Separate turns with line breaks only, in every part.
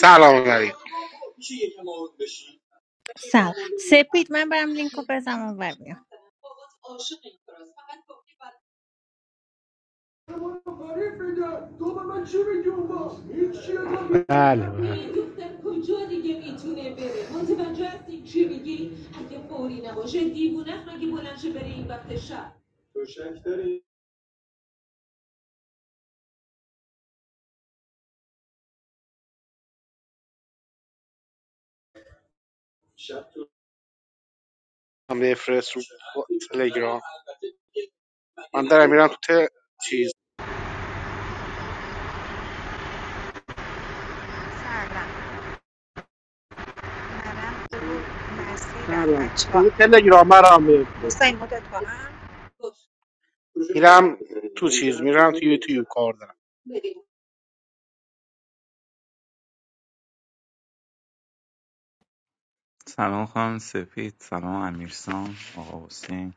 سلام علیکم
سلام سپید من برم لینک رو بزنم و بیام
من بفرست رو تلگرام من دارم میرم تو ت... چیز
Sala, ma'am, do ma
ندارم
siranacha.
کد تلگرام برام
What's
بفرست
in my door?
میرم تو چیز میرم تو یوتیوب کار دارم
سلام خانم سپید سلام امیرسان آقا حسین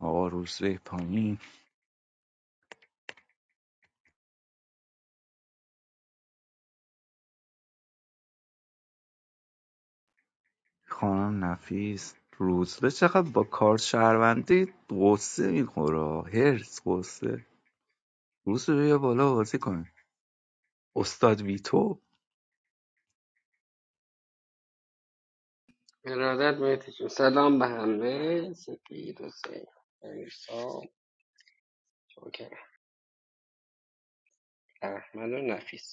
آقا روزبه پایین خانم نفیس روزبه چقدر با کارت شهروندی غصه میخوره هرس غصه روزبه بیا بالا بازی کن استاد ویتو
ارادت مهدی سلام به همه سپید حسین امیرسام جوکر احمد و نفیس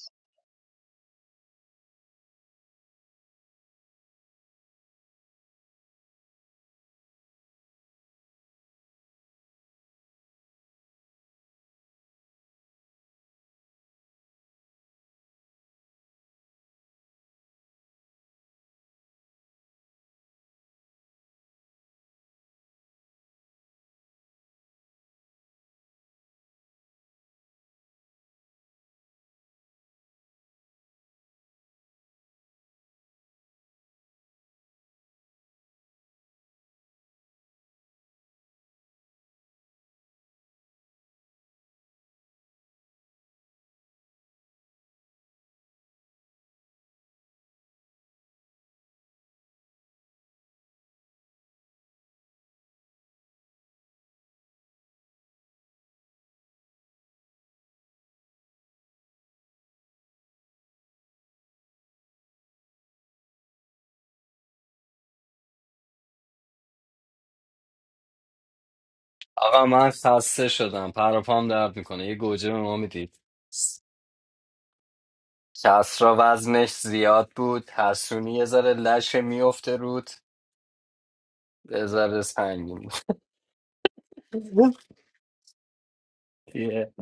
آقا من خسته شدم پر و پام درد میکنه یه گوجه به ما میدید کسرا وزنش زیاد بود حسونی یه ذره لشه میفته رود یه ذره سنگین بود یه.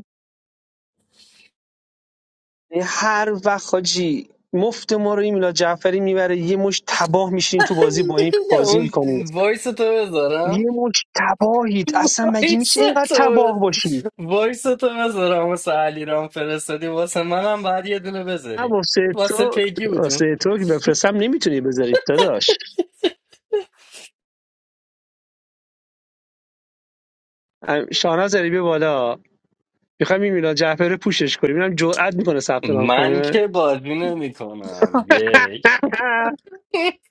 یعنی هر وقت حاجی مفت ما رو این میلاد جعفری میبره یه مش تباه میشین تو بازی با این بازی
اون
میکنید
وایس تو بذارم
یه مش تباهید اصلا مگه
وایس
میشه اینقدر
تو
تباه
بذ-
باشی نه
وایس تو بذارم واسه علیرام فرستادی واسه منم بعد یه دونه بذاری
واسه
واسه
تو
پیگی بودیم
واسه تو که بفرستم نمیتونی بذارید داداش ام، شاهناز علی بیا بالا میخوام این میلاد جعفری رو پوشش کنیم اینم جرئت میکنه ثبت نام
من
کنه
که بازی نمیکنم یک
نه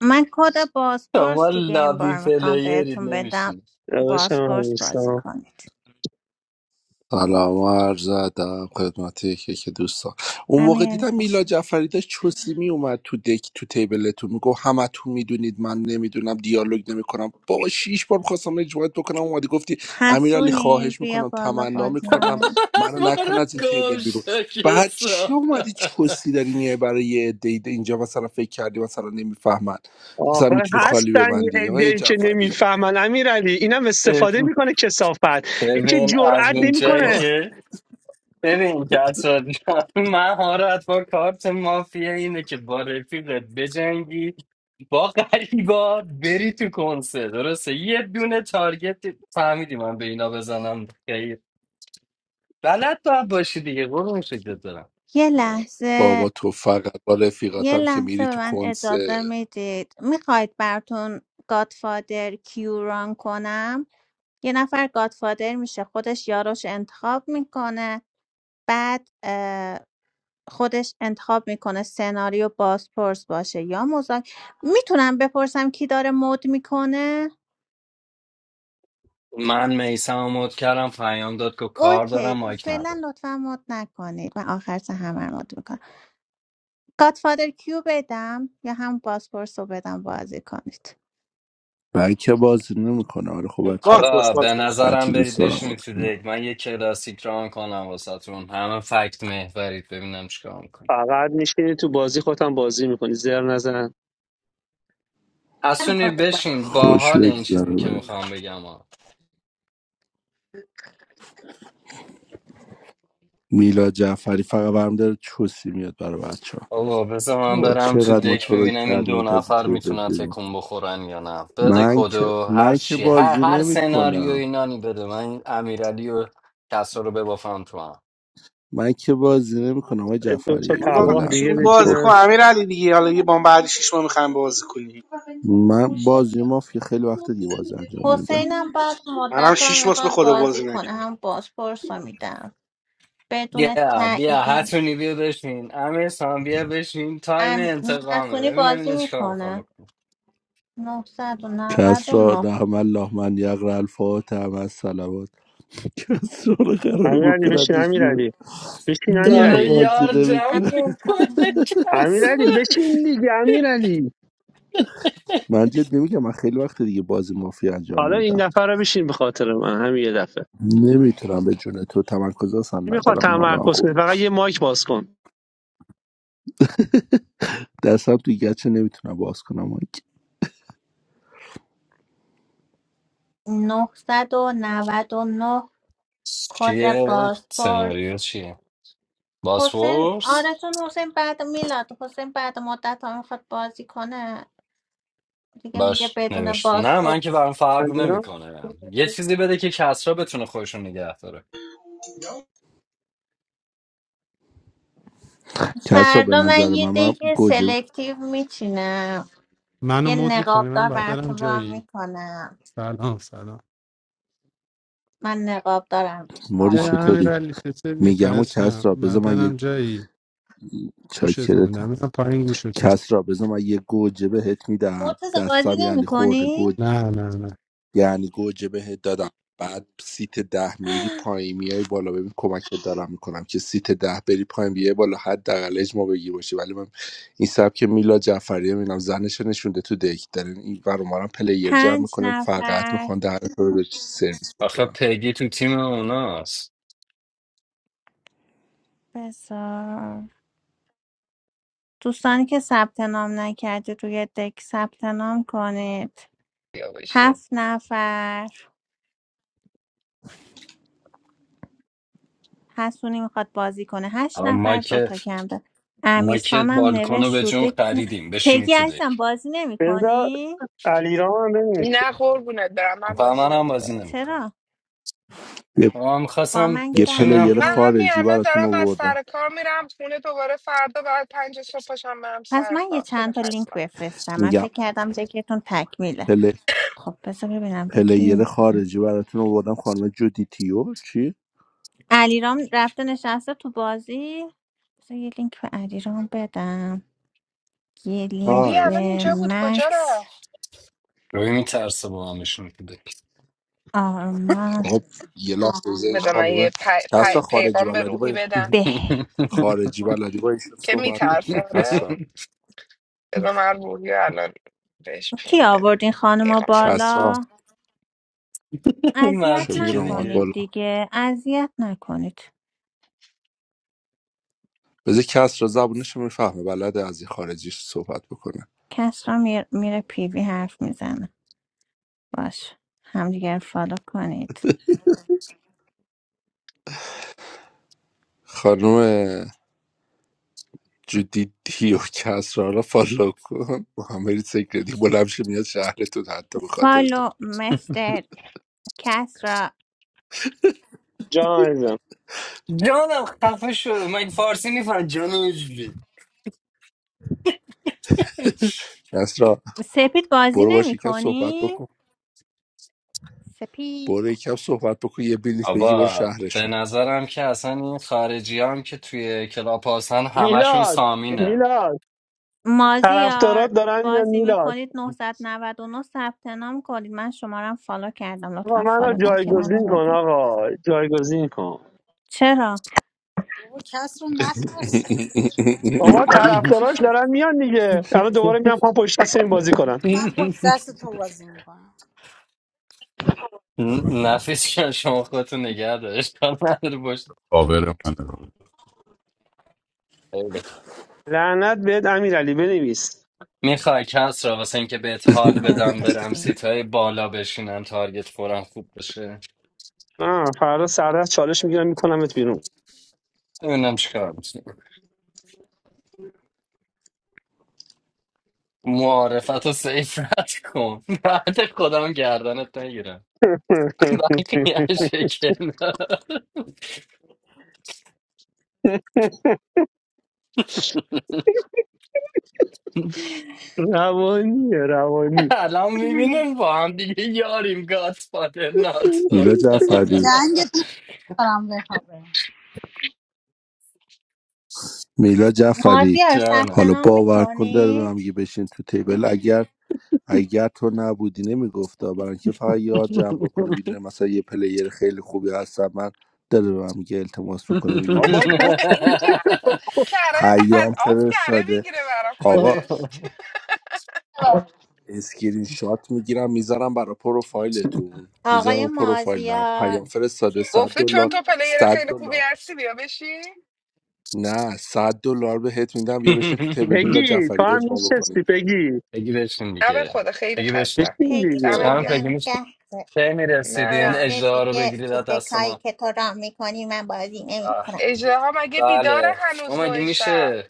من کد
شما
بازپرس دیگه این
لابی
بار میخوام
پلیرید
بهتون بدم
نمیشین
داداشم
بازپرس بازی
امیرسام.
کنیم
سلام و عرض ادب خدمت یکی که دوستان اون موقع
همین یعنی
دیدم
خوش
میلا
اومد.
جعفری داشت چوسی می اومد تو دک تو تیبلتون میگفت همه تو میدونید من نمیدونم دیالوگ نمیکنم بابا شیش بار میخواستم اجماعت بکنم اومدی گفتی امیرعلی
حسونی
خواهش
بیا
میکنم
بالا
تمنا
بازی
میکنم
همه.
منو نکن
برو
از این تیبل
گم
بیرون
شو
بعد چی
کسافت.
اومدی چوسی داری میای برای یه عده ایده اینجا مثلا فکر کردی مثلا نمیفهمن مثلا
آخه
میتونی خالی
هستن یه
ببندی آقای
عده‌ای که
جعفری
نمیفهمن امیرعلی اینم استفاده میکنه کسافت این که
ببین از
جرئت
اونجایی
نمیکنه
آه.
که ببین کسا مهارت با کارت مافیا اینه که با رفیقت بجنگی با غریبا بری تو کنسه درسته یه دونه تارگت فهمیدی من به اینا بزنم خیر بلد باید باشی دیگه قربون شکلت دارم
یه لحظه
بابا تو فقط با
یه
رفیقاتم که
لحظه
میری
به
تو
من
کنس
اجازه میدید میخواید براتون گادفادر کیو ران کنم یه نفر گادفادر میشه خودش یاروش انتخاب میکنه بعد خودش انتخاب میکنه سناریو بازپرس باشه یا مذاکره میتونم بپرسم کی داره مود میکنه
من میسم مد کردم پیام داد که کار دارم
اوکی
مایک ندارم
فعلا لطفا مود نکنید من آخر سه همه رو مود میکنم گادفادر کیو بدم یا هم بازپرس رو بدم بازی کنید
بکه بازی نمیکنه آره خب بچه
باز
ها
باز
آقا
باز
به
باز
نظرم
هرچی
باز
دوست
برید
دارم
باز
بشینید
بازی
تو
کنم.
دک من یه کلاسیک ران کنم واسهتون همه فکت محورید ببینم چیکار میکنید
فقط میشینی تو بازی خودم بازی میکنی زر نزن
اسونی بشین
خوش
باحال این
بگذره
چیزی که
برید
میخوام بگم ها
میلا جعفری فقط برم داره چوسی میاد برای بچه ها
آقا بذار من
بابا
برم تو
چقدر ما
دک
تو رو
ببینم این دو
کردیم تا از این
نفر
تیبل
میتونن
بیرون
تکون بخورن یا نه بده
من که
کدو هر
من که
چی هر
بازی
هر سناریو
نمیکنم
اینانی بده من این امیرعلی و کسا رو ببافم تو هم
من که بازی نمیکنم آقای
دو تا
جعفری
حالا باز
تباه
کلا
دیگه
میشیم
ولی
بازی
خب
کن
بچینن
امیر علی دیگه حالا یه بام بعد شیش ماه میخوایم بازی کنیم
من بازی مافیا خیلی وقت دیگه بازی انجام نمیدم
حسینم بعد
منم
مدت
شیش
ها
ماه به
میخواد
خود
بازی
بازی
کنه
نکردم
هم بازپرس رو میدم بدون
بیا بیا
تاییدی
هتونی بیا بشین امیر سام بیا بشین تایم
هم
انتقامه ببینم
بازی
اینا چیکار
میکنه
میخوام
نهصد و نود
کس
و
را رحم الله من یقرا الفاتحه مع سر قراره
امیرعلی بشین
بکنتش بیرون
امیرعلی بشین
نه
داره
امیرعلی
بازی
یار جمع
نمیکن
میکنه
نه.
کسب
امیرعلی بشین دیگه امیرعلی
من جد نمیگم من خیلی وقت دیگه بازی مافیا انجام
حالا این
نمیدم
دفعه رو بشین به خاطر من همین یه دفعه
نمیتونم به جون تو تمرکز اصلا
میخواد
ندارم حالا
تمرکز
خوب
کنی فقط
نیست
یه مایک باز کن
دستم توی گچه نمیتونم باز کنم
999 کد
چیه
بازپرس
سناریو چیه
حسین
باسپورس
آرزون حسین بعد میلاد حسین بعد مدت ها میخواد بازی کنه دیگه میگه
باش
بدون
نوشت نه من که
بازپرس
برام فرق
علیرام
نمیکنه یه چیزی بده که کسرا بتونه خودشون نگه داره
کس را به
فردا من
نظر
یه
من من
دیگه
گوجه
سلکتیو میچینم
منو
یه
مود میکنی
نقاب
من
دار
باید برم
براتون را
جایی
میکنم
سلام سلام
من نقاب دارم دوست
موری
دارم
برم امیر
چطوری
علی چطوری
میگم و کس
فرشم
را
باید
بذار من یه
برم جایی گوشتون میدم
چاکرتم
میدم پایین گوشتون
کس را بذار من یه گوجه بهت میدم
مرتضی بازی
دستم
نمی
یعنی خورده
کنی؟
گوجه
نه نه نه
یعنی گوجه بهت دادم بعد سیت ده میری پایین میای بالا ببین کمکت دارم میکنم که سیت ده بری پایین بیای بالا حداقل اجماع بگیر باشی ولی من این سبک میلا جعفری میبینم زنش رو نشونده تو دک دارین این ور اونورم پلیر جمع
پنج
میکنیم فقط
نفر
میخوان در رو به سرویس
آخه
بکنم
پیگی تو تیم اوناست
بسار دوستانی که ثبت نام نکردید روی دک ثبت نام کنید
یا باشه
هفت نفر حسونی میخواد بازی کنه هشت
اما ما
نفر
که
دوتا کم داره امیر
ما که
سامم
بالکن رو
نوشت
به
رو
جون
دک نه-
خریدیم بشینی
پگی
تو
عزیزم
دک
بازی
بذار
نمیکنی
علیرام هم بنویس
نه قربونت برم من
با
بازی
من هم
نمیکنم
بازی نمیکنم
چرا
یه,
اما
با
میخواستم
من
یه
بشینم
پلیر
من
قهری
همین
خارجی
الان
براتون
دارم از
آوردم
سر کار میرم خونه دوباره فردا بعد پنج صبح پاشم برم
پس
سر
من یه
کار خیلی
چند تا لینک
خستم
بفرستم من
میگم
فکر کردم ذکرتون تکمیله
پل...
خب بذار ببینم به کی
پلیر
لینک بدم
خارجی براتون آوردم خانم جودیتیو چی
علیرام رفته نشسته تو بازی بذار یه لینک به علیرام بدم یه
روحی
لینک
های
الان
به
اینجا بود کجا
مکس
رفت
روی میترسه با هم بشینی تو دک
آرمان
آقا یه لحظه بذارید
بذار من
خانومه
یه پی
کسرا
پ-
خارجی
پیغام به
بلدی با
روحی بدم
به
خارجی بلدی با ایشون
که
صحبت
میترسه
بکن
آره
کسرا
بذار من روحی رو الان بهش
کی
پین
آورد
بدم
این خانم
پیغام بدم
کسرا
بالا؟
این
اذیت
چه
مرتیکه
میدونم اومد
دیگه
نکنید
بالا
دیگه اذیت نکنید
بذار کسرا زبونش میفهمه بلده از این خارجیش صحبت بکنه
کس را میر- میره پیوی حرف میزنه باش همدیگه رو فالو کنید
خانم جدی دیو کسرا رو فالو کن محمد سکردی بلند شه میاد شهر تو حتی به خاطر تو
فالو مستر کس را
جان عزیزم
جانم خفه شو من فارسی میفهم جانم اینجوری
کسرا
سپید بازی
برو باش
نمی
یکم صحبت
کنی؟
بکن
سپید
برو یکم صحبت بکن یه بلیط بگی برو
آبا به
شهرشون
نظرم که اصلا این خارجی هم که توی کلاب هستن همشون
میلاد
سامینه
میلاد
مازیار
طرفدارات دارن یا
بازی می
میلاد
کنید نه نه نه ثبت نام کنید من شما رو هم فالو کردم
آقا
لطفا
منو
فالو بک منو
جایگزین کن
بدید
آقا جایگزین کن
چرا؟
بابا کس رو نترس
بابا
چی
طرفداراش
شد؟
دارن میان دیگه الان دوباره میان پا پشت دست این بازی کنن
من با دست تو بازی میکنم
نفیس که شما خودتو نگه دارش کار نداره باشه
کاور منه
خیلی خوب.
لعنت بهت امیرعلی بنویس
میخوای کس را واسه اینکه بهت
بزن
حال
من
بدم برم
بچه
سیت های بالا بشینم تارگت فورم خوب بشه
آه فردا سردست چالش میگیرم میکنمت بیرون
ببینم چیکار می‌کنی. معارفت رو سیف رد کن بعد خودم گردنت نگیرم یه شکل نداره.
روانی روانی
الان میبینیم با هم دیگه یاریم گاد فادر ناتو
میلا جعفری
جنگ تو دارم بخوابه
میلا جعفری
مازیار ثبت
جانم
حالا
نام
باور کن داره به من
میکنید
میگه بشین تو تیبل اگر اگر تو نبودی نمیگفتا برای اینکه فقط یار جمع بکنه میدونه مثلا یه پلیر خیلی خوبی هستم من داره به من میگه التماس میکنه میگه
بابا
بشینم
خفه
این که از
شو.
کره از
پیام
آب کره
فرستاده
میگیره برا
آقا
خودش
اسکرین شات میگیرم میذارم برای پروفایلتون
آقای
میذارم پروفایلم
مازیار
پیام فرستاده 100
گفته چون
دلار
تو پلیر
100
خیلی خوبی
دلار
هستی بیا بشی
نه 100 دلار بهت میدم بیا بشین تو تیبل میلا
پگی تو
جعفری
هم
اجماع بکنیم
میشستی پگی
بگی بشین
نه به
دیگه
خدا خیلی
بگی بشین
خستم
بشین
پیگی
دمت
دیگه
با
هم
گرم
بگی
من
میشین
قهره
کی میرسیدین
نه
گفته
اجده رو
دیگه
بگیرید
تو
از دست
دکایی
ما
که تو رام میکنی من بازی
آه،
نمیکنم
اجده مگه بیداره
بله
هنوز
اما مگه
نوع شب
میشه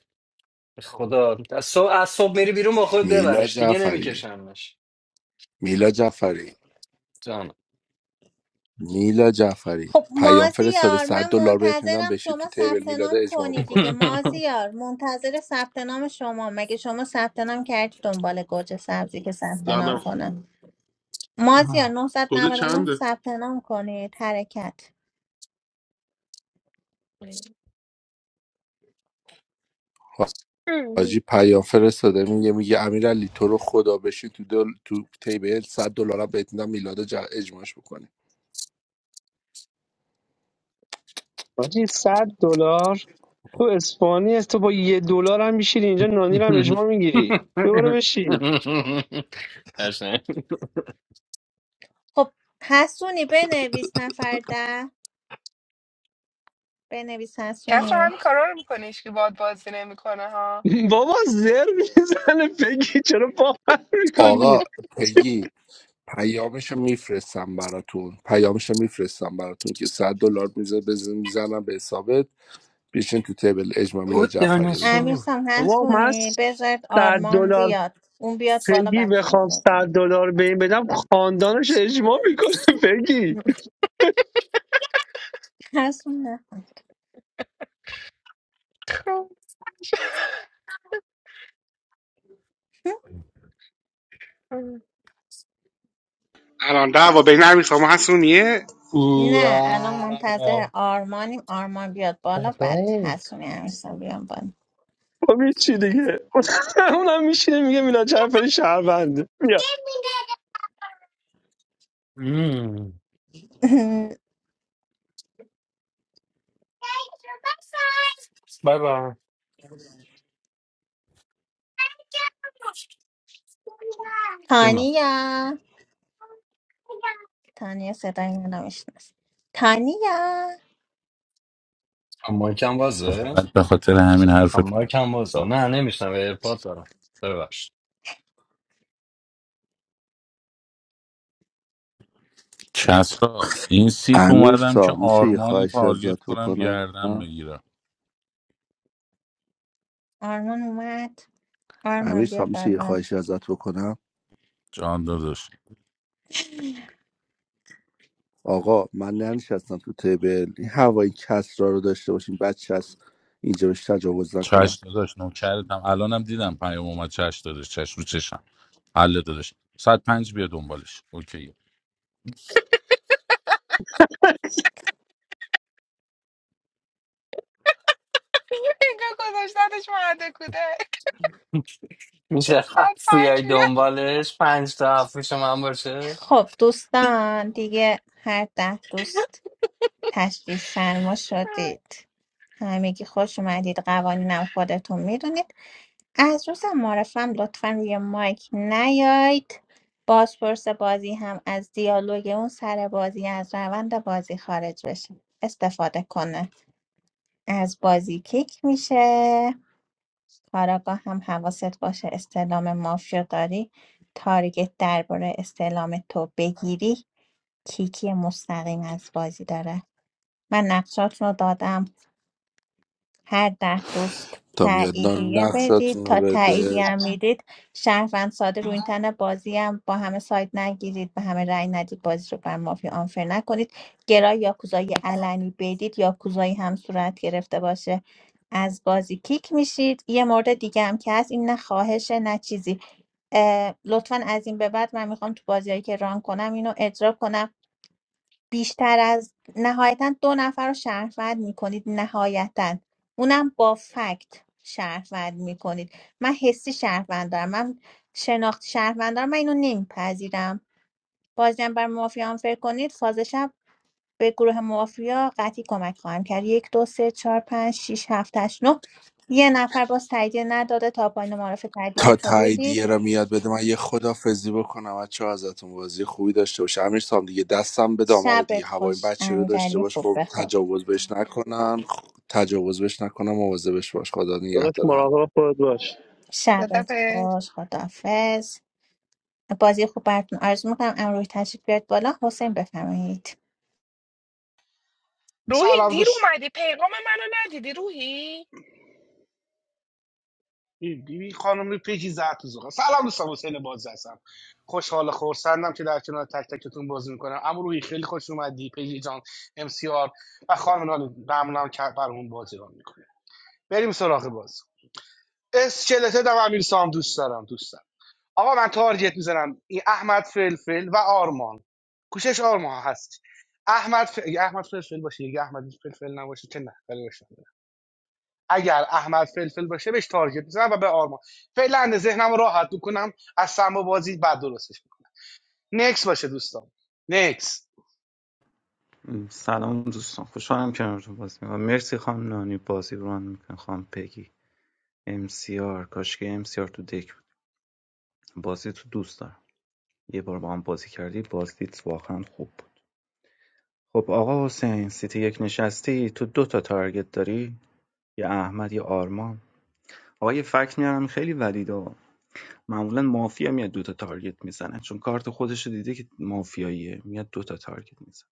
خدا از صبح, از صبح میری بیرون با خود
میلا
ببرش دیگه
جعفری
نمیکشمش
میلا جعفری
جان
میلا جعفری
خب
پیام فرستاده
مازیار
100
من
دلار بهت میدم
منتظرم
بشین
شما
تو تیبل
ثبت
میلاده
نام
اجماع
کنی
بکنه
دیگه مازیار منتظر ثبت نام شما مگه شما ثبت نام کردی دنبال گوجه سبزی که ثبت نام
سلام
کنم مازیار نهصد
کد
نود و نه
چنده
ثبت نام کنید حرکت
مم.
حاجی پیام فرستاده میگه میگه امیرعلی تو رو خدا بشین تو دل... تو تیبل 100 دلارم بهت میدم میلاده ج... اجماعش بکنه
باجی صد دلار تو اسپانی هست تو با یه دلار هم میشینی اینجا نانی رو هم اجماع میگیری ببره بشین
قشنگ.
خب حسونی بنویس نفر ده بنویس
کس رو
حسونی
همین کارا رو میکنه هیچکی باد بازی نمیکنه ها
بابا زر میزنه پگی چرا باور میکنی
آقا پگی پیامشو میفرستم براتون پیامشو میفرستم براتون که 100 دلار میزه میزنم به حسابت بشین تو تیبل اجماع
او
میلاد جعفری رو بگیریم
دانسو
امیرسام
بابا من
هستونی بذارید
100
آرمان
دلار
بیاد اون بیاد بالا
پگی
بچه ها
بخوام 100
بیاد بالا.
دلار به این بدم خاندانش اجماع میکنه پگی
هستون نه
خب.
الان دعوا بین امیر سامان هست اونیه
او
نه الان
آه.
منتظر آرمانیم آرمان بیاد بالا بعد
بابا.
هستونی امیرسام بیان بالا
خب یه چی دیگه اونم میشینه میگه میلاد جعفری شهرونده بیا
مم. بای بای جونم
تانیا تانیا صدای منو میشنست تانیا
هم مایکم
تو
بازه
فقط به خاطر همین
هم
حرفت اومدم
مایکم بازه نه نمیشنم ایرپاد دارم ببخش
کسرا این سیت
امیر
اومدم که
سا میشه یه
آرمان رو
خواهشی
تارگت
ازت
کنم
بکنم
گردم بگیرم
آرمان اومد
امیر
آرمان بیا
صاحب میشه یه
بالا
خواهشی ازت بکنم
جان داداش
آقا من ننشستم تو تیبل این هوای کسرا رو داشته باشین بچه از اینجا بهش تجاوز
چش
نکنن
داداش نوکرتم الانم دیدم پیام اومد چش داداش چش رو چشم حل داداش صد پنج بیا دنبالش اوکی
اینجا گذاشتنش مهد کودک
میشه
ساعت
هفت بیای
پنج بیاد
دنبالش پنج تا هفت پیش من باشه
خب دوستان دیگه هر ده دوست تشریف فرما شدید همگی خوش اومدید قوانینم خودتون میدونید از روز معرفم لطفا روی مایک نیاید بازپرس بازی هم از دیالوگ اون سر بازی از روند بازی خارج بشه استفاده کنه از بازی کیک میشه کاراگاه هم حواست باشه استعلام مافیا داری تارگت درباره استعلام تو بگیری کیکی مستقیم از بازی داره من نقشات رو دادم هر ده دوست
تا میاد نان
تاییدیه بدید
نقشاتون رو
تا
بده
تاییدیه هم میدید شهروند ساده رو این تن بازی هم با همه سایت نگیرید به همه رأی ندید بازی رو بر مافیا آنفر نکنید گرای یاکوزای علنی بدید یاکوزایی هم صورت گرفته باشه از بازی کیک میشید یه مورد دیگه هم که هست این نه خواهشه نه چیزی اه، لطفا از این به بعد من میخوام تو بازیایی که ران کنم اینو اجرا کنم بیشتر از نهایتا دو نفر رو شهروند میکنید نهایتا اونم با فکت شهروند میکنید من حسی شهروند دارم من شناخت شهروند دارم من اینو نمیپذیرم بازیم بر مافیا هم فکر کنید فاز شب به گروه مافیا قطعی کمک خواهم کرد یک دو سه چهار پنج شیش هفت هشت نه یه نفر با تاییدیه نداده تا پایین معرف تربیت
تا
رو بدید
تاییدیه رو میاد بده من یه خدافزی بکنم بچه ازتون بازی خوبی داشته باشه امیر سام دیگه دستم به دامن دیگه
شبت
هوای این
خوش
بچه رو داشته
امیرعلی
باش
خوب
خب
بخواب
تجاوز بهش نکنن خ- تجاوز بهش نکنم مواظبش باش خدا
داداش
نگهدار همه.
مراقب خودت باش
شبت
خدافظ.
خوش خدافز بازی خوب براتون آرزو میکنم ام روی تشریف بیارید بالا حسین بفرمایید
روحی
سلام
دیر
دوست
اومدی پیغام منو ندیدی روحی
این بیبی خانم پیجی زهت زوغا سلام دوستان حسین باز هستم خوشحال و خورسندم که در کنار تک تکتون بازی میکنم اما روحی خیلی خوش اومدی پیجی جان ام سی آر و خانم نانی ممنونم که برامون بازی رو میکنه بریم سراغ باز اسکلت دم امیر سام دوست دارم دوست دارم آقا من تارگت میزنم این احمد فلفل و آرمان کوشش آرمان هست احمد ف... اگه احمد فلفل باشه یه احمد فلفل نباشه که نه ولی باشه. اگر احمد فلفل باشه بهش تارگت میزنم و به آرمان فعلا ذهنم رو راحت بکنم از سم بازی بعد درستش میکنم نکس باشه دوستان نکس
م، سلام دوستان خوشحالم که امروز بازی میکنم مرسی خانم نانی بازی رو ران میکنم خانم پگی ام سی آر کاشکی ام سی آر تو دک بود. بازی تو دوست دارم یه بار با هم بازی کردی بازیت واقعا خوب خب آقا حسین سیتی یک نشستی تو دو تا تارگت داری یا احمد یه آرمان آقا یه فکت میارم خیلی ولید ها معمولا مافیا میاد دو تا تارگت میزنه چون کارت خودش رو دیده که مافیاییه میاد دو تا تارگت میزنه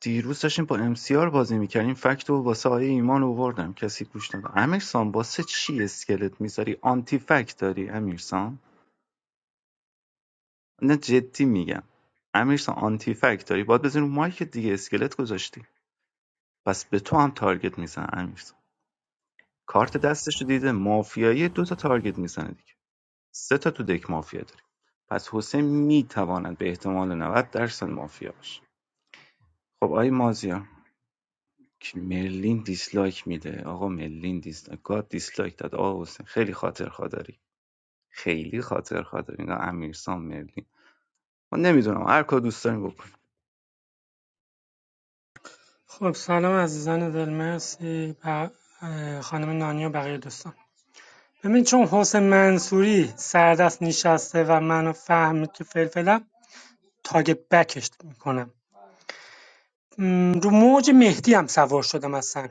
دیروز داشتیم با ام سی آر بازی میکردیم فکت رو واسه آیه ایمان آوردم کسی گوش نداد امیرسان واسه چی اسکلت میذاری آنتی فکت داری امیرسان نه جدی میگم امیرسان آنتی فکت داری باید بزنی رو مایک دیگه اسکلت گذاشتی پس به تو هم تارگت میزنن امیر کارت دستش رو دیده مافیایی دو تا تارگت میزنه دیگه سه تا تو دک مافیا داری. پس حسین میتواند به احتمال 90 درصد مافیا باشه خب آی مازیار که مرلین دیسلایک میده آقا مرلین دیسلایک گاد دیسلایک داد آقا حسین خیلی خاطر خداری خیلی خاطر خداری اینا امیرسام مرلین من نمیدونم هر کار دوست داریم بکن
خب سلام عزیزان دل مرسی ب... خانم نانی و بقیه دوستان ببین چون حسین منصوری سردست نشسته و منو فهمید که فلفلم تاگ بکش میکنم رو موج مهدی هم سوار شدم اصلا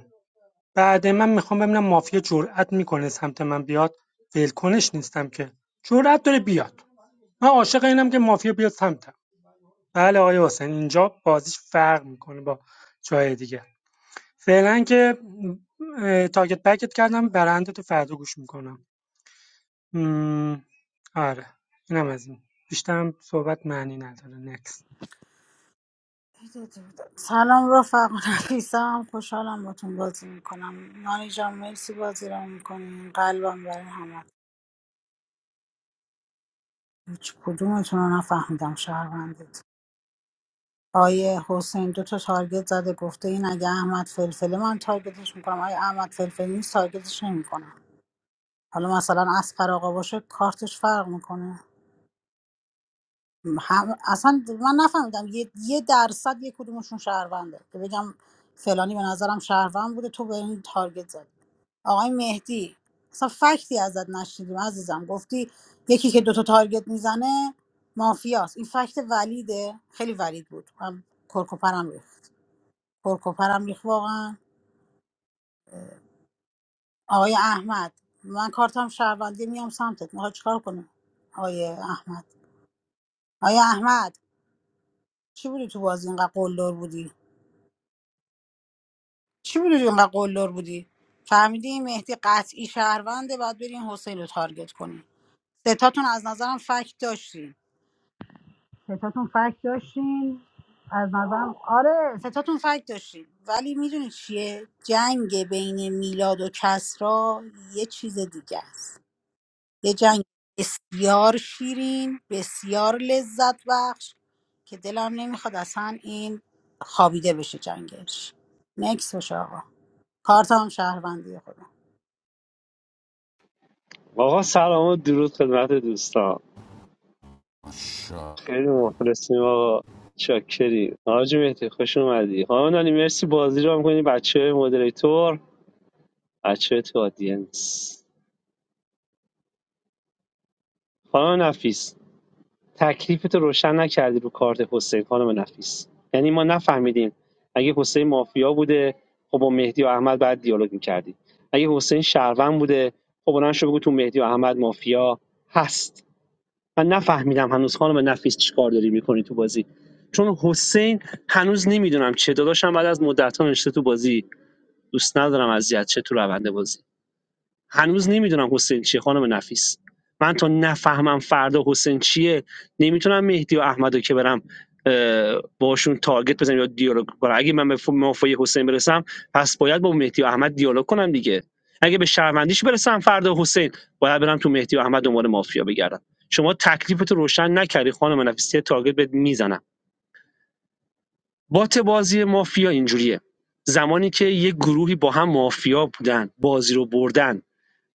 بعد من میخوام ببینم مافیا جرأت میکنه سمت من بیاد ولکنش نیستم که جرأت داره بیاد من عاشق اینم که مافیا بیاد سمتم بله آقای حسین اینجا بازیش فرق میکنه با جای دیگه فعلا که اه، تارگت بکت کردم برنده تو فردا گوش میکنم آره اینم از این بیشترم صحبت معنی نداره نکس
سلام رفق نفیسم خوشحالم باتون بازی میکنم نانی جان مرسی بازی رو میکنین قلبم برای همه هیچ کدومتون رو نفهمیدم شهروندید آیه حسین دو تا تارگت زده گفته این اگه احمد فلفله من تارگتش میکنم آیه احمد فلفل نیست تارگتش نمیکنم حالا مثلا اسقر آقا باشه کارتش فرق میکنه هم اصلا من نفهمیدم یه, یه درصد یه کدومشون شهرونده که بگم فلانی به نظرم شهروند بوده تو به این تارگت زد آقای مهدی اصلا فکتی ازت نشنیدیم عزیزم گفتی یکی که دوتا تارگت میزنه مافیاست این فکت ولیده خیلی ولید بود من کرکوپرم ریخت کرکوپرم ریخت واقعا آقای احمد من کارتم شهروندی میام سمتت میخوای چیکار کنی آقای احمد آقای احمد چی بودی تو بازی اینقدر قلدر بودی چی بودی که اینقدر قلدر بودی فهمیدی این مهدی قطعی شهرونده باید برین حسین رو تارگت کنی ستاتون از نظرم فکت داشتین ستاتون فکت داشتین از نظرم آره ستاتون فکت داشتین ولی میدونی چیه جنگ بین میلاد و کسرا یه چیز دیگه است یه جنگ بسیار شیرین بسیار لذت بخش که دلم نمیخواد اصلا این خوابیده بشه جنگش نکس باشه آقا کارت هم شهروندی خودم
آقا سلام و درود خدمت دوستان
ماشاءالله.
خیلی مخلصیم آقا چاکری حاج مهدی خوش اومدی خانم نانی مرسی بازی رو میکنی بچه مدریتور بچه تو آدینس خانم نفیس تکلیفتو روشن نکردی رو کارت حسین خانم نفیس یعنی ما نفهمیدیم اگه حسین مافیا بوده خب با مهدی و احمد بعد دیالوگ میکردی اگه حسین شهروند بوده خب بلند شو بگو تو مهدی و احمد مافیا هست من نفهمیدم هنوز خانم نفیس چیکار داری میکنی تو بازی چون حسین هنوز نمیدونم چه داداشم بعد از مدت نشسته تو بازی دوست ندارم اذیت چه تو روند بازی هنوز نمیدونم حسین چیه خانم نفیس من تا نفهمم فردا حسین چیه نمیتونم مهدی و احمدو که برم باشون تارگت بزنم یا دیالوگ کنم اگه من به مافای حسین برسم پس باید با مهدی و احمد دیالوگ کنم دیگه اگه به شهروندیش برسم فردا حسین باید برم تو مهدی و احمد دنبال مافیا بگردم شما تکلیفتو روشن نکردی خانم نفیسی تارگت بهت میزنم بات بازی مافیا اینجوریه زمانی که یک گروهی با هم مافیا بودن بازی رو بردن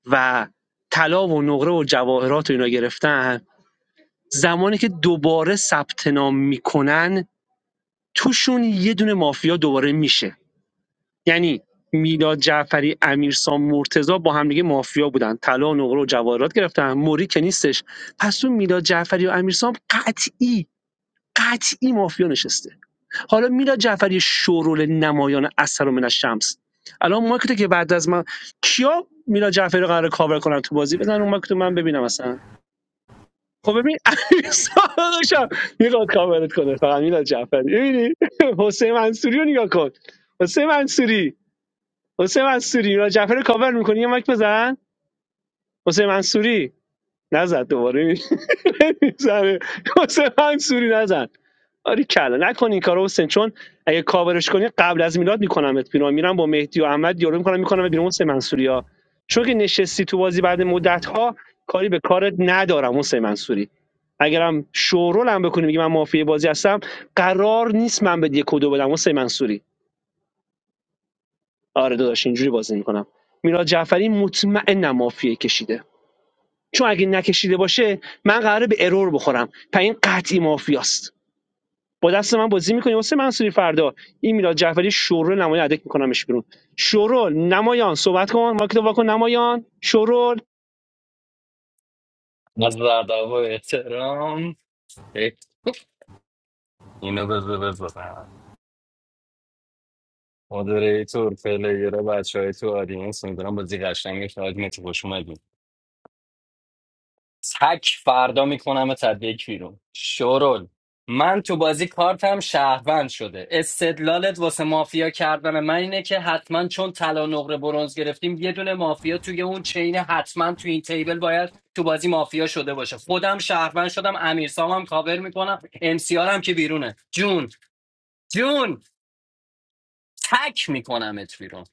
و طلا و نقره و جواهرات و اینا گرفتن زمانی که دوباره ثبت نام میکنن توشون یه دونه مافیا دوباره میشه یعنی میلاد جعفری امیرسام مرتضی با هم دیگه مافیا بودن طلا و نقره و جواهرات گرفتن موری که نیستش پس تو میلاد جعفری و امیرسام قطعی قطعی مافیا نشسته حالا میلاد جعفری شورول نمایان اثر و من الشمس الان مارکت که بعد از من کیا میلاد جعفری رو قرار کاور کنن تو بازی بزن اون مارکت رو من ببینم اصلا خب ببین امیر صادقشم میخواد کاورت کنه فقط میلاد جعفری ببینی حسین منصوری رو نگاه کن حسین منصوری حسین منصوری میلاد جعفری رو کاور میکنی یه مایک بزن حسین منصوری نزد دوباره میزنه حسین منصوری نزن آری کلا نکن این کارو حسین چون اگه کاورش کنی قبل از میلاد میکنمت بیرون میرم با مهدی و احمد دیالوگ میکنم میکنم بیرون حسین منصوری ها چون که نشستی تو بازی بعد مدت ها کاری به کارت ندارم حسین منصوری اگرم شورول هم بکنی میگه من مافی بازی هستم قرار نیست من به یک و دو بدم حسین منصوری آره داداش اینجوری بازی میکنم میلاد جعفری مطمئنم مافیه کشیده چون اگه نکشیده باشه من قراره به ارور بخورم پس این قطعی مافیاست با دست من بازی میکنی واسه منصوری فردا این میلاد جعفری شورول نمایان ادک میکنمش بیرون شورول نمایان صحبت کن ماکت واکن نمایان شورول
از ادب و احترام اینو بذار بذار مودریتور پلیره بچه های تو آدینس میدونم بازی قشنگ شاید میتی خوش اومدیم تک فردا میکنم تدبیک بیرون شورول من تو بازی کارتم شهروند شده استدلالت واسه مافیا کردن من اینه که حتما چون طلا نقره برونز گرفتیم یه دونه مافیا توی اون چین حتما توی این تیبل باید تو بازی مافیا شده باشه خودم شهروند شدم امیرسام هم کاور میکنم امسیارم که بیرونه جون جون تک میکنمت بیرون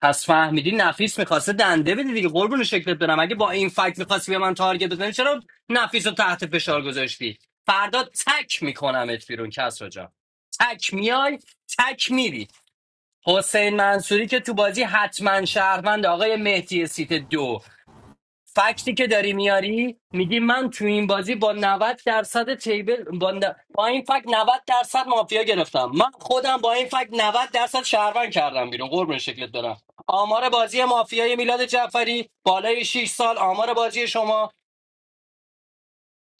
پس فهمیدی نفیس میخواسته دنده بده دیگه قربون شکلت برم اگه با این فکت میخواستی به من تارگت بزنی چرا نفیس رو تحت فشار گذاشتی فردا تک میکنمت بیرون کس رو تک میای تک میری حسین منصوری که تو بازی حتما شهروند آقای مهدی سیت دو فکتی که داری میاری میگی من تو این بازی با 90 درصد تیبل با, ن- با این فکت 90 درصد مافیا گرفتم من خودم با این فکت 90 درصد شهروند کردم بیرون قربون شکلت برم آمار بازی مافیای میلاد جعفری بالای 6 سال آمار بازی شما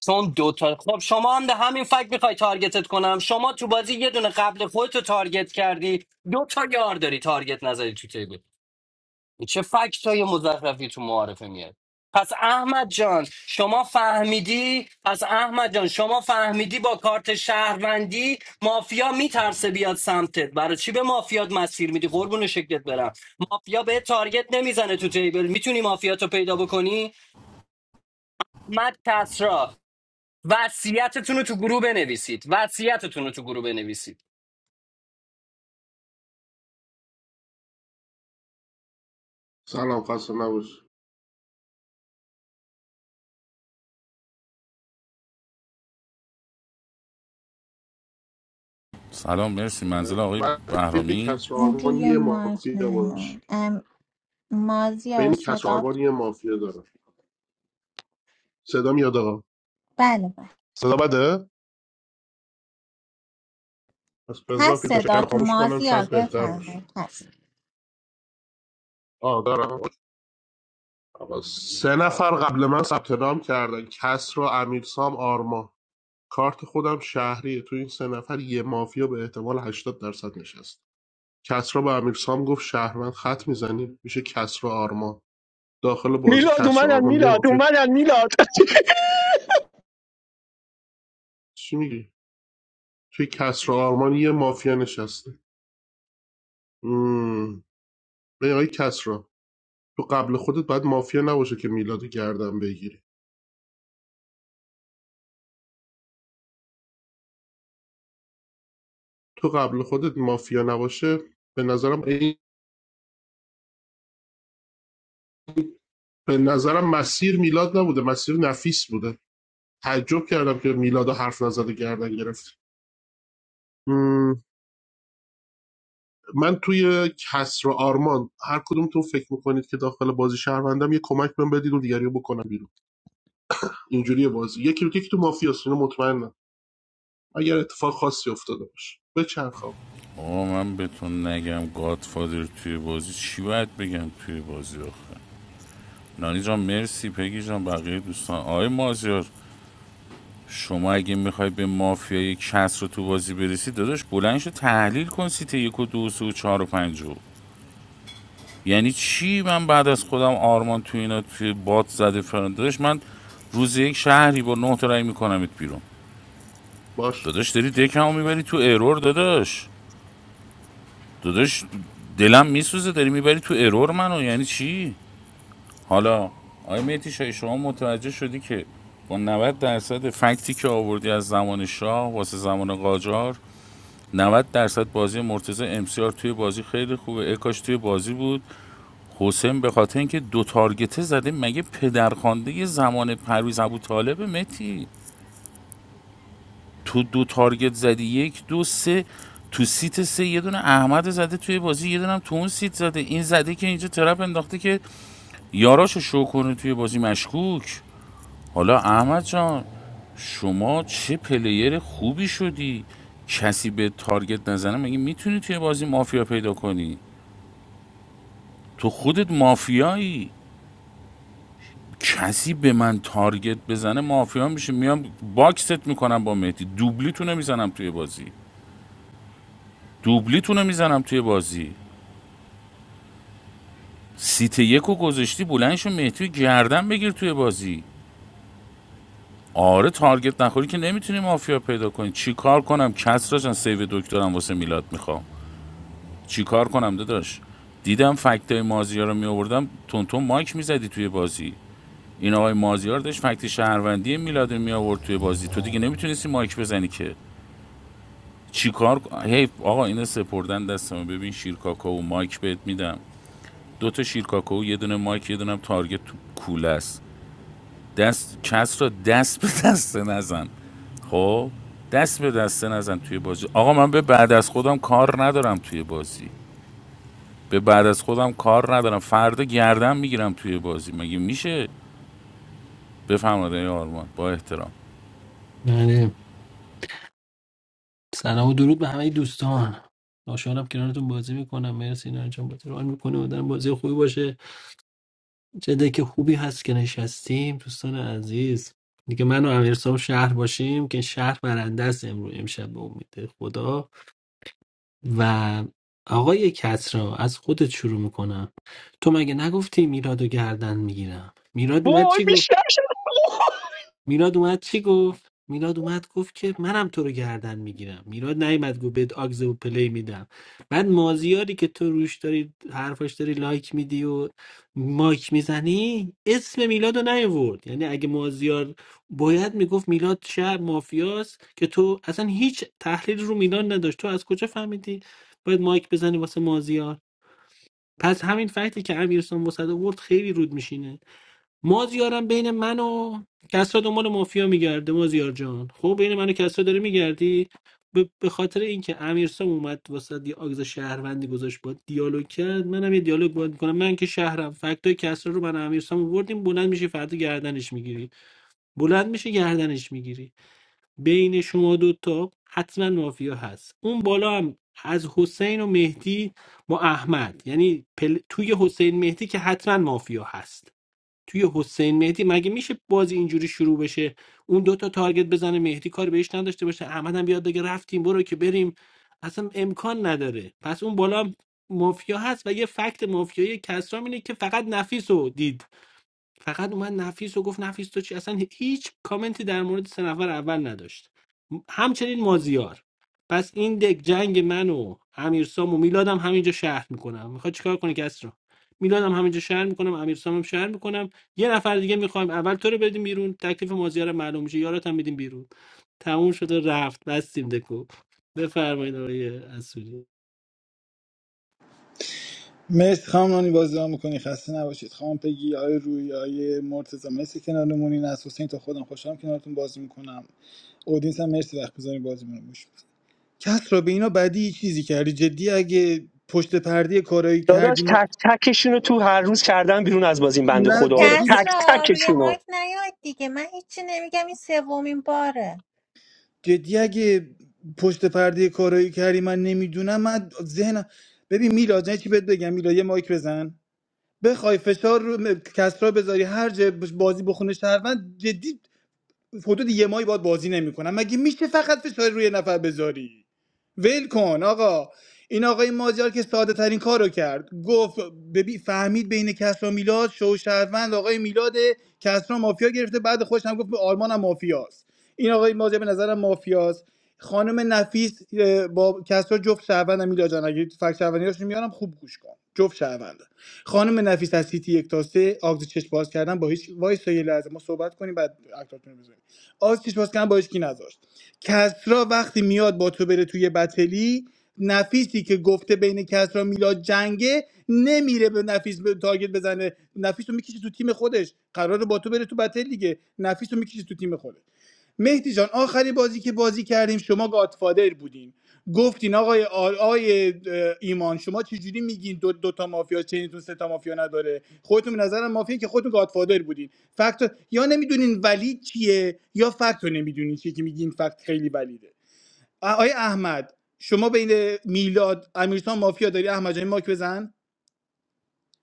چون دو تا خب شما هم ده همین فکت میخوای تارگتت کنم شما تو بازی یه دونه قبل خودتو تارگت کردی دو تا یار داری تارگت نزدی تو تیبل چه فکت های مزخرفی تو معارفه میاد پس احمد جان شما فهمیدی پس احمد جان شما فهمیدی با کارت شهروندی مافیا میترسه بیاد سمتت برای چی به مافیات مسیر میدی قربون شکلت برم مافیا به تارگت نمیزنه تو تیبل میتونی مافیاتو پیدا بکنی مد کسرا وصیتتون رو تو گروه بنویسید وصیتتون رو تو گروه بنویسید
سلام خسته نباش
سلام مرسی منزل آقای
بعد بین
بهرامی
کسر آرمان
روی
یه
مایک
مافیا باش
نیاین ام
بین
مازیار
کسر
صدا
آرمان یه مافیا داره. صدا میاد آقا
بله بله
صدا بده پس بذار
هست
فیلتر
صدا
شکن
تو
خاموش کنم
مازیار
شاید بهتر باشه
بفرمایید هست
آه دارم آقا سه نفر قبل من ثبت نام کردن کسر و امیرسام آرمان کارت خودم شهریه تو این سه نفر یه مافیا به احتمال 80 درصد نشست کسرا به امیرسام گفت شهروند خط میزنی میشه کسرا آرمان داخل بازی
میلاد
کسر و
اومدن
آرمان یه
میلاد
مافیا
اومدن میلاد
چی میگی توی کسر و آرمان یه مافیا نشسته مم. ببین آقای کسرا تو قبل خودت باید مافیا نباشه که میلاد گردن بگیری تو قبل خودت مافیا نباشه به نظرم این- به نظرم مسیر میلاد نبوده مسیر نفیس بوده تعجب کردم که میلاد رو حرف نزده گردن گرفت مم. من توی کسر و آرمان هر کدوم تو فکر میکنید که داخل بازی شهروندم یه کمک من بدید و دیگری رو بکنم بیرون اینجوری بازی یکی رو یکی تو مافیاس اینو مطمئنم اگر اتفاق خاصی افتاده باشه به چند خواب
آقا من بهتون نگم گادفادر توی بازی چی باید بگم توی بازی آخه نانی جان مرسی پگی جان بقیه دوستان آقای مازیار شما اگه میخوای به مافیای کس رو تو بازی برسی داداش بلند شو تحلیل کن سیت یک و دو و سه و چهار و پنج رو یعنی چی من بعد از خودم آرمان تو اینا توی باد زده فران داداش من روز یک شهری با نه تا رای میکنمت بیرون
باش
داداش داری دکمو میبری تو ایرور داداش داداش دلم میسوزه داری میبری تو ایرور منو یعنی چی حالا آیا مهدی شاهی شما متوجه شدی که با 90 درصد فکتی که آوردی از زمان شاه واسه زمان قاجار 90 درصد بازی مرتضی امسیار توی بازی خیلی خوبه اکاش توی بازی بود حسین به خاطر اینکه دو تارگته زده مگه پدرخوانده زمان پرویز ابو طالب متی تو دو تارگت زدی یک دو سه تو سیت سه یه دونه احمد زده توی بازی یه دونه هم تو اون سیت زده این زده که اینجا ترپ انداخته که یاراشو شو کنه توی بازی مشکوک حالا احمد جان شما چه پلیر خوبی شدی کسی به تارگت نزنه مگه میتونی توی بازی مافیا پیدا کنی تو خودت مافیایی کسی به من تارگت بزنه مافیا میشه میام باکست میکنم با مهدی دوبلیتونو میزنم توی بازی دوبلیتونو میزنم توی بازی سیت یکو گذاشتی بلندشو مهدی رو گردن بگیر توی بازی آره تارگت نخوری که نمیتونی مافیا پیدا کنی چیکار کنم کسرا جان سیو دکترم واسه میلاد میخوام چیکار کنم داداش دیدم فکتای مازیا رو می تون تون مایک میزدی توی بازی این آقای مازیار داشت فکت شهروندی میلاد می آورد توی بازی تو دیگه نمیتونستی مایک بزنی که چیکار هی آقا اینا سپردن دستم ببین شیرکاکاو مایک بهت میدم دو تا شیرکاکاو یه دونه مایک یه دونه هم تارگت تو کوله است دست کس را دست به دست نزن خب دست به دست نزن توی بازی آقا من به بعد از خودم کار ندارم توی بازی به بعد از خودم کار ندارم فردا گردن میگیرم توی بازی مگه میشه بفرمایید آقای آرمان با احترام
بله سلام و درود به همه دوستان خوشحالم کنارتون بازی میکنم مرسی نه جان بازی رو میکنه و بازی خوبی باشه چه دک خوبی هست که نشستیم دوستان عزیز دیگه من و امیرسام شهر باشیم که شهر برنده است امروز امشب به امید خدا و آقای کسرا از خودت شروع میکنم تو مگه نگفتی میراد و گردن میگیرم میراد اومد
وای
چی
بیشتر شد
میلاد اومد چی گفت میلاد اومد گفت که منم تو رو گردن میگیرم میلاد نیومد گفت بهت آگز و پلی میدم بعد مازیاری که تو روش داری حرفاش داری لایک میدی و مایک میزنی اسم میلاد رو نیورد یعنی اگه مازیار باید میگفت میلاد شهر مافیاست که تو اصلا هیچ تحلیل رو میلاد نداشت تو از کجا فهمیدی باید مایک بزنی واسه مازیار پس همین فکتی که امیرسان واسه آورد خیلی رود میشینه مازیارم بین من و کسرا دنبال مافیا میگرده مازیار جان خب بین من و کسرا داری میگردی به به خاطر اینکه امیرسام اومد واسه یه آگز شهروندی گذاشت با دیالوگ کرد منم یه دیالوگ باید میکنم من که شهرم فکتای کسرا رو من و امیرسام آوردیم بلند میشه فردا گردنش میگیری بلند میشه گردنش میگیری بین شما دوتا حتما مافیا هست اون بالا هم از حسین و مهدی با احمد یعنی پل... توی حسین مهدی که حتما مافیا هست توی حسین مهدی مگه میشه بازی اینجوری شروع بشه اون دوتا تارگت بزنه مهدی کار بهش نداشته باشه احمد هم بیاد بگه رفتیم برو که بریم اصلا امکان نداره پس اون بالا هم مافیا هست و یه فکت مافیایی کسرام اینه که فقط نفیس رو دید فقط اومد نفیس و گفت نفیس تو چی اصلا هیچ کامنتی در مورد سه نفر اول نداشت همچنین مازیار پس این دک جنگ من و امیرسام و میلادم همینجا شهر میکنم میخواد چیکار کنه کس رو میلادم همینجا شهر میکنم امیرسامم شهر میکنم یه نفر دیگه میخوایم اول تو رو بدیم بیرون تکلیف مازیار هم معلوم میشه یارات هم بدیم بیرون تموم شده رفت بستیم دکو بفرمایید آقای اصولی
مرسی خانم نانی بازی را میکنی خسته نباشید خانم پگی آقای روی آقای مرتضی مرسی کنارمونین از حسین تا خودم خوشحالم کنارتون بازی میکنم اودینس هم مرسی وقت بذاری بازی رو گوش بدی. کس را به اینا بدی یه چیزی کردی جدی اگه پشت پرده کارایی
داداش
کردی ما...
تک تکشون رو تو هر روز کردن بیرون از بازی این بنده
نه
خدا رو
جدی نه.
کس
تک
را روی
تکشون
مایک
رو
نیاید دیگه من هیچی نمیگم این سومین باره
جدی اگه پشت پرده کارایی کردی من نمیدونم من ذهنم ببین میلاد یه چی بهت بگم میلاد یه مایک بزن بخوای فشار رو م- کسرا بذاری هر جا بش- بازی بخونه شهروند جدی حدود یه ماهی باید بازی نمیکنم مگه میشه فقط فشار روی نفر بذاری ول کن آقا این آقای مازیار که ساده ترین کار رو کرد گفت ببین فهمید بین کسرا میلاد شو شهروند آقای میلاد کسرا مافیا گرفته بعد خوش هم گفت به آلمان هم مافیاست این آقای مازیار به نظرم مافیاست خانم نفیس اه، با کسرا جفت شهروند میلاد جان اگه فکر شهروندیاشون میارم خوب گوش کن جفت شهروند خانم نفیس از سیتی یک تا سه آگز چشم باز کردن با هیچ وایس تا یه لحظه ما صحبت کنیم بعد اکتاتون رو بزنید. آسیش باز کردن باش کی نذاشت کسرا وقتی میاد با تو بره توی بتلی نفیسی که گفته بین کسرا میلاد جنگه نمیره به نفیس به تارگت بزنه نفیس رو میکشه تو تیم خودش قراره با تو بره تو بتل دیگه نفیس رو میکشه تو تیم خودش مهدی جان آخری بازی که بازی کردیم شما گادفادر بودین گفتین آقای آل آقای ایمان شما چجوری میگین دو, دو تا مافیا چینتون سه تا مافیا نداره خودتون به نظرم مافیا که خودتون گادفادر بودین فکت رو- یا نمیدونین ولی چیه یا فکت رو نمیدونین چیه که میگین فکت خیلی ولیده آقای احمد شما بین میلاد امیرسان مافیا داری احمد جان ماک بزن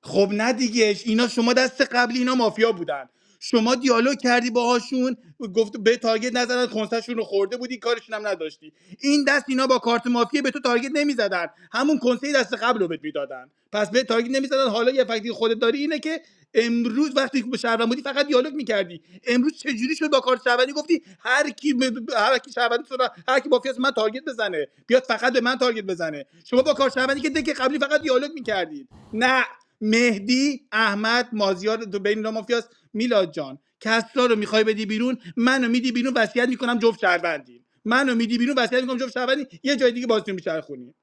خب نه دیگه اینا شما دست قبلی اینا مافیا بودن شما دیالوگ کردی باهاشون گفت به تارگت نزدن کنسشون رو خورده بودی کارشون هم نداشتی این دست اینا با کارت مافیا به تو تارگت نمیزدن همون کنسه دست قبل رو بهت میدادن پس به تارگت نمیزدن حالا یه فکتی خودت داری اینه که امروز وقتی که به شهروند بودی فقط دیالوگ میکردی امروز چجوری شد با کارت شهروندی گفتی هر کی ب- ب- هر کی شهروندی تو را- هر کی مافیاست من تارگت بزنه بیاد فقط به من تارگت بزنه شما با کارت شهروندی که دک قبلی فقط دیالوگ میکردید نه مهدی احمد مازیار دو بین اینا مافیاست میلاد جان کسرا رو میخوای بدی بیرون منو میدی بیرون وصیت میکنم جفت شهروندی منو میدی بیرون وصیت میکنم جفت شهروندی یه جای دیگه بازیتون میچرخونی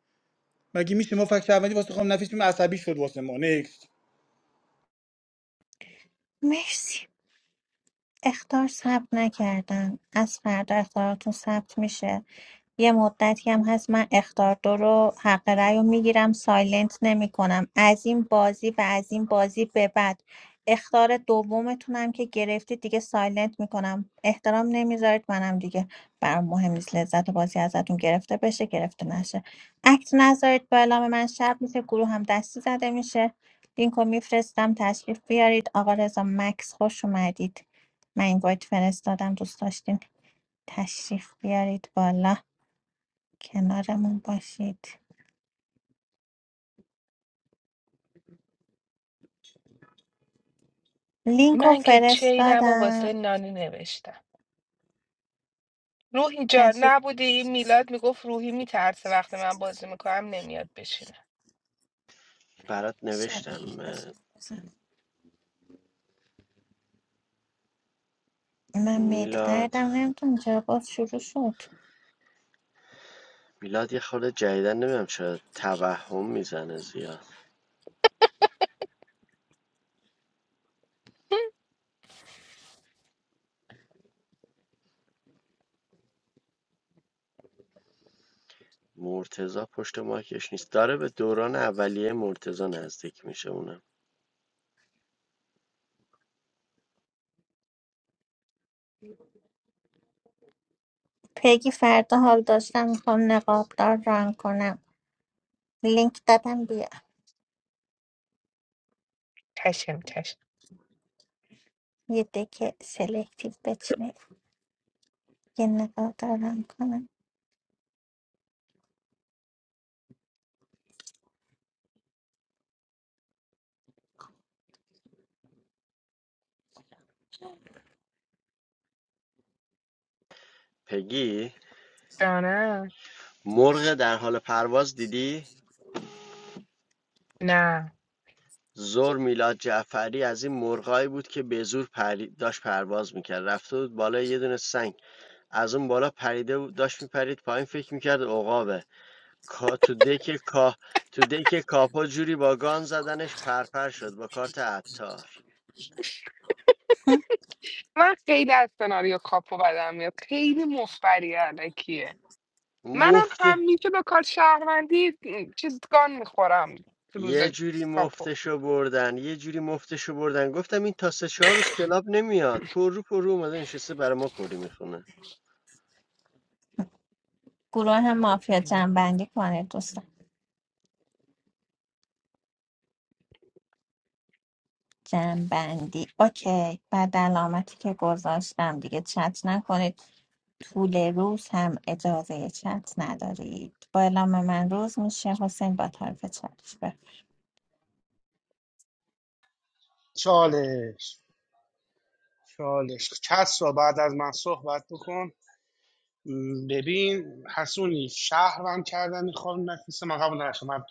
مگه میشه ما فکر شهروندی واسه خام نفیسیم عصبی شد واسه ما Next.
مرسی اختار ثبت نکردم از فردا اختاراتون ثبت میشه یه مدتی هم هست من اخطار دو رو حق رأی رو میگیرم سایلنت نمیکنم از این بازی و از این بازی به بعد اختار دومتونم که گرفتید دیگه سایلنت میکنم احترام نمیذارید منم دیگه برام مهم نیست لذت بازی ازتون گرفته بشه گرفته نشه اکت نذارید با اعلام من شب میشه گروه هم دستی زده میشه لینکو میفرستم تشریف بیارید آقا رضا مکس خوش اومدید من این وایت فرستادم دوست داشتین تشریف بیارید بالا کنارمون باشید لینک رو
من که چینم و
فرستادم
واسه نانی نوشتم روحی جان
تشریف
نبودی این میلاد میگفت روحی میترسه وقتی من
بیارید
بازی میکنم نمیاد بشینه
برات
شب
نوشتم
بزن- من میده
میلاد
دردم نمیتونم چرا باز شروع شد
میلاد یه خورده جدیدن نمیدونم چرا توهم میزنه زیاد مرتزا پشت ماکش نیست داره به دوران اولیه مرتزا نزدیک میشه اونم
پگی فردا حال داشتم میخوام نقابدار ران کنم لینک دادم بیا
چشم چشم
یه دکه سلکتیو بچینه یه نقابدار ران کنم
پگی
جانم
مرغ در حال پرواز دیدی
نه
زور میلاد جعفری از این مرغایی بود که به زور پری... داشت پرواز میکرد رفته بود بالا یه دونه سنگ از اون بالا پریده بود داشت میپرید پایین فکر میکرد عقابه کا تو دک کا تو دک کاپا جوری با گان زدنش پرپر شد با کارت عطار
من خیلی از سناریو کاپو بدم میاد خیلی مفبری علکیه منم
مفته
همیشه به کار شهروندی چیز گان میخورم تو روز
یه جوری
کاپو
مفتشو بردن یه جوری مفتشو بردن گفتم این تا سه چهار روز کلاب نمیاد پر رو پر رو اومده نشسته برای ما کری میخونه
گروه مافیا جنبندی کنه دوستان جنبندی اوکی بعد علامتی که گذاشتم دیگه چت نکنید طول روز هم اجازه چت ندارید با اعلام من روز میشه حسین با طرف چالش بفرم
چالش چالش کس را بعد از من صحبت بکن ببین حسونی شهرم کردن این خانم نفیس من قبول نداشتم من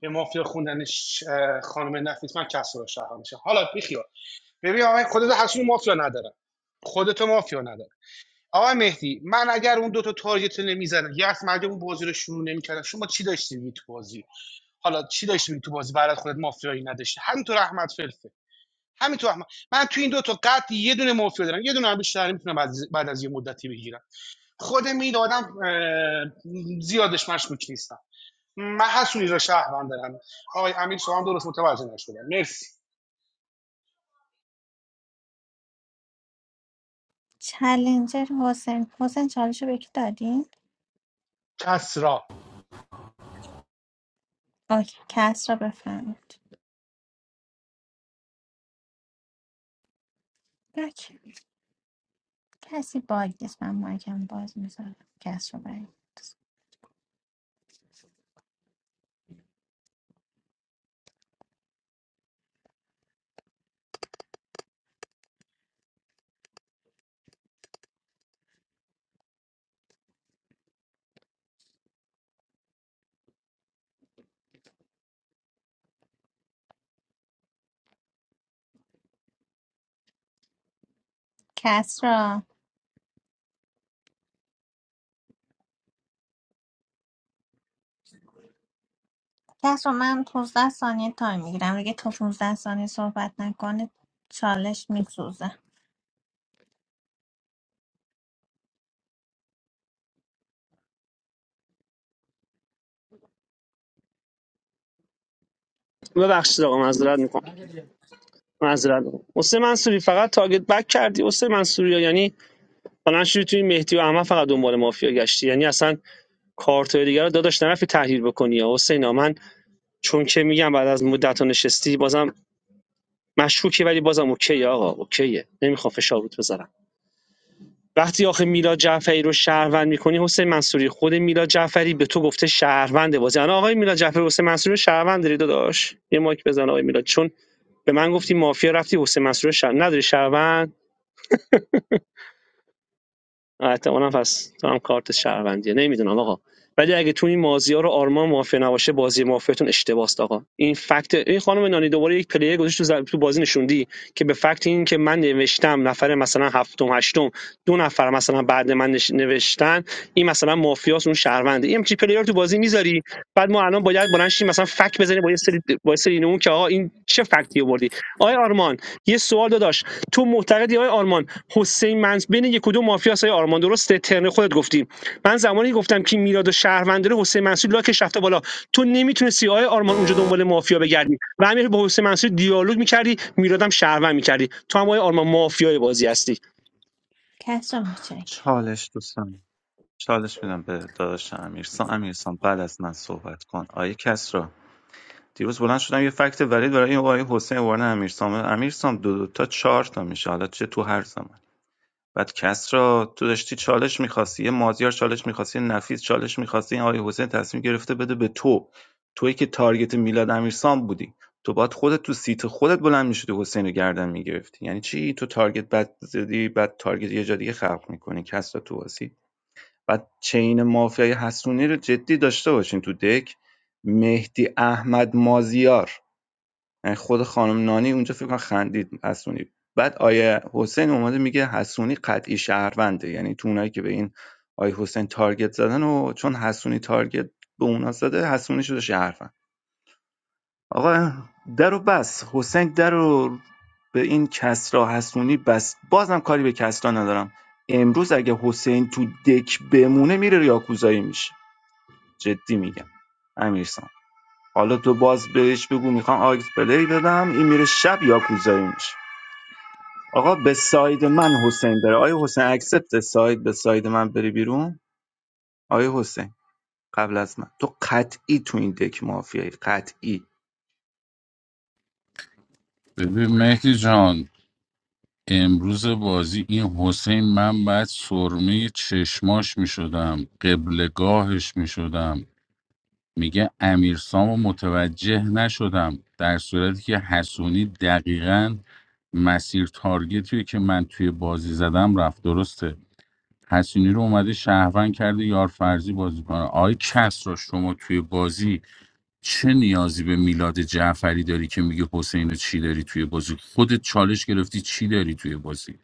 به مافیا خوندن ش- خانم نفیس من کس را شهرم میشه حالا بیخیال ببین آقای خودت حسونی مافیا ندارم خودت مافیا ندارم آقای مهدی من اگر اون دو تا تارگت رو نمیزدم یا از مردم اون بازی رو شروع نمیکردم شما چی داشتی میگی تو بازی حالا چی داشتی میگی تو بازی برات خودت مافیایی نداشتی همینطور احمد فلفه همینطور احمد من تو این دو تا قطع یه دونه مافیا دارم یه دونه هم بیشتر میتونم بعد, از- بعد از یه مدتی بگیرم خودم این آدم زیادش مشکوک نیستم من حسونی را شهروند دارم آقای امیر شما هم درست متوجه نشدم مرسی
چلنجر حسین حسین چالش رو به کی دادین؟
کسری
اوکی کس را بفهمید اوکی. کسی باگ نیست من مایکم باز میذارم کس رو برید کس را کس را من 15 ثانیه تایم میگیرم دیگه تو 15 ثانیه صحبت نکنه چالش میسوزه
ببخشید آقا معذرت میکنم معذرت می‌خوام. حسین منصوری فقط تاگت بک کردی حسین منصوری یعنی مثلا شدی توی مهدی و احمد فقط دنبال مافیا گشتی یعنی اصلا کارتای دیگه رو داداش نرفتی تحلیل بکنی یا حسین آقا، من چون که میگم بعد از مدت ها نشستی بازم مشکوکی ولی بازم اوکی آقا اوکیه نمیخوام فشار رود بذارم وقتی آخه میلاد جعفری رو شهروند میکنی حسین منصوری خود میلاد جعفری به تو گفته شهروند بازی الان آقای میلاد جعفری حسین منصوری رو شهروند داری داداش یه مایک بزن آقای میلاد چون به من گفتی مافیا رفتی حسین منصوری رو شهر... نداری شهروند احتمالا پس تو هم کارت شهروندیه نمیدونم آقا ولی اگه تو این بازی رو آرمان مافیا نباشه بازی مافیاتون اشتباه است آقا این فکت این خانم نانی دوباره یک پلیر گذاشت تو, ز- تو بازی نشوندی که به فکت این که من نوشتم نفر مثلا هفتم هشتم دو نفر مثلا بعد من نوشتن این مثلا مافیاس اون شهرونده این همچین پلیر تو بازی میذاری بعد ما الان باید بلند شیم مثلا فک بزنیم با یه سری با یه سری اون که آقا این چه فکتی آوردی آقای آرمان یه سوال داداش تو معتقدی آقای آرمان حسین منصور بین یک و دو مافیاس آقای آرمان درسته ترن خودت گفتی من زمانی گفتم که میراد و شهروند حسین منصور لاکش رفته بالا تو نمیتونستی آقای آرمان اونجا دنبال مافیا بگردی و همین با حسین منصور دیالوگ میکردی میرادم شهروند میکردی تو هم آقای آرمان مافیای بازی هستی
کس را متشکرم
چالش دوستان چالش میدم به داداش امیرسان امیرسان بعد از من صحبت کن آیه کسرا دیروز بلند شدم یه فکت ولید برای این آقای حسین وارن امیرسام امیرسام دو, دو تا چهار تا میشه حالا چه تو هر زمان بعد کس را تو داشتی چالش میخواستی مازیار چالش میخواستی نفیس چالش میخواستی آقای حسین تصمیم گرفته بده به تو تویی که تارگت میلاد امیرسام بودی تو باید خودت تو سیت خودت بلند میشدی حسین رو گردن میگرفتی یعنی چی تو تارگت بد زدی بعد تارگت یه جا دیگه خلق میکنی کس را تو واسی بعد چین مافیای حسونی رو جدی داشته باشین تو دک مهدی احمد مازیار یعنی خود خانم نانی اونجا فکر کنم خندید حسونی بعد آیه حسین اومده میگه حسونی قطعی شهرونده یعنی تو اونایی که به این آیه حسین تارگت زدن و چون حسونی تارگت به اونا زده حسونی شده شهروند آقا در بس حسین درو به این کسرا حسونی بس بازم کاری به کسرا ندارم امروز اگه حسین تو دک بمونه میره یاکوزایی میشه جدی میگم امیرسام حالا تو باز بهش بگو میخوام آکس پلی بدم این میره شب یاکوزایی میشه آقا به ساید من حسین بره آیا حسین اکسپت ساید به ساید من بری بیرون آیا حسین قبل از من تو قطعی تو این دک مافیایی قطعی
ببین مهدی جان امروز بازی این حسین من بعد سرمه چشماش می شدم قبلگاهش می شدم میگه امیرسامو متوجه نشدم در صورتی که حسونی دقیقا مسیر تارگتیه که من توی بازی زدم رفت درسته حسونی رو اومده شهروند کرده یار فرضی بازی کنه آی کس را شما توی بازی چه نیازی به میلاد جعفری داری که میگه حسین رو چی داری توی بازی خودت چالش گرفتی چی داری توی بازی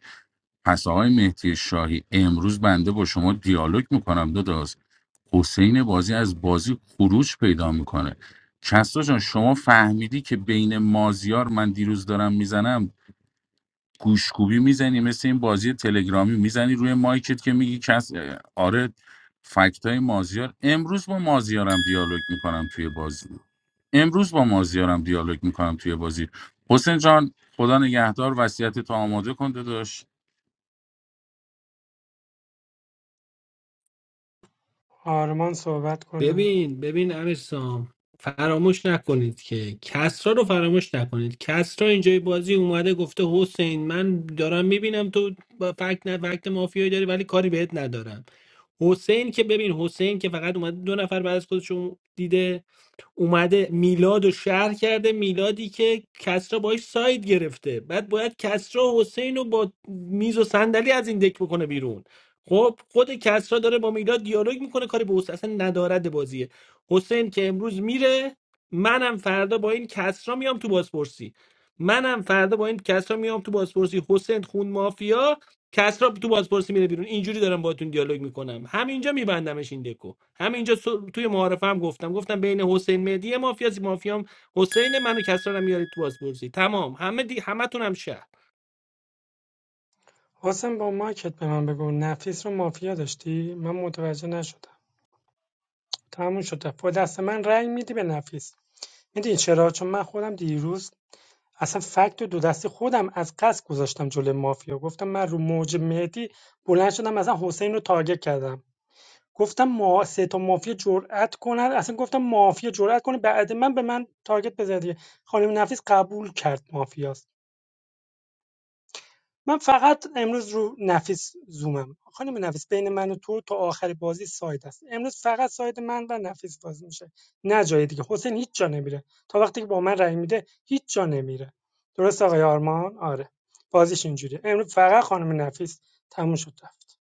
پس آقای مهدی شاهی امروز بنده با شما دیالوگ میکنم داداش حسین بازی از بازی خروج پیدا میکنه کسرا جان شما فهمیدی که بین مازیار من دیروز دارم میزنم گوشکوبی میزنی مثل این بازی تلگرامی میزنی روی مایکت که میگی کس آره فکت مازیار امروز با مازیارم دیالوگ میکنم توی بازی امروز با مازیارم دیالوگ میکنم توی بازی حسین جان خدا نگهدار وصیت تو آماده کن داداش
آرمان صحبت کنه
ببین ببین امیرسام فراموش نکنید که کسرا رو فراموش نکنید کسرا اینجای بازی اومده گفته حسین من دارم میبینم تو با فکت نه فکت مافیایی داری ولی کاری بهت ندارم حسین که ببین حسین که فقط اومده دو نفر بعد از خودشون دیده اومده میلاد و شهر کرده میلادی که کسرا باش ساید گرفته بعد باید کسرا و حسین رو با میز و صندلی از این دک بکنه بیرون خب خود کسرا داره با میلاد دیالوگ میکنه کاری به حسین اصلا ندارد بازیه حسین که امروز میره منم فردا با این کسرا میام تو بازپرسی منم فردا با این کسرا میام تو بازپرسی حسین خون مافیا کسرا تو بازپرسی میره بیرون اینجوری دارم باهاتون دیالوگ میکنم همینجا میبندمش این دکو همینجا سو- توی معارفه هم گفتم گفتم بین حسین مهدی یه مافیا زی مافیام حسین منو کسرا رو میارید تو بازپرسی تمام همه دی... همتون هم شهر
حسن با ماکت به من بگو نفیس رو مافیا داشتی من متوجه نشدم تموم شده با دست من رأی میدی به نفیس میدی چرا چون من خودم دیروز اصلا فکت دو دستی خودم از قصد گذاشتم جلوی مافیا گفتم من رو موج مهدی بلند شدم اصلا حسین رو تارگت کردم گفتم ما سه تا مافیا جرأت کنن اصلا گفتم مافیا جرأت کنه بعد من به من تارگت بزنه خانم نفیس قبول کرد مافیاست من فقط امروز رو نفیس زومم خانم نفیس بین من و تو تا آخر بازی ساید است امروز فقط ساید من و نفیس باز میشه نه جای دیگه حسین هیچ جا نمیره تا وقتی که با من رای میده هیچ جا نمیره درست آقای آرمان آره بازیش اینجوریه امروز فقط خانم نفیس تموم شد رفت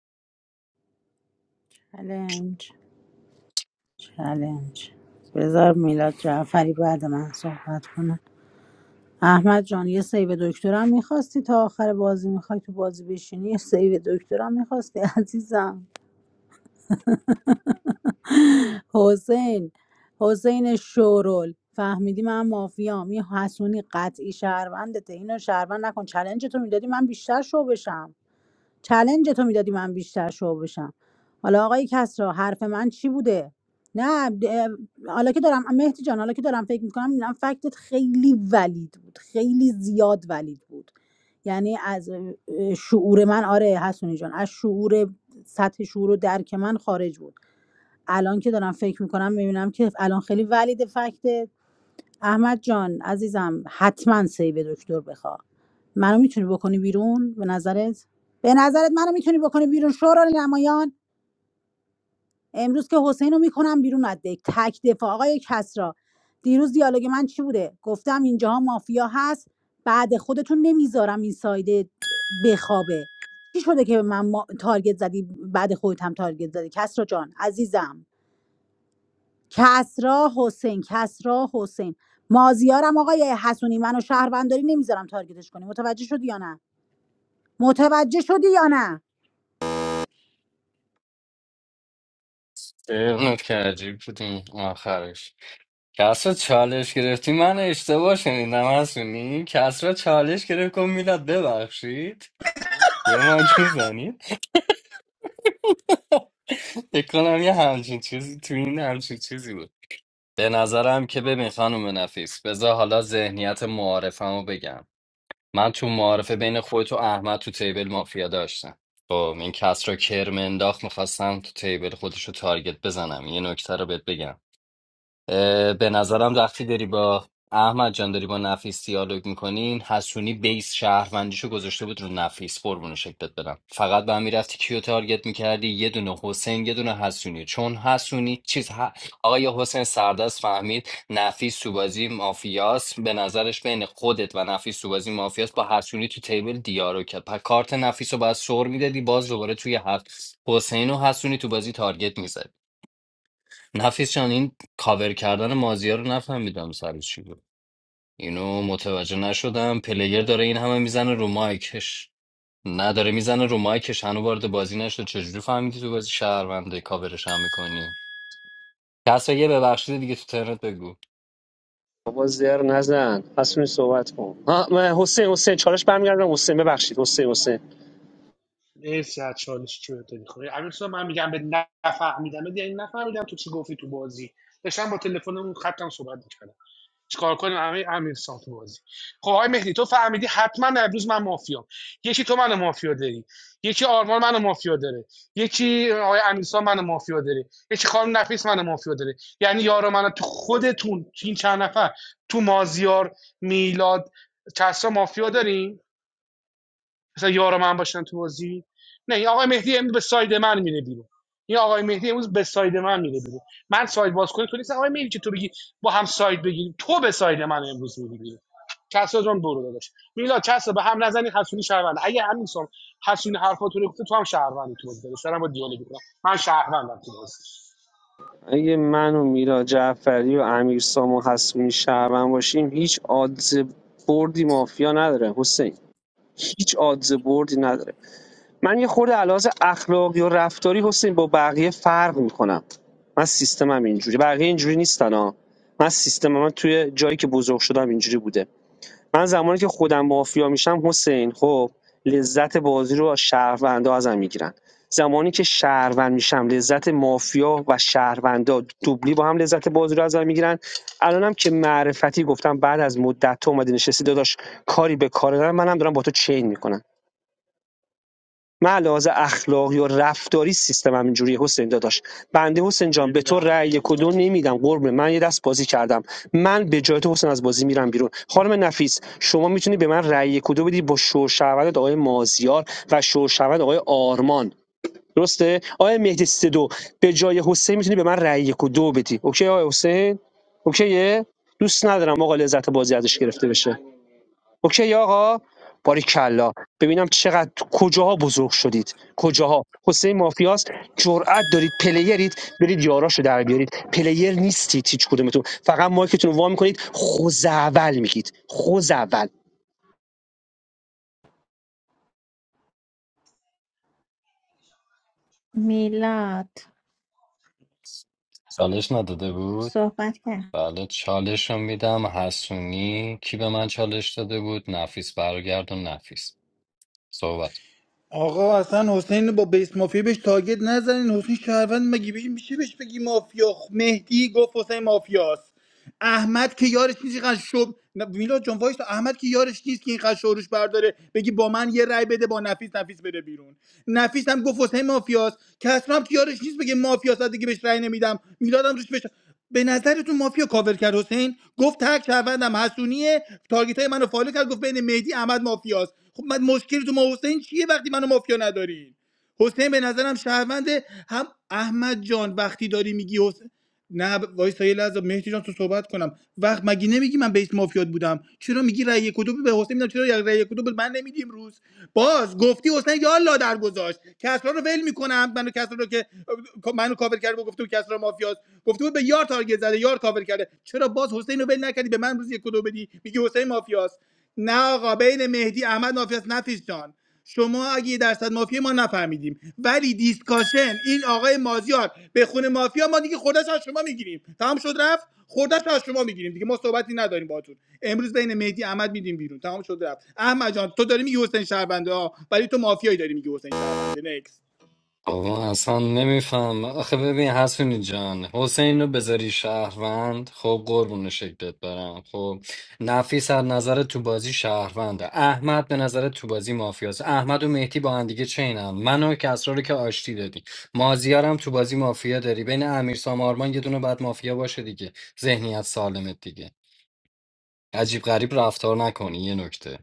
چلنج چلنج بذار میلاد جعفری بعد من صحبت کنه احمد جان یه سیو دکترم میخواستی تا آخر بازی میخوای تو بازی بشینی یه سیو دکترم میخواستی عزیزم حسین حسین شورول فهمیدی من مافیام این حسونی قطعی شهروندته اینو شهروند نکن چلنج تو میدادی من بیشتر شو بشم چلنج تو میدادی من بیشتر شو بشم حالا آقای کسرا حرف من چی بوده نه د- حالا که دارم مهدی جان حالا که دارم فکر میکنم میبینم فکتت خیلی ولید بود خیلی زیاد ولید بود یعنی از اه، شعور من آره حسونی جان از شعور سطح شعور و درک من خارج بود الان که دارم فکر میکنم میبینم که الان خیلی ولید فکت احمد جان عزیزم حتما سیو دکتر بخوا منو میتونی بکنی بیرون به نظرت به نظرت منو میتونی بکنی بیرون شورا نمایان امروز که حسین رو میکنم بیرون از دک تک دفاع آقای کسرا دیروز دیالوگ من چی بوده گفتم اینجاها مافیا هست بعد خودتون نمیذارم این سایده بخوابه چی شده که به من ما... تارگت زدی بعد خودت هم تارگت زدی کسرا جان عزیزم کسرا حسین کسرا حسین مازیارم آقای حسونی منو شهرونداری نمیذارم تارگتش کنی متوجه شدی یا نه متوجه شدی یا نه
اه، نکته عجیب بود این آخرش کسرا چالش گرفتی من اشتباه شنیدم هستونی کسرا چالش گرفت گفت میلاد ببخشید یه مایک میزنید فکر کنم یه همچین چیزی تو این همچین چیزی بود به نظرم که ببین خانم نفیس بذار حالا ذهنیت معارفمو بگم من تو معارفه بین خودت و احمد تو تیبل مافیا داشتم خب این کسرا کرم انداخت میخواستم تو تیبل خودش رو تارگت بزنم یه نکته رو بهت بگم اه، به نظرم وقتی داری با احمد جان داری با نفیس دیالوگ میکنین حسونی بیس شهروندیشو گذاشته بود رو نفیس قربون شکلت برم فقط به هم میرفتی کیو تارگت میکردی یه دونه حسین یه دونه حسونی چون حسونی چیز ه... آقای حسین سردست فهمید نفیس تو بازی مافیاس به نظرش بین خودت و نفیس تو بازی مافیاس با حسونی تو تیبل دیارو کرد پس کارت نفیس رو باید سر میدادی باز دوباره توی هفت حسین و حسونی تو بازی تارگت میزدی نفیس جان این کاور کردن مازیار رو نفهمیدم سر چی بود اینو متوجه نشدم پلیر داره این همه میزنه رو مایکش نداره میزنه رو مایکش هنو وارد بازی نشده چجوری فهمیدی تو بازی شهرونده کاورش هم میکنی کسا یه ببخشید دیگه تو ترنت بگو
بابا زر نزن حسونی صحبت کن ها م- حسین حسین چالش برمیگردم حسین ببخشید حسین حسین
مرسی از چالش چوه تو میخوری امیر سلطان، من میگم به نفهمیدم یعنی نفهمیدم تو چی گفتی تو بازی داشتم با تلفنمون اون خطم صحبت میکردم چیکار کنیم امیر امیر تو بازی خب آقای مهدی تو فهمیدی حتما امروز من مافیام یکی تو منو مافیا داری یکی آرمان منو مافیا داره یکی آقای امیرسان منو مافیا داره یکی خانم نفیس منو مافیا داره یعنی یارو من تو خودتون تو این چند نفر تو مازیار میلاد کسرا مافیا داریم مثلا یار من باشن تو بازی نه این آقای مهدی امروز به ساید من میره بیرون این آقای مهدی امروز به ساید من میره بیرون من ساید باز کنی تو نیست آقای مهدی که تو بگی با هم ساید بگیریم تو به ساید من امروز میری بیرون کسا جان برو داداش میلا کسا به هم نزنی حسونی شهروند اگه همین سام حسونی حرفاتو رو گفته تو هم شهروندی تو بازی داداش دارم با دیالوگ میکنم من شهروندم تو بازی
اگه من و میلا جعفری و امیر سام و حسونی شهروند باشیم هیچ آدز بردی مافیا نداره حسین هیچ آدز بردی نداره من یه خورده علاوه اخلاقی و رفتاری حسین با بقیه فرق میکنم من سیستمم اینجوری بقیه اینجوری نیستن ها من سیستمم من توی جایی که بزرگ شدم اینجوری بوده من زمانی که خودم مافیا میشم حسین خب لذت بازی رو از شهروندا ازم میگیرن زمانی که شهروند میشم لذت مافیا و شهروندا دوبلی با هم لذت بازی رو ازم میگیرن الانم که معرفتی گفتم بعد از مدت تو اومدی نشستی داداش کاری به کار ندارم منم دارم با تو چین میکنم من لحاظ اخلاقی و رفتاری سیستمم اینجوریه حسین داداش بنده حسین جان به تو رأی کدو نمیدم قربونه من یه دست بازی کردم من به جای تو حسین از بازی میرم بیرون خانم نفیس شما میتونی به من رأی کدو بدی با شوشوند آقای مازیار و شوشوند آقای آرمان درسته آقای مهدی سیدو به جای حسین میتونی به من رأی کدو بدی اوکی آقای حسین اوکیه دوست ندارم آقا لذت بازی ازش گرفته بشه اوکی آقا کلا ببینم چقدر کجاها بزرگ شدید کجاها حسین مافیاست جرأت دارید پلیرید برید یاراشو در بیارید پلیر نیستید هیچ کدومتون فقط مایکتون رو وا میکنید خوزعول میگید خوزعول
میلاد
چالش نداده بود
صحبت کرد
بله چالش رو میدم حسونی کی به من چالش داده بود نفیس برگردون نفیس صحبت کن.
آقا اصلا حسین رو با بیس مافیا بهش تاگت نزنین حسین شهروند مگی بگی میشه بهش بگی مافیا خ- مهدی گفت حسین مافیاست احمد که یارش نیست اینقدر شب نه، میلاد جان وایسا. احمد که یارش نیست که اینقدر شورش برداره بگی با من یه رأی بده با نفیس نفیس بره بیرون نفیس هم گفت حسین مافیاست کسرا هم که یارش نیست بگه مافیاست دیگه بهش رأی نمیدم میلادم روش بشه به نظرتون مافیا کاور کرد حسین گفت تک شهروندم حسونیه تارگیت های منو فالو کرد گفت بین مهدی احمد مافیاست خب من مشکلی تو ما حسین چیه وقتی منو مافیا ندارین حسین به نظرم شهرونده هم احمد جان وقتی داری میگی حسین نه ب- وایسا یه لحظه مهدی جان تو صحبت کنم وقت مگه نمیگی من بیس مافیات بودم چرا میگی رأی کدوم به حسین میدم چرا رأی کدوم به من نمیدیم روز باز گفتی حسین یا لا در گذاشت کسرا رو ول میکنم منو کسرا رو که منو کاور کرد و گفته بود کسرا مافیاست گفته بود به یار تارگت زده یار کاور کرده چرا باز حسین رو ول نکردی به من روز یک کدو بدی میگی حسین مافیاست نه آقا بین مهدی احمد مافیاست نفیس جان شما اگه یه درصد مافیا ما نفهمیدیم ولی دیسکاشن این آقای مازیار به خون مافیا ما دیگه خوردش از شما میگیریم تمام شد رفت خوردش از شما میگیریم دیگه ما صحبتی نداریم باهاتون امروز بین مهدی احمد میدیم بیرون تمام شد رفت احمد جان تو داری میگی حسین شهربنده ها ولی تو مافیایی داری میگی حسین شهربنده نکس
بابا اصلا نمیفهم آخه ببین حسونی جان حسین رو بذاری شهروند خب قربون شکلت برم خب نفیس از نظر تو بازی شهرونده احمد به نظر تو بازی مافیاست احمد و مهدی با هم دیگه چینم منو کسرا رو که آشتی دادی مازیارم تو بازی مافیا داری بین امیر سامارمان یه دونه بعد مافیا باشه دیگه ذهنیت سالمت دیگه عجیب غریب رفتار نکنی یه نکته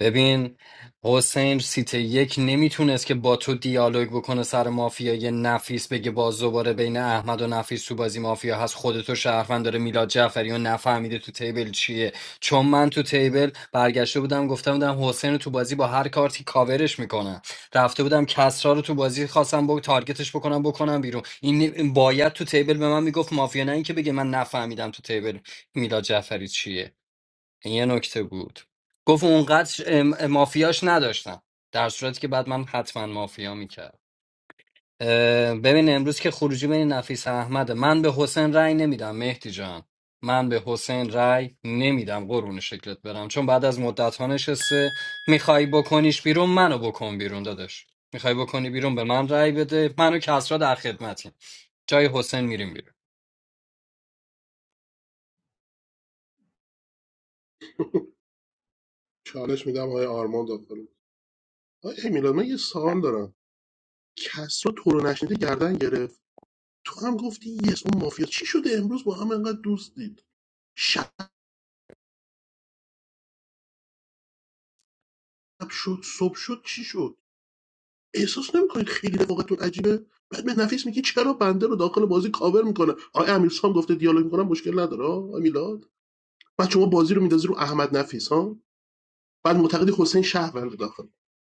ببین حسین سیت یک نمیتونست که با تو دیالوگ بکنه سر مافیا یه نفیس بگه باز دوباره بین احمد و نفیس تو بازی مافیا هست خودتو شهروند داره میلاد جعفری و نفهمیده تو تیبل چیه چون من تو تیبل برگشته بودم گفته بودم حسین رو تو بازی با هر کارتی کاورش میکنم رفته بودم کسرا رو تو بازی خواستم با تارگتش بکنم بکنم بیرون این نی- باید تو تیبل به من میگفت مافیا نه اینکه بگه من نفهمیدم تو تیبل میلاد جعفری چیه یه نکته بود گفت اونقدر ش- ام- مافیاش نداشتم در صورتی که بعد من حتما مافیا میکرد ببین امروز که خروجی بین نفیس احمده من به حسین رأی نمیدم مهدی جان من به حسین رأی نمیدم قرون شکلت برم چون بعد از مدت ها نشسته میخوای بکنیش بیرون منو بکن بیرون داداش میخوای بکنی بیرون به من رأی بده منو کسرا در خدمتیم جای حسین میریم بیرون
چالش میدم آقای آرمان داخل آقای میلاد من یه سوال دارم کس رو تو رو نشنیده گردن گرفت تو هم گفتی یس اون مافیا چی شده امروز با هم انقدر دوست دید شب شد صبح شد چی شد احساس نمیکنید خیلی رفاقتون عجیبه بعد به نفیس میگی چرا بنده رو داخل بازی کاور میکنه آقای امیرسام گفته دیالوگ میکنم مشکل نداره آقای میلاد بعد شما بازی رو میندازی رو احمد نفیس ها بعد معتقدی حسین شهروند داخل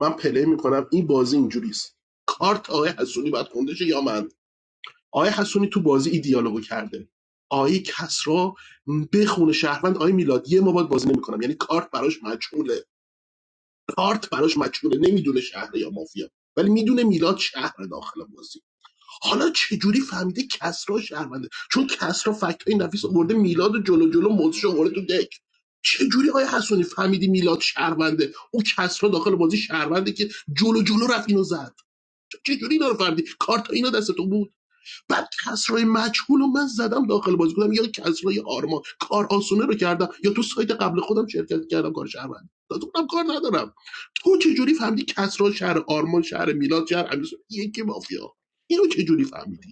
من پلی میکنم این بازی اینجوریست کارت آقای حسونی باید خونده شه یا من آقای حسونی تو بازی این دیالوگو کرده آقای کسرا بخونه شهروند آقای میلاد یه ما باید بازی نمیکنم یعنی کارت براش مجهوله کارت براش مجهوله نمیدونه شهر یا مافیا ولی میدونه میلاد شهر داخل بازی حالا چجوری فهمیده کسرا شهرونده چون کسرا فکت نفیس آورده میلاد و جلو جلو ملتش آورده تو دک چجوری آیا حسونی فهمیدی میلاد شهرونده اون کسرا داخل بازی شهرونده که جلو جلو رفت اینو زد چجوری اینا رو فهمیدی کارت اینا دستتون بود بعد کسرای مجهول رو من زدم داخل بازی گفتم یا کسرای آرما کار آسونه رو کردم یا تو سایت قبل خودم شرکت کردم کار شهرونده دادم کار ندارم تو چجوری فهمیدی کسرا شهر آرمان شهر میلاد شهر امیرسون یکی مافیا اینو چجوری فهمیدی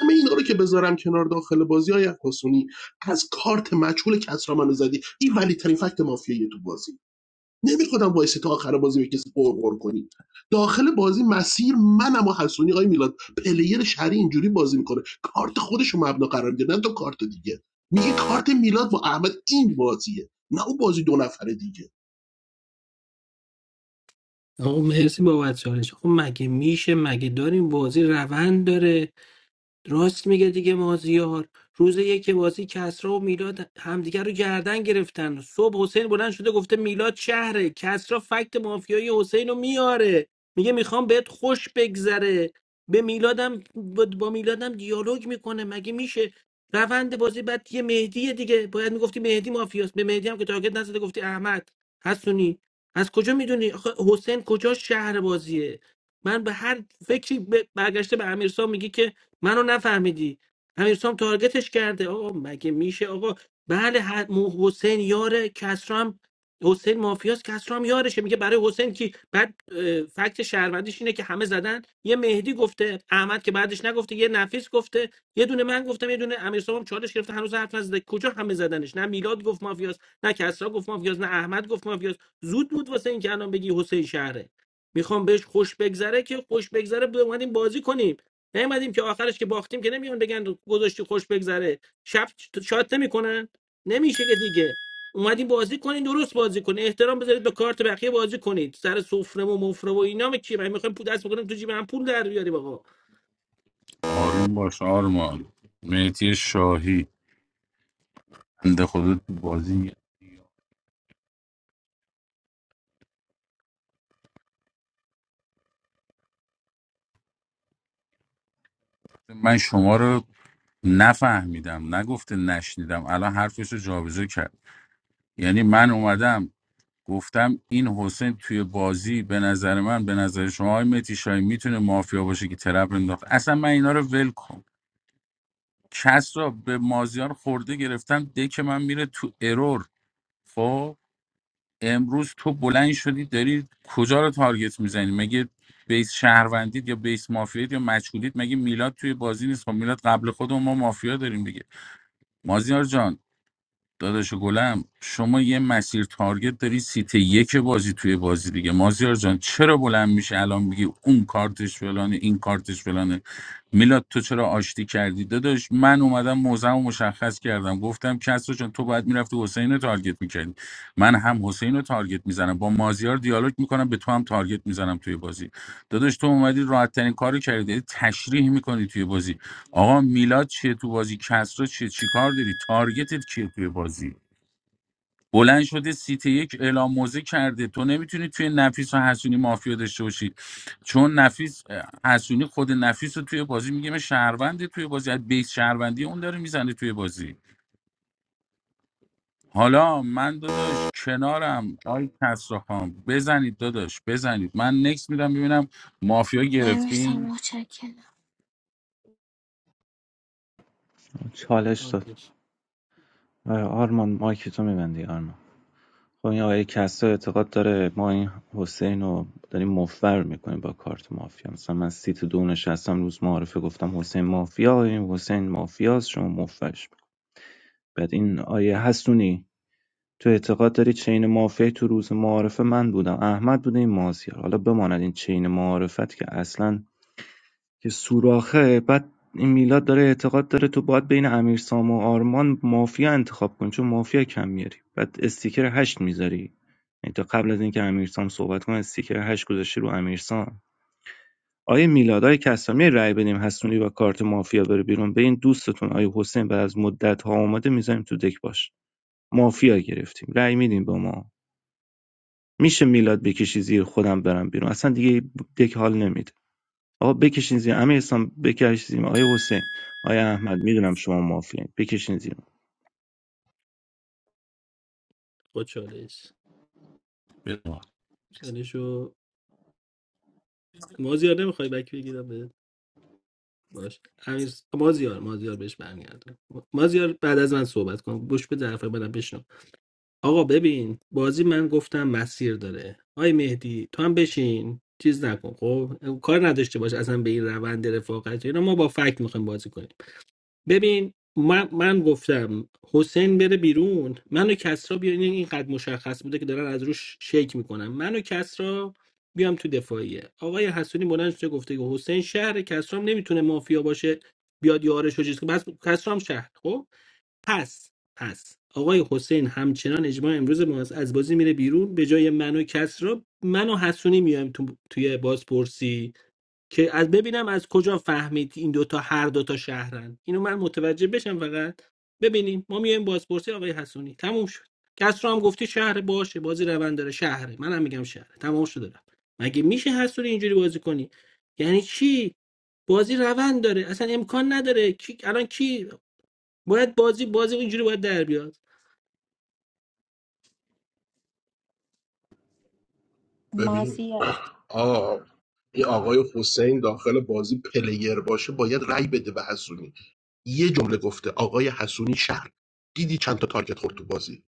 همه اینا رو که بذارم کنار داخل بازی های حسونی از کارت مجهول کسرا منو زدی این ولی ترین فکت مافیایی تو بازی نمیخوام وایسی تا آخر بازی به کسی قرقر کنی داخل بازی مسیر منم و حسونی آقای میلاد پلیر شری اینجوری بازی میکنه کارت خودش رو مبنا قرار میده نه تو کارت دیگه میگه کارت میلاد با احمد این بازیه نه اون بازی دو نفره دیگه
آقا مرسی بابت چالش خب مگه میشه مگه داریم بازی روند داره راست میگه دیگه مازیار روز یک بازی کسرا و میلاد همدیگه رو گردن گرفتن صبح حسین بلند شده گفته میلاد شهره کسرا فکت مافیایی حسین رو میاره میگه میخوام بهت خوش بگذره به میلادم با با میلادم دیالوگ میکنه مگه میشه روند بازی بعد یه مهدی دیگه باید میگفتی مهدی مافیاست به مهدی هم که تاگت نزده گفتی احمد حسونی از کجا میدونی حسین کجا شهر بازیه من به هر فکری ب- برگشته به امیرسام میگه که منو نفهمیدی امیرسام تارگتش کرده آقا مگه میشه آقا بله ح- مو- حسین یاره کسرام حسین مافیاس کسرام یارشه میگه برای حسین که بعد اه، فکت شهروندیش اینه که همه زدن یه مهدی گفته احمد که بعدش نگفته یه نفیس گفته یه دونه من گفتم یه دونه امیرسام هم چالش گرفته هنوز حرف نزده کجا همه زدنش نه میلاد گفت مافیاس نه کسرا گفت مافیاس نه احمد گفت مافیاس زود بود واسه اینکه الان بگی حسین شهره میخوام بهش خوش بگذره که خوش بگذره اومدیم بازی کنیم نیومدیم که آخرش که باختیم که نمیان بگن گذاشتی خوش بگذره شب شات نمیکنن نمیشه که دیگه اومدیم بازی کنین درست بازی کنین احترام بذارید به کارت بقیه بازی کنید سر سفره و مفره و اینا کی من میخوایم پول دست بکنیم تو جیب هم پول در بیاریم آقا
آروم باش آرمان مهدی شاهی بنده خدا تو بازی من شما رو نفهمیدم نگفته نشنیدم الان حرفش رو جابجا کرد یعنی من اومدم گفتم این حسین توی بازی به نظر من به نظر شما های مهدی شاهی میتونه مافیا باشه که ترپ انداخت اصلا من اینا رو ول کن کس را به مازیار خورده گرفتم ده که من میره تو ارور خب امروز تو بلند شدی داری کجا رو تارگت میزنی مگه بیس شهروندید یا بیس مافیایید یا مجهولید مگه میلاد توی بازی نیست خب میلاد قبل خود ما مافیا داریم دیگه مازیار جان داداش گلم شما یه مسیر تارگت داری سیت یک بازی توی بازی دیگه مازیار جان چرا بلند میشه الان میگی اون کارتش فلانه این کارتش فلانه میلاد تو چرا آشتی کردی داداش من اومدم موزم رو مشخص کردم گفتم کسرا جان تو باید میرفتی حسین رو تارگت میکردی من هم حسین رو تارگت میزنم با مازیار دیالوگ میکنم به تو هم تارگت میزنم توی بازی داداش تو اومدی راحت ترین کارو کردی داری تشریح میکنی توی بازی آقا میلاد چیه تو بازی کسرا چیه چی کار داری تارگتت کیه توی بازی بلند شده سیت یک اعلام موزه کرده تو نمیتونی توی نفیس و حسونی مافیا داشته باشی چون نفیس حسونی خود نفیس رو توی بازی میگه من شهرونده توی بازی از بیس شهروندی اون داره میزنه توی بازی حالا من داداش کنارم آی کسرا خان بزنید داداش بزنید من نکس میدم ببینم مافیا
امیرسان
گرفتین
متشکرم
چالش داد
چالش.
آره، آرمان مایک تو میبندی آرمان خب این آقای کسا اعتقاد داره ما این حسین رو داریم مفر میکنیم با کارت مافیا مثلا من سیت دو نشستم روز معارفه گفتم حسین مافیا این حسین مافیاست شما مفرش بعد این آیه هستونی تو اعتقاد داری چین مافیایی تو روز معارفه من بودم احمد بوده این مازیار حالا بماند این چین معارفت که اصلا که سوراخه بعد این میلاد داره اعتقاد داره تو باید بین امیرسام و آرمان مافیا انتخاب کنی چون مافیا کم میاری بعد استیکر هشت میذاری یعنی تا قبل از اینکه امیرسام صحبت کنه استیکر هشت گذاشتی رو امیرسام آیه میلاد آیه کسامی رأی بدیم حسونی با کارت مافیا بره بیرون به این دوستتون آیه حسین بعد از مدت ها اومده میذاریم تو دک باش مافیا گرفتیم رأی میدیم به ما میشه میلاد بکشی زیر خودم برم بیرون اصلا دیگه دک حال نمیده آقا بکشین زیر امیر اسلام بکش زیر آیا حسین آیا احمد میدونم شما مافیین بکشین زیر
با چالش
بزن.
چالشو مازیار نمیخوای بک بگیرم بهت باش امیر مازیار مازیار بهش برمیگردم مازیار بعد از من صحبت کن گوش به طرفای منم بشنو آقا ببین بازی من گفتم مسیر داره آی مهدی تو هم بشین چیز نکن خب کار نداشته باش اصلا به این روند رفاقت اینا ما با فکت میخوایم بازی کنیم ببین من, من گفتم حسین بره بیرون منو کسرا بیان این اینقدر مشخص بوده که دارن از روش شیک میکنن منو کسرا بیام تو دفاعیه آقای حسونی بلند شده گفته که حسین شهر کسرا هم نمیتونه مافیا باشه بیاد یارش رو چیز کنه بس کسرا هم شهر خب پس پس آقای حسین همچنان اجماع امروز ماست از بازی میره بیرون به جای من و کس را من و حسونی میایم تو توی بازپرسی که از ببینم از کجا فهمید این دوتا هر دوتا شهرن اینو من متوجه بشم فقط ببینیم ما میایم بازپرسی آقای حسونی تموم شد کس هم گفتی شهر باشه بازی روند داره شهره منم میگم شهره تمام شد رفت مگه میشه حسونی اینجوری بازی کنی یعنی چی بازی روند داره اصلا امکان نداره کی الان کی باید بازی بازی اینجوری باید در بیاد
ببین
مازیار
آه این آقای حسین داخل بازی پلیر باشه باید رای بده به حسونی یه جمله گفته آقای حسونی شهر دیدی چند تا تارگت خورد تو بازی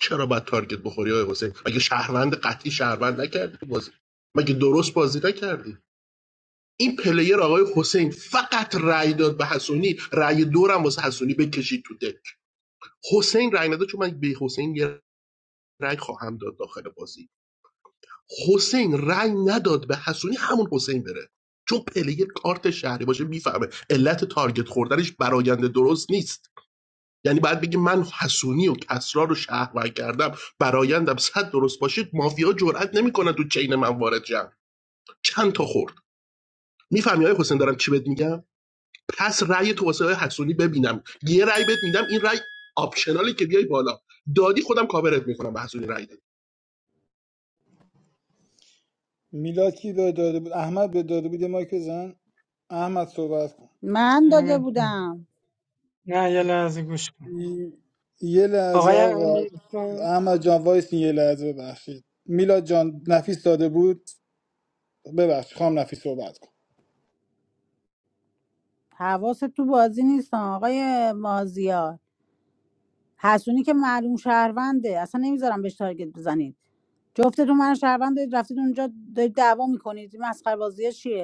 چرا باید تارگت بخوری آقای حسین مگه شهروند قطعی شهروند نکردی تو بازی مگه درست بازی نکردی این پلیر آقای حسین فقط رأی داد به حسونی رأی دورم واسه حسونی بکشید تو دک حسین رأی نداد چون من به حسین یه رأی خواهم داد داخل بازی حسین رأی نداد به حسونی همون حسین بره چون پلیر کارت شهری باشه میفهمه علت تارگت خوردنش براینده درست نیست یعنی باید بگی من حسونی و کسرا رو شهرور کردم برایندم صد درست باشید مافیا جرئت نمیکنه تو چین من وارد شن چند تا خورد میفهمی های حسین دارم چی بهت میگم پس رأی تو واسه های حسونی ببینم یه رأی بهت میدم این رأی آپشنالی که بیای بالا دادی خودم کاورت میکنم به حسونی رأی دادی
میلاد کی به داده بود احمد به داده بود من احمد
من داده
دمت گرم.
بودم
نه یه لحظه گوش کن
یه لحظه
آقای
آقا
امیر
احمد جان وایس یه لحظه ببخشید میلاد جان نفیس داده بود ببخشید خام نفیس صحبت کن.
حواست تو بازی نیست آقای مازیار حسونی که معلوم شهرونده اصلا نمیذارم بهش تارگت بزنید جفتتون من شهروند دارید رفتید اونجا دارید دعوا میکنید این مسخره بازی چیه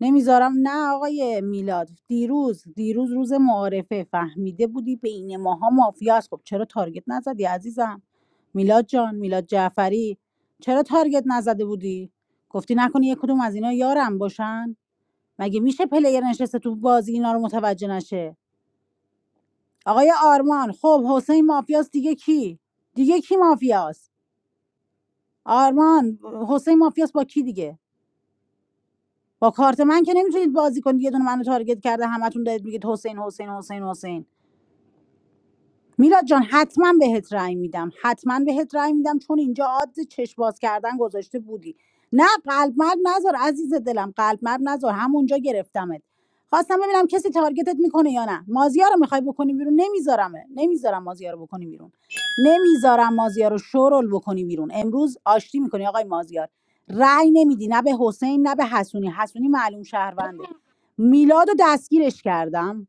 نمیذارم نه آقای میلاد دیروز دیروز روز معارفه فهمیده بودی بین ماها مافیاست خب چرا تارگت نزدی عزیزم میلاد جان میلاد جعفری چرا تارگت نزده بودی گفتی نکنی یک کدوم از اینا یارم باشن مگه میشه پلیر نشسته تو بازی اینا رو متوجه نشه آقای آرمان خب حسین مافیاست دیگه کی دیگه کی مافیاست آرمان حسین مافیاست با کی دیگه با کارت من که نمیتونید بازی کنید یه دونه منو تارگت کرده همتون دارید میگید حسین حسین حسین حسین میلاد جان حتما بهت رأی میدم حتما بهت رأی میدم چون اینجا عاد چشم باز کردن گذاشته بودی نه قلب مرد نذار عزیز دلم قلب مرد نذار همونجا گرفتمت خواستم ببینم کسی تارگتت میکنه یا نه مازیار رو میخوای بکنی بیرون نمیذارمه نمیذارم مازیار رو بکنی بیرون نمیذارم مازیار رو شورل بکنی بیرون امروز آشتی میکنی آقای مازیار رأی نمیدی نه به حسین نه به حسونی حسونی معلوم شهرونده میلاد رو دستگیرش کردم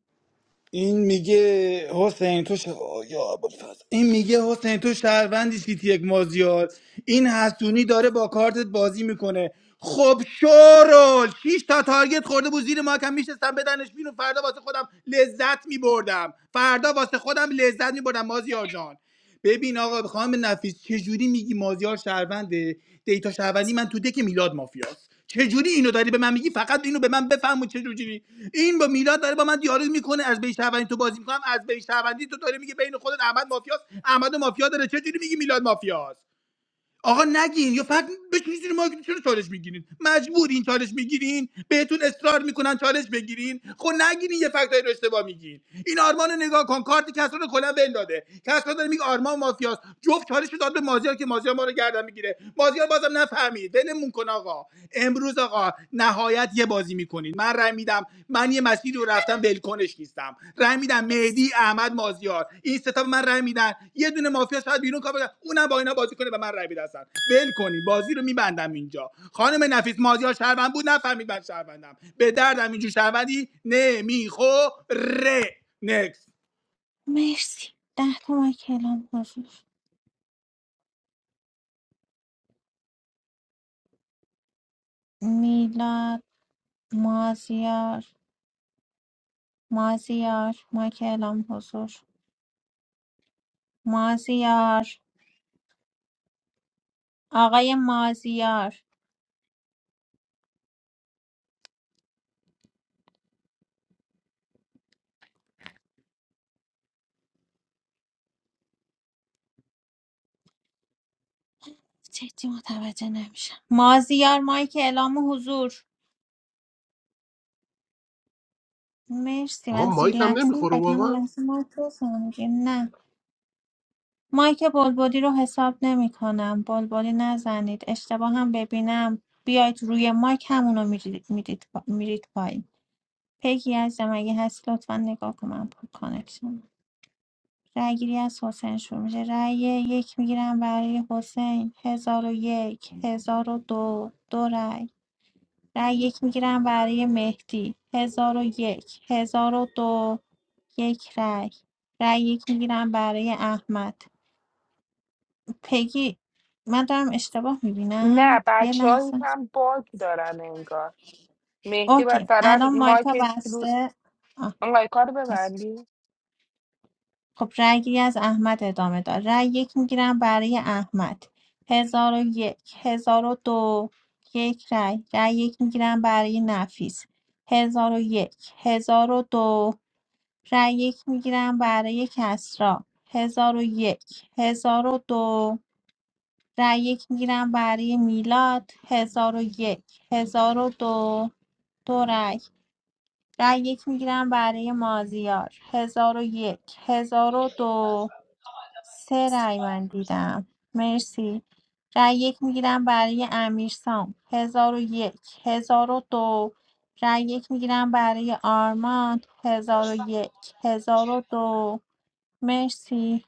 این میگه حسین تو ش... آه، یا ابوالفضل. این میگه حسین تو شهروندی سیتی یک مازیار این حسونی داره با کارتت بازی میکنه خب شورول شیش تا تارگت خورده بود زیر ما کم میشستم بدنش بیرون فردا واسه خودم لذت میبردم فردا واسه خودم لذت میبردم مازیار جان ببین آقا خانم نفیس چجوری میگی مازیار شهرونده دیتا شهروندی من تو دک میلاد مافیاست چجوری اینو داری به من میگی فقط اینو به من بفهم و چجوری این با میلاد داره با من دیالوگ میکنه از بیش شهروندی تو بازی میکنم از بیش شهروندی تو داره میگه بین خودت احمد مافیاست احمد و مافیا داره چجوری میگی میلاد مافیاست آقا نگین یا فقط بشین زیر مایک چرا چالش میگیرین مجبورین چالش میگیرین بهتون اصرار میکنن چالش بگیرین خب نگیرین یه فکتایی رو اشتباه میگین این آرمان رو نگاه کن کارت کسرا رو کلا بنداده کسرا داره میگه آرمان مافیاست جفت چالش رو داد به مازیار که مازیار ما رو گردن میگیره مازیار بازم نفهمید ولمون کن آقا امروز آقا نهایت یه بازی میکنین من رای میدم من یه مسیری رو رفتم ولکنش نیستم رای میدم مهدی احمد مازیار این ستا به من رای میدن یه دونه مافیا شاید بیرون کار بدن اونم با اینا بازی کنه به من رای بده اصلا ول کنین بازی رو میبندم اینجا خانم نفیس مازیار شهروند بود نفهمید من شهروندم به دردم اینجور شهروندی نمیخوره نکس
مرسی ده تومن کلام حضور میلاد مازیار مازیار ما کلام حضور مازیار آقای مازیار جدی متوجه نمیشم مازیار مایک اعلام حضور مرسی
آقا
من زیر
مایک هم
لفظی
نمیخوره
میخواید همون
واقعا
لحظه مایک بزنم دیگه نه مایک بلبلی رو حساب نمی کنم بلبلی نزنید اشتباه هم ببینم بیاید روی مایک همونو میرید میرید پایین پگی عزیزم اگه هست لطفا نگاه کن من پر کانکشن رأی گیری از حسین شروع میشه رأی یک میگیرم برای حسین هزار و یک هزار و دو دو رأی رأی یک میگیرم برای مهدی هزار و یک هزار و دو یک رأی رأی یک میگیرم برای احمد پگی من دارم اشتباه
نه
میبینم یه
بچه
لحظه
هم باگ دارن انگار مهدی
اوکی
مثلا
الان مایکا
مایکش رو
بسته آه.
انگار کار ببندی
خب رأی از احمد ادامه دار رأی یک میگیرم برای احمد هزار و یک هزار و دو یک رأی رأی یک میگیرم برای نفیس هزار و یک هزار و دو رأی یک میگیرم برای کسرا هزار و یک هزار و دو رأی یک میگیرم برای میلاد هزار و یک هزار و دو دو رأی رأی یک میگیرم برای مازیار هزار و یک هزار و دو سه رأی من دیدم مرسی رأی یک میگیرم برای امیرسام هزار و یک هزار و دو رأی یک میگیرم برای آرمان هزار و یک هزار و دو مرسی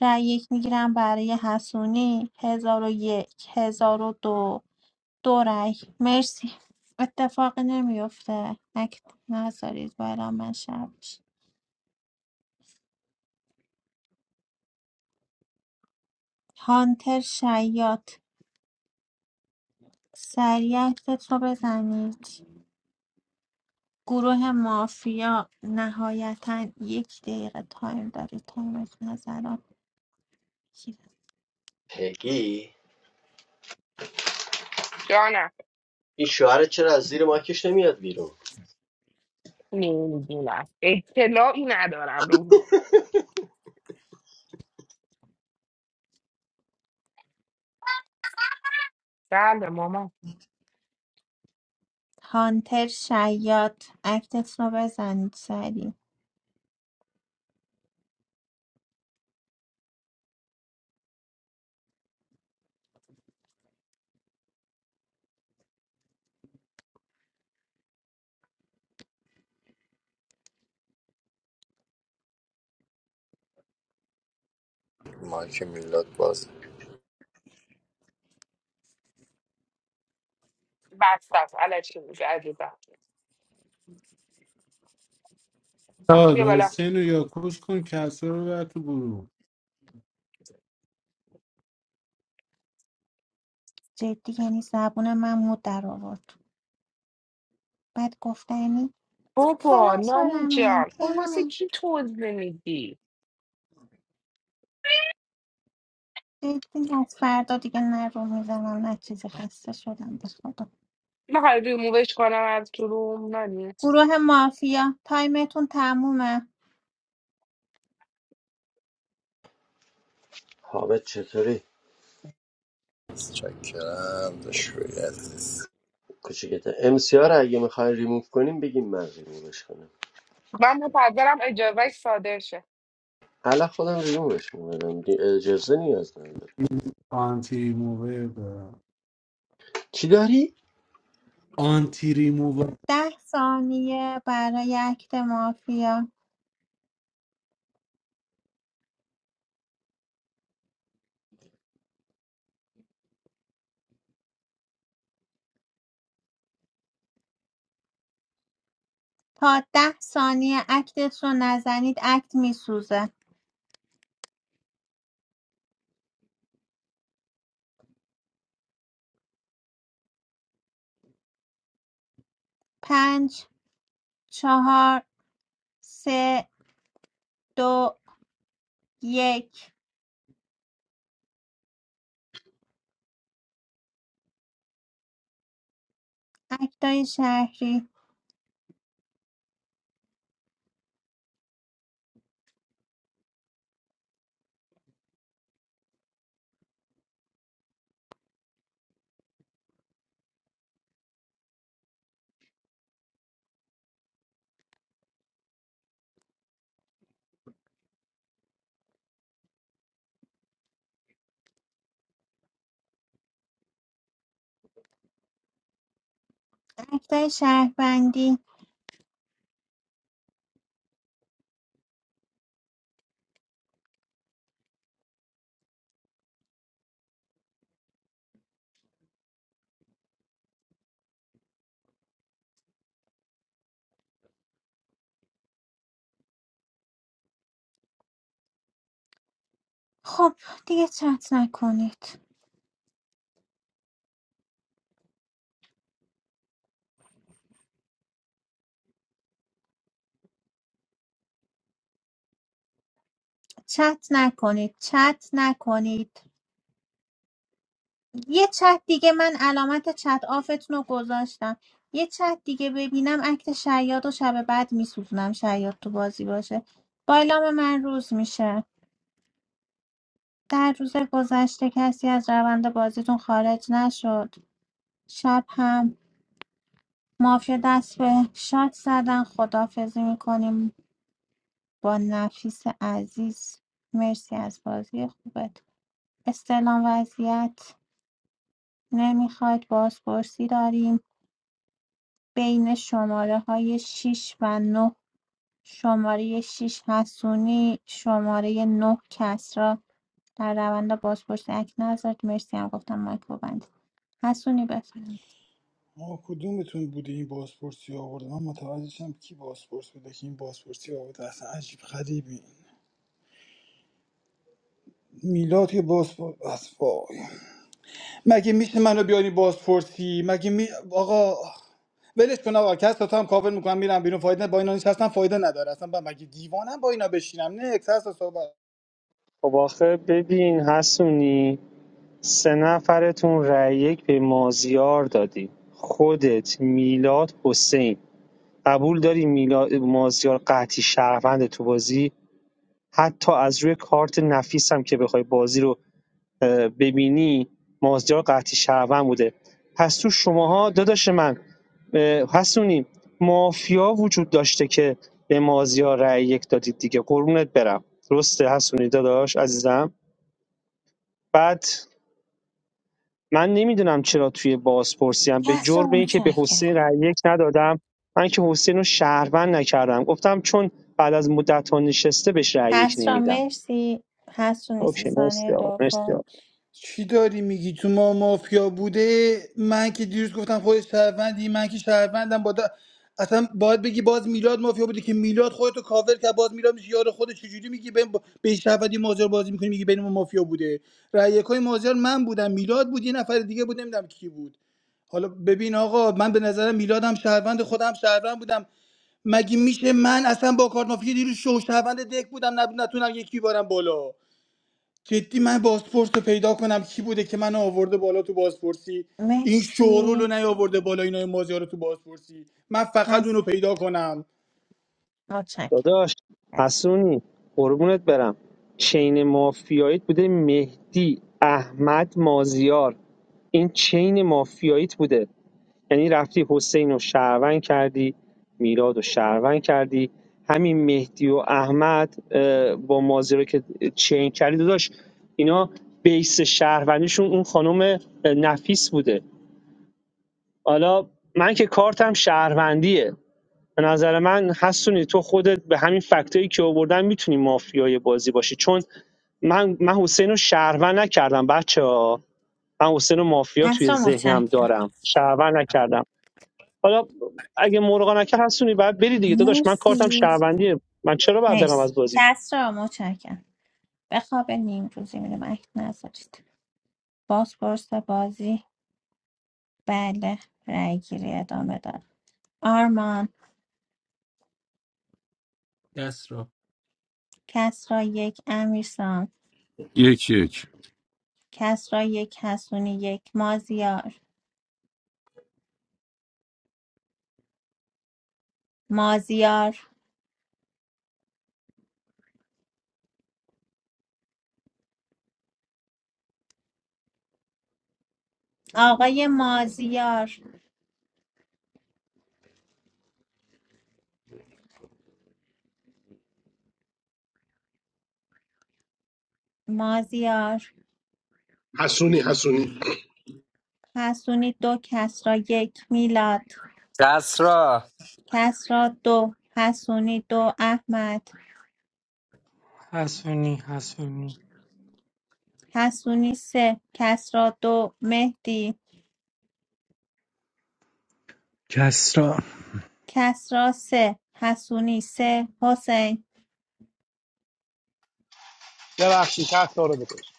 رأی یک میگیرم برای حسونی هزار و یک هزار و دو دو رأی مرسی اتفاقی نمیفته اکت نذارید بالا من شب بشه. هانتر شیاط سریع اکتت رو بزنید گروه مافیا نهایتا یک دقیقه تایم داری تایمت نظرات بگیره
پگی
جانم
این شوهرت چرا از زیر ماکش نمیاد بیرون
نمیدونم اطلاعی ندارم روحی بله ماما
هانتر شیاد اکتت رو بزنید سریع
My humility was
بس بس علکی میگه عزیزم
سال
بیا بالا
حسین رو یاکوس کن کسر رو بر تو گروه
جدی یعنی زبون من مو در آورد بعد گفتنی من
بابا
فلان
نانی
سالمه
جان خب واسه
فلان
کی توضیح میدی
جدی از فردا دیگه نه رو میزنم نه چیزی خسته شدم به خدا
میخوای ریمووش کنم از تو روم نانی
گروه مافیا تایمتون تمومه
حامد چطوری
checked and destroyed.
کوچیکته ام سی رو اگه میخوای ریموو کنیم بگیم من ریمووش کنم
من به پدرم اجازه ساده شه.
الان خودم ریمووش میکنم اجازه نیاز نداره
آنتی ریموور دارم
چی داری
آنتی ریموور
ده ثانیه برای اکت مافیا تا ده ثانیه اکتت رو نزنید اکت میسوزه پنج چهار سه دو یک اکتای شهری اکتای شهروندی خب دیگه چت نکنید چت نکنید چت نکنید یه چت دیگه من علامت چت آفتون رو گذاشتم یه چت دیگه ببینم اکت شیاد و شب بعد میسوزونم شیاد تو بازی باشه بایلام من روز میشه در روز گذشته کسی از روند بازیتون خارج نشد شب هم مافیا دست به شاد زدن خدافزی میکنیم با نفیس عزیز مرسی از بازی خوبت استلام وضعیت نمیخواید بازپرسی داریم بین شماره های شش و نه شماره شش حسونی شماره نه کسرا در روند بازپرسی اک نذارید مرسی هم گفتم مایک رو ببندید حسونی بفرمایید
ما کدومتون بوده این بازپرسی آورده من متوجه شدم کی بازپرس بوده که این بازپرسی آورده اصلا عجیب غریبی میلاد که بازپرس مگه میشه منو بیانی بازپرسی مگه می آقا ولش کن آقا کس تا هم کاور میکنم میرم بیرون فایده نه. با اینا نیست اصلا فایده نداره اصلا با... مگه دیوانم با اینا بشینم نه کس تا صحبت
واخه ببین حسونی سه نفرتون رأی یک به مازیار دادی خودت میلاد حسین قبول داری میلاد مازیار قطعی شهروند تو بازی حتی از روی کارت نفیسم که پای بازی رو ببینی مازیار شهروند بوده پس تو شماها داداش من حسونی مافیا وجود داشته که به مازیار رأی یک دادید دیگه قربونت برم درسته حسونی داداش عزیزم بعد من نمیدونم چرا توی بازپرسی هم به
کسرا
جرم اینکه به حسین
متشکرم
رأی یک ندادم من که حسین رو شهروند نکردم گفتم چون بعد از مدت ها نشسته بهش رأی یک
کسرا
نمیدم
مرسی حسونی سی
اوکی
ثانیه
مرسی آقا مرسی آقا.
دوم
چی داری میگی تو ما مافیا بوده من که دیروز گفتم خودش شهروندی من که شهروندم با دا... اصلا باید بگی باز میلاد مافیا بوده که میلاد خودتو کاور کرد باز میلاد میشه یار خودت چجوری میگی بین با... به شهروندی مازیار بازی میکنی میگی بین ما مافیا بوده رأی یکای مازیار من بودم میلاد بود یه نفر دیگه بود نمیدونم کی بود حالا ببین آقا من به نظرم میلادم شهروند خودم شهروند بودم مگه میشه من اصلا با کارت مافیا دیروز شو شهروند دک بودم نب- نتونم یکی بارم بالا جدی من بازپرس رو پیدا کنم کی بوده که من آورده بالا تو بازپرسی این شورول رو
مرسی
نیاورده بالا اینا این مازیار رو تو بازپرسی من فقط اونو
هست
پیدا کنم
متشکرم
داداش
کسرا
حسونی قربونت برم چین مافیاییت بوده مهدی احمد مازیار این چین مافیاییت بوده یعنی رفتی حسین و شهروند کردی میراد و شهروند کردی همین مهدی و احمد اه، با مازیار که چین کردی داداش اینا بیس شهروندیشون اون خانم نفیس بوده حالا من که کارتم شهروندیه به نظر من حسونی تو خودت به همین فکتایی که آوردن میتونی مافیای بازی باشی چون من من حسین رو شهروند نکردم بچه ها من حسین رو مافیا توی
کسرا
ذهنم
متشکرم
دارم شهروند نکردم حالا اگه مرغا نکرد حسونی باید بری دیگه داداش من کارتم
مرسی
شهروندیه من چرا باید برم از
مرسی
بازی
کسرا متشکرم بخواب نیم روزی میرم اکت نذارید بازپرس بازی بله رای گیری ادامه داره آرمان
دست را
کسرا یک امیرسان
یک یک
کسرا یک حسونی یک مازیار مازیار آقای مازیار مازیار
حسونی حسونی
حسونی دو کسرا یک میلاد
کسرا
کسرا دو حسونی دو احمد
حسونی حسونی
حسونی سه کسرا دو مهدی
کسرا
کسرا سه حسونی سه حسین
ببخشید کسا رو بکش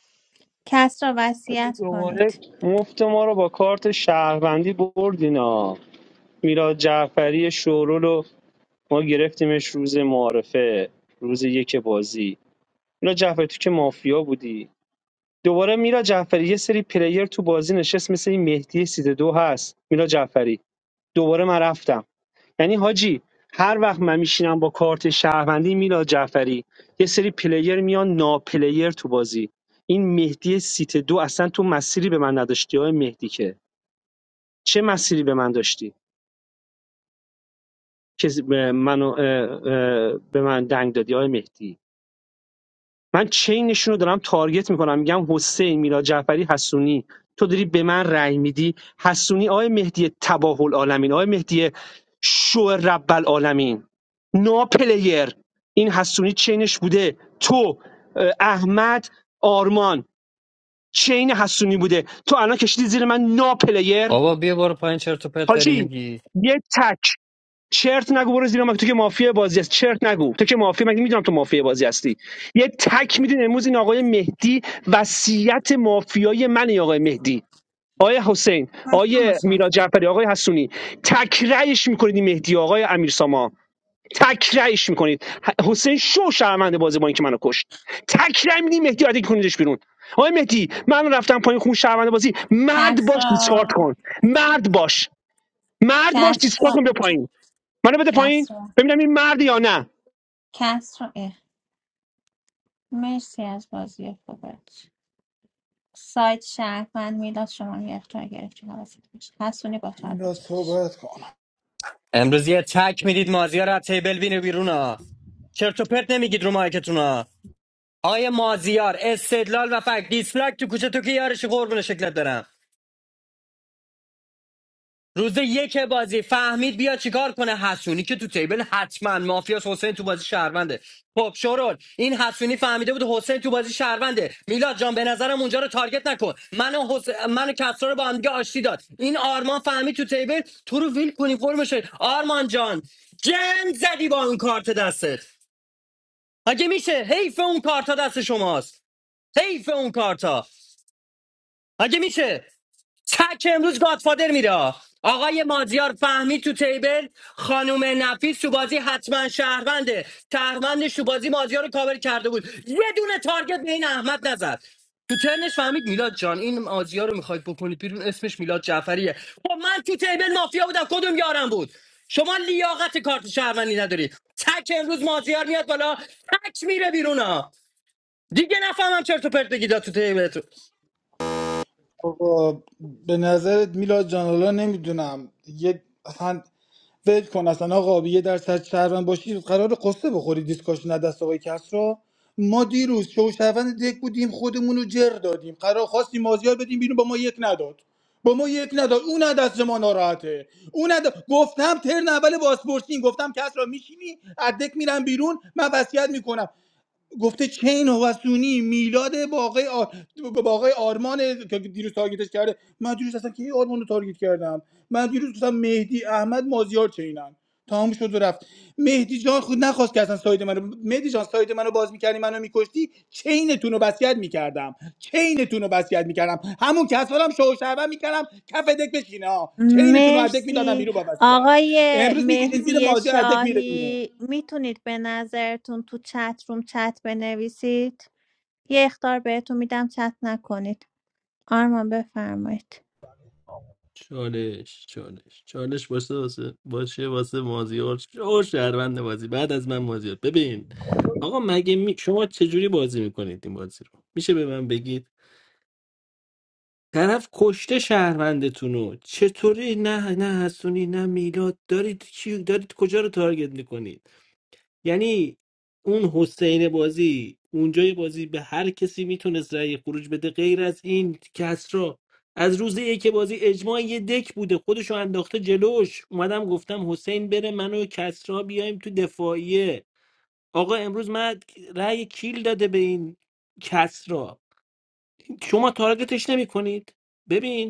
کسرا
آجی
وصیت
دوباره
کنید
مفت ما رو با کارت شهروندی بردینا میلاد جعفری شورول رو ما گرفتیمش روز معارفه روز یک بازی میلا جعفری تو که مافیا بودی دوباره میلا جعفری یه سری پلیر تو بازی نشست مثل این مهدی سیت دو هست میلا جعفری دوباره من رفتم یعنی حاجی هر وقت من میشینم با کارت شهروندی میلاد جعفری یه سری پلیر میان ناپلیر تو بازی این مهدی سیت دو اصلا تو مسیری به من نداشتی های مهدی که چه مسیری به من داشتی که منو اه، اه، به من دنگ دادی های مهدی من چینشون رو دارم تارگت میکنم میگم حسین میلاد جعفری حسونی تو داری به من رأی میدی حسونی آقای مهدی تباه العالمین آقای مهدی شو رب العالمین ناپلیر این حسونی چینش بوده تو اه، احمد آرمان چین حسونی بوده تو الان کشیدی زیر من ناپلیر
بابا بیا برو پایین چرت و پرت داری
حاجی
میگی
یه تک چرت نگو برو زیر مگه تو که مافیا بازی هست چرت نگو تو که مافیا مگه میدونم تو مافیا بازی هستی یه تک میدون امروز این آقای مهدی وصیت مافیای من آقای مهدی آقای حسین
کسرا
آقای میرا
مشخص
جعفری آقای حسونی تکرهش میکنید این مهدی آقای امیر ساما تکرهش میکنید حسین شو شرمنده بازی با اینکه منو کشت تکرای میدی مهدی عادی کنیدش بیرون آقای مهدی من رفتم پایین خون شرمنده بازی مرد باش دیسکارد
کسرا
کن مرد باش مرد باش دیسکارد
کسرا
کن به پایین منو بده پایین
کسرا
ببینم این مرد یا نه
کسرا اه. مرسی از بازی خوبت سایت شهروند میلاد شما یه اختار گرفتی حواست باشه حسونی با طرف
میلا
چندش
صحبت کن
امروز یه تک میدید مازیار از تیبل بینه بیرون ها چرت و پرت نمیگید رو مایکتون ها آقای مازیار استدلال و فکت دیسلایک تو کوچه تو که یارشی قربون شکلت برم روز یک بازی فهمید بیا چیکار کنه حسونی که تو تیبل حتما مافیاس حسین تو بازی شهرونده خب شورول این حسونی فهمیده بود حسین تو بازی شهرونده میلاد جان به نظرم اونجا رو تارگت نکن من و حس... من کسرا رو با هم دیگه آشتی داد این آرمان فهمید تو تیبل تو رو ویل کنی فرمشه آرمان جان جن زدی با اون کارت دستت اگه میشه حیف اون کارتا دست شماست حیف اون کارتا اگه میشه تک امروز گادفادر میره آقای مازیار فهمی تو تیبل خانوم نفیس تو بازی حتما شهرونده شهروندش تو بازی مازیار رو کاور کرده بود یه دونه تارگت به این احمد نزد تو ترنش فهمید میلاد جان این مازیار رو میخواید بکنید بیرون اسمش میلاد جعفریه خب من تو تیبل مافیا بودم کدوم یارم بود شما لیاقت کارت شهروندی نداری تک امروز مازیار میاد بالا تک میره بیرون ها دیگه نفهمم چرت و پرت بگید تو تیبل
آقا به نظرت میلاد جان حالا نمیدونم یه اصلا ول کن اصلا آقا یه درصد شهروند باشی قرار قصه بخوری دیسکاشن از دست آقای کسرا ما دیروز شو شهروند دک بودیم خودمون رو جر دادیم قرار خواستیم مازیار بدیم بیرون با ما یک نداد با ما یک نداد اون از دست ما ناراحته اون از دست- گفتم ترن اول بازپرسین گفتم کسرا میشینی از دک میرم بیرون من وصیت میکنم گفته چین هوسونی میلاد با آقای, آر... با آقای آرمان که دیروز تارگتش کرده من دیروز اصلا کی آرمان رو تارگت کردم من دیروز گفتم مهدی احمد مازیار چینن تمام شد و رفت مهدی جان خود نخواست که اصلا ساید منو مهدی جان ساید منو باز میکردی منو میکشتی چینتون رو بسیت میکردم چینتون رو بسیت میکردم همون کسالم شو شعبه میکردم کف دک بشینه ها چینتون رو ادک میدادم
مرسی
بیرون با وصیت
آقای
امروز میکشین زیر
مهدی
مازیار ادک میره بیرون
شاهی میتونید به نظرتون تو چت روم چت بنویسید یه اختار بهتون میدم چت نکنید آرمان بفرمایید
چالش چالش چالش باشه واسه باشه واسه مازیار شو شهروند بازی بعد از من مازیار ببین آقا مگه می... شما چجوری بازی میکنید این بازی رو میشه به من بگید طرف کشته شهروندتون رو چطوری نه نه حسونی نه میلاد دارید چی دارید کجا رو تارگت میکنید یعنی اون حسین بازی اونجای بازی به هر کسی میتونست رأی خروج بده غیر از این کسرا از روز یک بازی اجماع یه دک بوده خودشو انداخته جلوش اومدم گفتم حسین بره من و کسرا بیایم تو دفاعیه آقا امروز من رأی کیل داده به این کسرا شما تارگتش نمیکنید ببین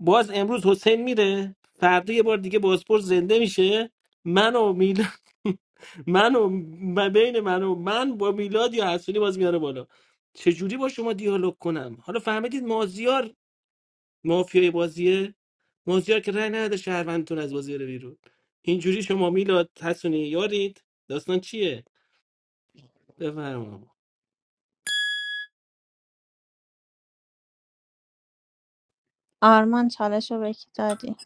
باز امروز حسین میره فردا یه بار دیگه بازپرس زنده میشه من و میلاد من و م- بین من و من با میلاد یا حسونی باز میاره بالا چجوری با شما دیالوگ کنم حالا فهمیدید مازیار مافیای بازیه مازیار که رای نداده شهروندتون از بازی رو بیرون اینجوری شما میلاد حسونی یارید داستان چیه بفرما
آرمان چالش رو بکی دادی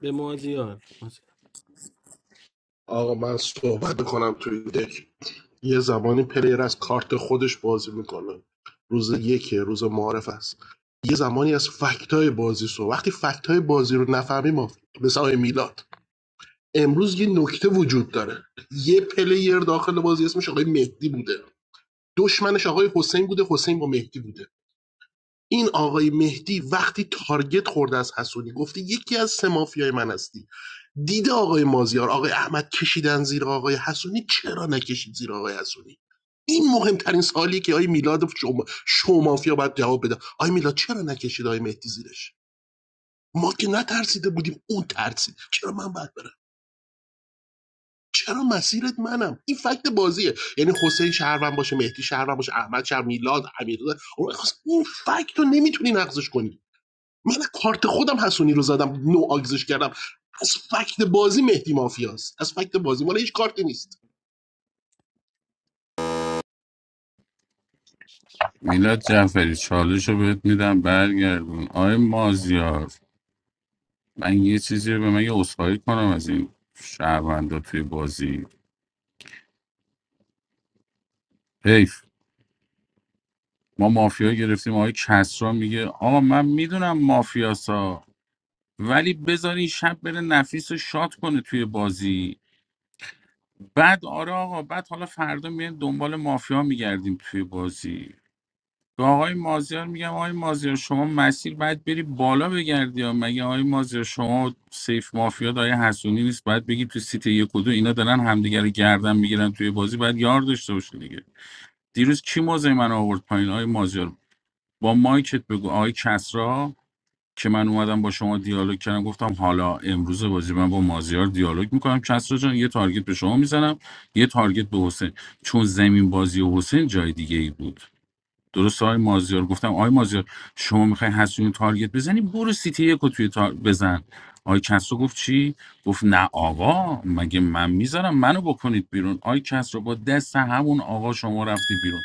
به مازیار مازیار.
آقا من صحبت بکنم توی دک یه زمانی پلیر از کارت خودش بازی میکنه روز یکه روز معارف است یه زمانی از فکتای بازی سو وقتی فکتای بازی رو نفهمیم ما مثل آقای میلاد امروز یه نکته وجود داره یه پلیر داخل بازی اسمش آقای مهدی بوده دشمنش آقای حسین بوده حسین با مهدی بوده این آقای مهدی وقتی تارگت خورده از حسونی گفته یکی از سه مافیای من هستی دید آقای مازیار آقای احمد کشیدن زیر آقای حسونی چرا نکشید زیر آقای حسونی این مهمترین سوالیه که آقای میلاد شما شومافیا باید جواب بده آقای میلاد چرا نکشید آقای مهدی زیرش ما که نترسیده بودیم اون ترسید چرا من باید برم چرا مسیرت منم این فکت بازیه یعنی حسین شهروند باشه مهدی شهروند باشه احمد شهر میلاد امیرزاده اون فکت رو نمیتونی نقضش کنی من کارت خودم حسونی رو زدم نو آگزش کردم از فکت بازی مهدی مافیاست از فکت بازی مال هیچ کارتی نیست
میلاد جعفری چالش رو بهت میدم برگردون آی مازیار من یه چیزی رو به من یه عذرخواهی کنم از این شهروندا توی بازی حیف ما مافیا گرفتیم آقای کسرا میگه آقا من میدونم مافیاسا ولی بذار این شب بره نفیس رو شاد کنه توی بازی بعد آره آقا بعد حالا فردا میایم دنبال مافیا میگردیم توی بازی به آقای مازیار میگم آقای مازیار شما مسیر باید بری بالا بگردی یا مگه آقای مازیار شما سیف مافیا دای حسونی نیست باید بگی تو سیت یک و دو اینا دارن همدیگه رو گردن میگیرن توی بازی باید یار داشته باشی دیگه دیروز کی موزه من آورد پایین آقای مازیار با مایکت بگو آقای کسرا که من اومدم با شما دیالوگ کردم گفتم حالا امروز بازی من با مازیار دیالوگ میکنم کسرا جان یه تارگت به شما میزنم یه تارگت به حسین چون زمین بازی حسین جای دیگه ای بود درست آقای مازیار گفتم آقای مازیار شما میخوای حسونی تارگت بزنی برو سیتی یک توی تار... بزن آقای کسرو گفت چی گفت نه آقا مگه من میذارم منو بکنید بیرون آقای کسرو با دست همون آقا شما رفتی بیرون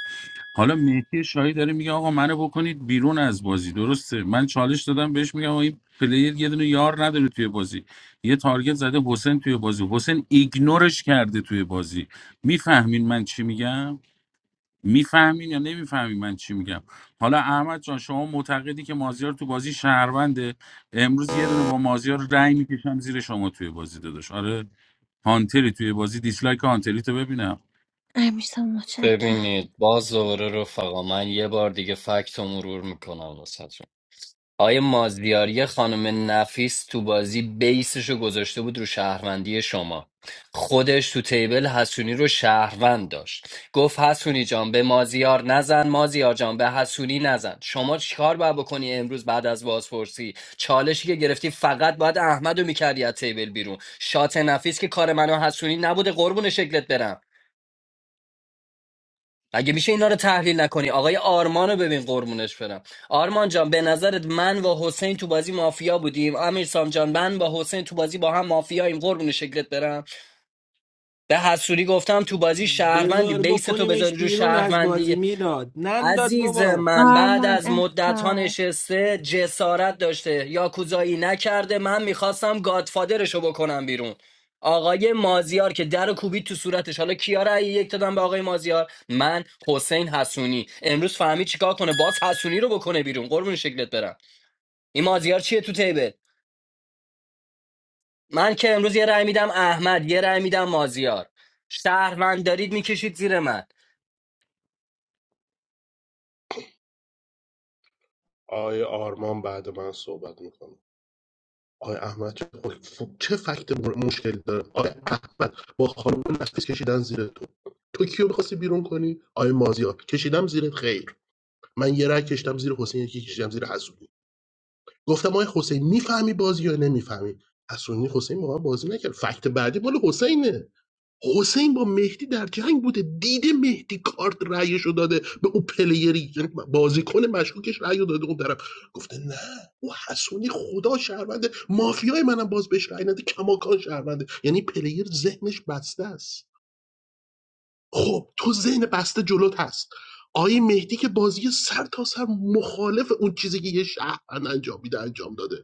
حالا مهدی شاهی داره میگه آقا منو بکنید بیرون از بازی درسته من چالش دادم بهش میگم آقا این پلیر یه دونه یار نداره توی بازی یه تارگت زده حسین توی بازی حسین ایگنورش کرده توی بازی میفهمین من چی میگم میفهمین یا نمیفهمین من چی میگم حالا احمد جان شما معتقدی که مازیار تو بازی شهرونده امروز یه دونه با مازیار رأی میکشم زیر شما توی بازی داداش آره هانتری توی بازی دیسلایک هانتری تو ببینم
امیرسام متشکرم
ببینید باز دوباره رفقا من یه بار دیگه فکت رو مرور میکنم واسهتون آیه مازیاری خانم نفیس تو بازی بیسش رو گذاشته بود رو شهروندی شما خودش تو تیبل حسونی رو شهروند داشت گفت حسونی جان به مازیار نزن مازیار جان به حسونی نزن شما چیکار باید بکنی امروز بعد از بازپرسی چالشی که گرفتی فقط باید احمد رو میکردی از تیبل بیرون شات نفیس که کار منو حسونی نبوده قربون شکلت برم اگه میشه اینا رو تحلیل نکنی آقای آرمان رو ببین قربونش برم آرمان جان به نظرت من و حسین تو بازی مافیا بودیم امیر سام جان من با حسین تو بازی با هم مافیاییم قربون شکلت برم به حسوری گفتم تو بازی شهروندی
بذار
بیس تو
بکنیمش
بذاری رو
بیرون از
شهروندی
بازی میلاد ننداز
عزیز
بابا
من بعد
آرمان
از مدت ها
اختار
نشسته جسارت داشته یاکوزایی نکرده من میخواستم گادفادرشو بکنم بیرون آقای مازیار که در و کوبید تو صورتش حالا کیا رأی یک دادم به آقای مازیار من حسین حسونی امروز فهمید چیکار کنه باز حسونی رو بکنه بیرون قربون شکلت برم این مازیار چیه تو تیبل من که امروز یه رأی میدم احمد یه رأی میدم مازیار شهروند دارید میکشید زیر من
آقای آرمان بعد من صحبت میکنه آقای احمد چه, ف- چه فکت مشکل داره آقای احمد با خانم نفیس کشیدن زیر تو تو کیو میخواستی بیرون کنی آقای مازیار کشیدم زیر خیر من یه رای کشیدم زیر حسین یکی کشیدم زیر حسونی گفتم آقای حسین میفهمی بازی یا نمیفهمی حسونی حسین با من بازی نکرد فکت بعدی مال حسینه حسین با مهدی در جنگ بوده دیده مهدی کارت رأیشو داده به اون پلیری یعنی بازیکن مشکوکش رأیو داده اون طرف گفته نه او حسونی خدا شهرونده مافیای منم باز بهش رأی نده کماکان شهرونده یعنی پلیر ذهنش بسته است خب تو ذهن بسته جلوت هست آقای مهدی که بازی سر تا سر مخالف اون چیزی که یه شهروند انجام میده انجام داده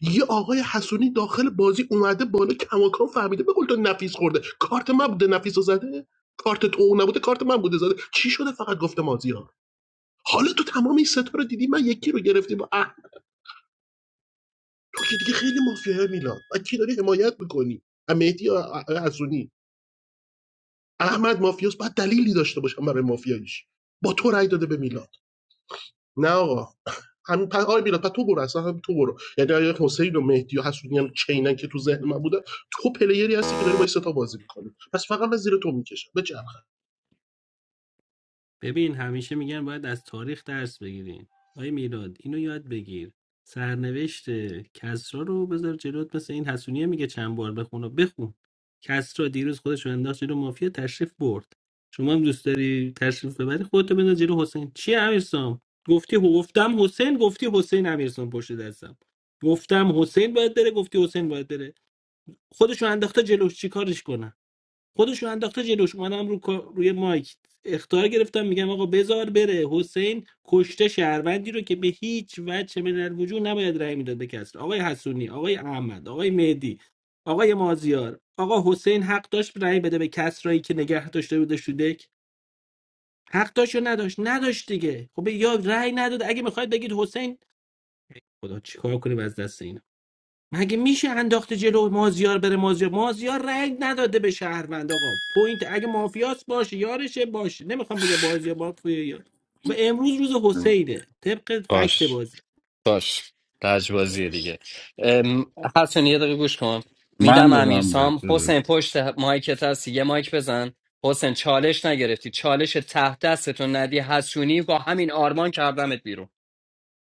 یه آقای حسونی داخل بازی اومده بالا کماکان فهمیده به قول تو نفیس خورده کارت من بوده نفیس رو زده کارت تو نبوده کارت من بوده زده چی شده فقط گفته مازیار حالا تو تمام این ستا رو دیدی من یکی رو گرفتی با اه تو که دیگه خیلی مافیای میلان و کی داری حمایت میکنی مهدی یا آقای حسونی احمد مافیاس باید دلیلی داشته باشم برای مافیاییش با تو رأی داده به میلاد نه آقا همین پر آی میلاد تو برو اصلا هم تو برو یعنی اگه حسین و مهدی و حسونیان چینن که تو ذهن من بوده تو پلیری هستی که داری با این سه بازی میکنی پس فقط من زیر تو میکشم به چرخه
ببین همیشه میگن باید از تاریخ درس بگیریم آی میلاد اینو یاد بگیر سرنوشت کسرا رو بذار جلوت مثل این حسونیه میگه چند بار بخونه و بخون کسرا دیروز خودش رو انداخت جلو مافیا تشریف برد شما هم دوست داری تشریف ببری خودتو بنداز جلو حسین چی امیرسام گفتی گفتم حسین گفتی حسین امیرسام پشت دستم گفتم حسین باید بره گفتی حسین باید بره خودش رو انداخته جلوش چیکارش کنم خودش رو انداخته جلوش اومدم رو کا- روی مایک اختار گرفتم میگم آقا بزار بره حسین کشته شهروندی رو که به هیچ وجه من الوجود نباید رأی میداد به کسر آقای حسونی آقای احمد آقای مهدی آقای مازیار آقا حسین حق داشت رأی بده به کسرایی که نگه داشته بوده شودک حق داشت یا نداشت نداشت دیگه خب یا رأی نداد اگه میخواید بگید حسین خدا چیکار کنیم از دست اینا مگه میشه انداخته جلو مازیار بره مازیار مازیار رنگ نداده به شهروند آقا پوینت اگه مافیاس باشه یارشه باشه نمیخوام بگم بازی مافیا یا و امروز روز حسینه طبق فکت
باش
بازی
باش لجبازی دیگه ام، حسن یه دقیقه گوش کن
من
میدم
دادم به
امیرسام حسین پشت مایکت هست یه مایک بزن حسین چالش نگرفتی چالش ته دستتون ندی حسونی با همین آرمان کردمت بیرون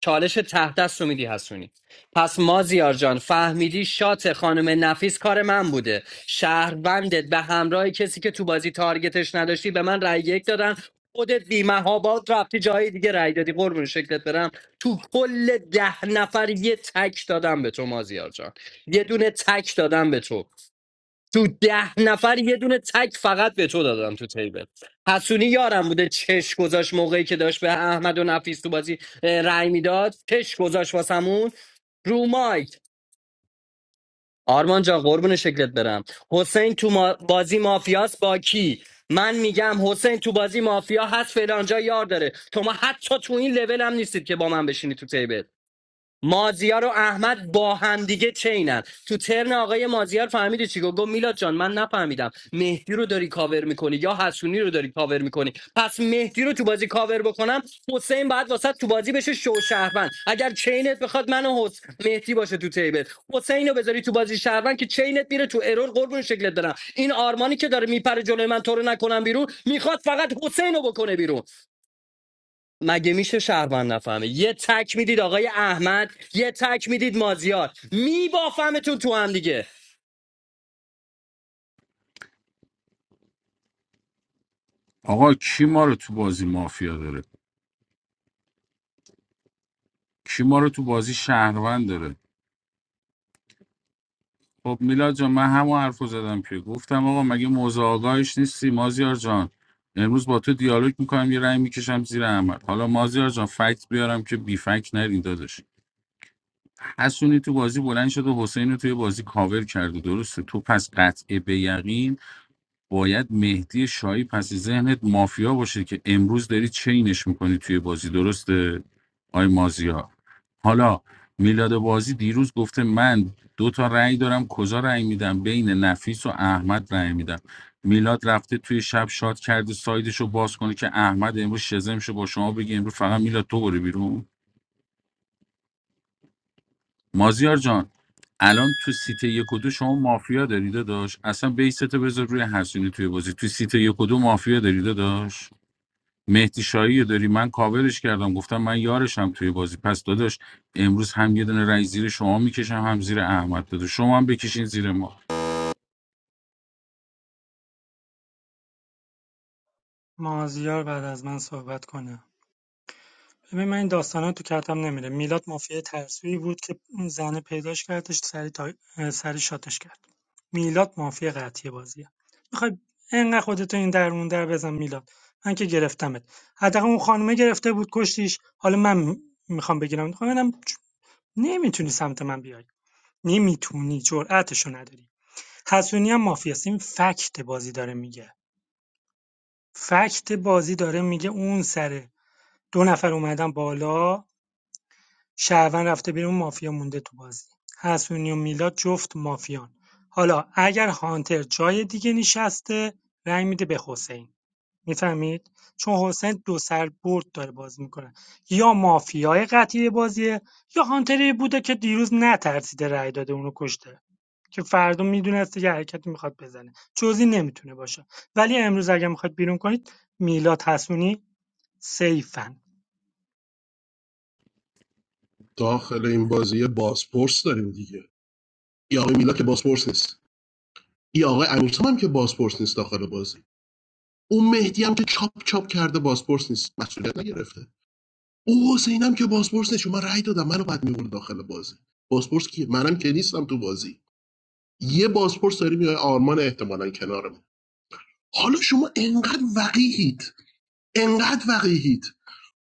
چالش ته دست رو میدی حسونی پس مازیار جان فهمیدی شات خانم نفیس کار من بوده شهروندت به همراه کسی که تو بازی تارگتش نداشتی به من رأی یک دادن خودت بی محابا رفتی جای دیگه رأی دادی قربون شکلت برم تو کل ده نفر یه تک دادم به تو مازیار جان یه دونه تک دادم به تو تو ده نفر یه دونه تک فقط به تو دادم تو تیبل حسونی یارم بوده چش گذاشت موقعی که داشت به احمد و نفیس تو بازی اه، رأی میداد چش گذاشت واسمون رو مایک آرمان جان قربون شکلت برم حسین تو ما- بازی مافیاس با کی من میگم حسین تو بازی مافیا هست فلانجا یار داره تو ما حتی تو این لول هم نیستید که با من بشینی تو تیبل مازیار و احمد با همدیگه چینن تو ترن آقای مازیار فهمیدی چی گفت گفت میلاد جان من نفهمیدم مهدی رو داری کاور میکنی یا حسونی رو داری کاور میکنی پس مهدی رو تو بازی کاور بکنم حسین بعد واسه تو بازی بشه شو شهروند اگر چینت بخواد من و حس مهدی باشه تو تیبل حسین رو بذاری تو بازی شهروند که چینت میره تو ارور قربون شکلت برم این آرمانی که داره میپره جلوی من تو رو نکنم بیرون میخواد فقط حسین رو بکنه بیرون مگه میشه شهروند نفهمه یه تک میدید آقای احمد یه تک میدید مازیار میبافمتون تو هم دیگه
آقا کی ما رو تو بازی مافیا داره کی ما رو تو بازی شهروند داره خب میلاد جان من همون حرف رو زدم که گفتم آقا مگه موضوع آگاهیش نیستی مازیار جان امروز با تو دیالوگ میکنم یه رأی میکشم زیر احمد حالا مازیار جان فکت بیارم که بی فکت نرین داداش حسونی تو بازی بلند شد و حسین رو توی بازی کاور کرده درسته تو پس قطع به یقین باید مهدی شایی پس ذهنت مافیا باشه که امروز داری چینش میکنی توی بازی درسته آی مازیا حالا میلاد بازی دیروز گفته من دو تا رأی دارم کجا رأی میدم بین نفیس و احمد رأی میدم میلاد رفته توی شب شاد کرده سایدش رو باز کنه که احمد امروز شزمشه با شما بگه امروز فقط میلاد تو برو بیرون مازیار جان الان تو سیت یک و دو شما مافیا داری داشت اصلا بیستو بذار روی حسینی توی بازی تو سیت یک و دو مافیا داری داشت مهدی شاهی رو داری من کاورش کردم گفتم من یارشم توی بازی پس داداش امروز هم یه دونه رای زیر شما میکشم هم زیر احمد داده شما هم بکشین زیر ما
مازیار بعد از من صحبت کنه ببین من این داستانا تو کتم نمیره میلاد مافیای ترسویی بود که اون زنه پیداش کردش سری تا... سری شاتش کرد میلاد مافیا قطعی بازیه میخوای انقدر خودتو این درمون در بزن میلاد من که گرفتمت حداقل اون خانومه گرفته بود کشتیش حالا من میخوام بگیرم میخوام ببینم نمیتونی سمت من بیای نمیتونی جرأتشو نداری حسونی هم مافیاست این فکت بازی داره میگه فکت بازی داره میگه اون سره دو نفر اومدن بالا شهروند رفته بیرون مافیا مونده تو بازی حسونی و میلاد جفت مافیان حالا اگر هانتر جای دیگه نشسته رأی میده به حسین میفهمید چون حسین دو سر برد داره بازی میکنه یا مافیای قطعی بازیه یا هانتری بوده که دیروز نترسیده رأی داده اونو کشته که فردا میدونسته یه حرکتی میخواد بزنه جزی نمیتونه باشه ولی امروز اگر میخواد بیرون کنید میلاد حسونی سیفن
داخل این بازی بازپرس داریم دیگه یا آقای میلا که بازپرس نیست یا آقای امیرسام هم که بازپرس نیست داخل بازی اون مهدی هم که چاپ چاپ کرده بازپرس نیست مسئولیت نگرفته او حسین هم که بازپرس نیست چون من رأی دادم منو بعد میبرد داخل بازی بازپرس کیه منم که نیستم تو بازی یه بازپرس داریم یا آرمان احتمالاً کنار حالا شما انقدر وقیهید انقدر وقیهید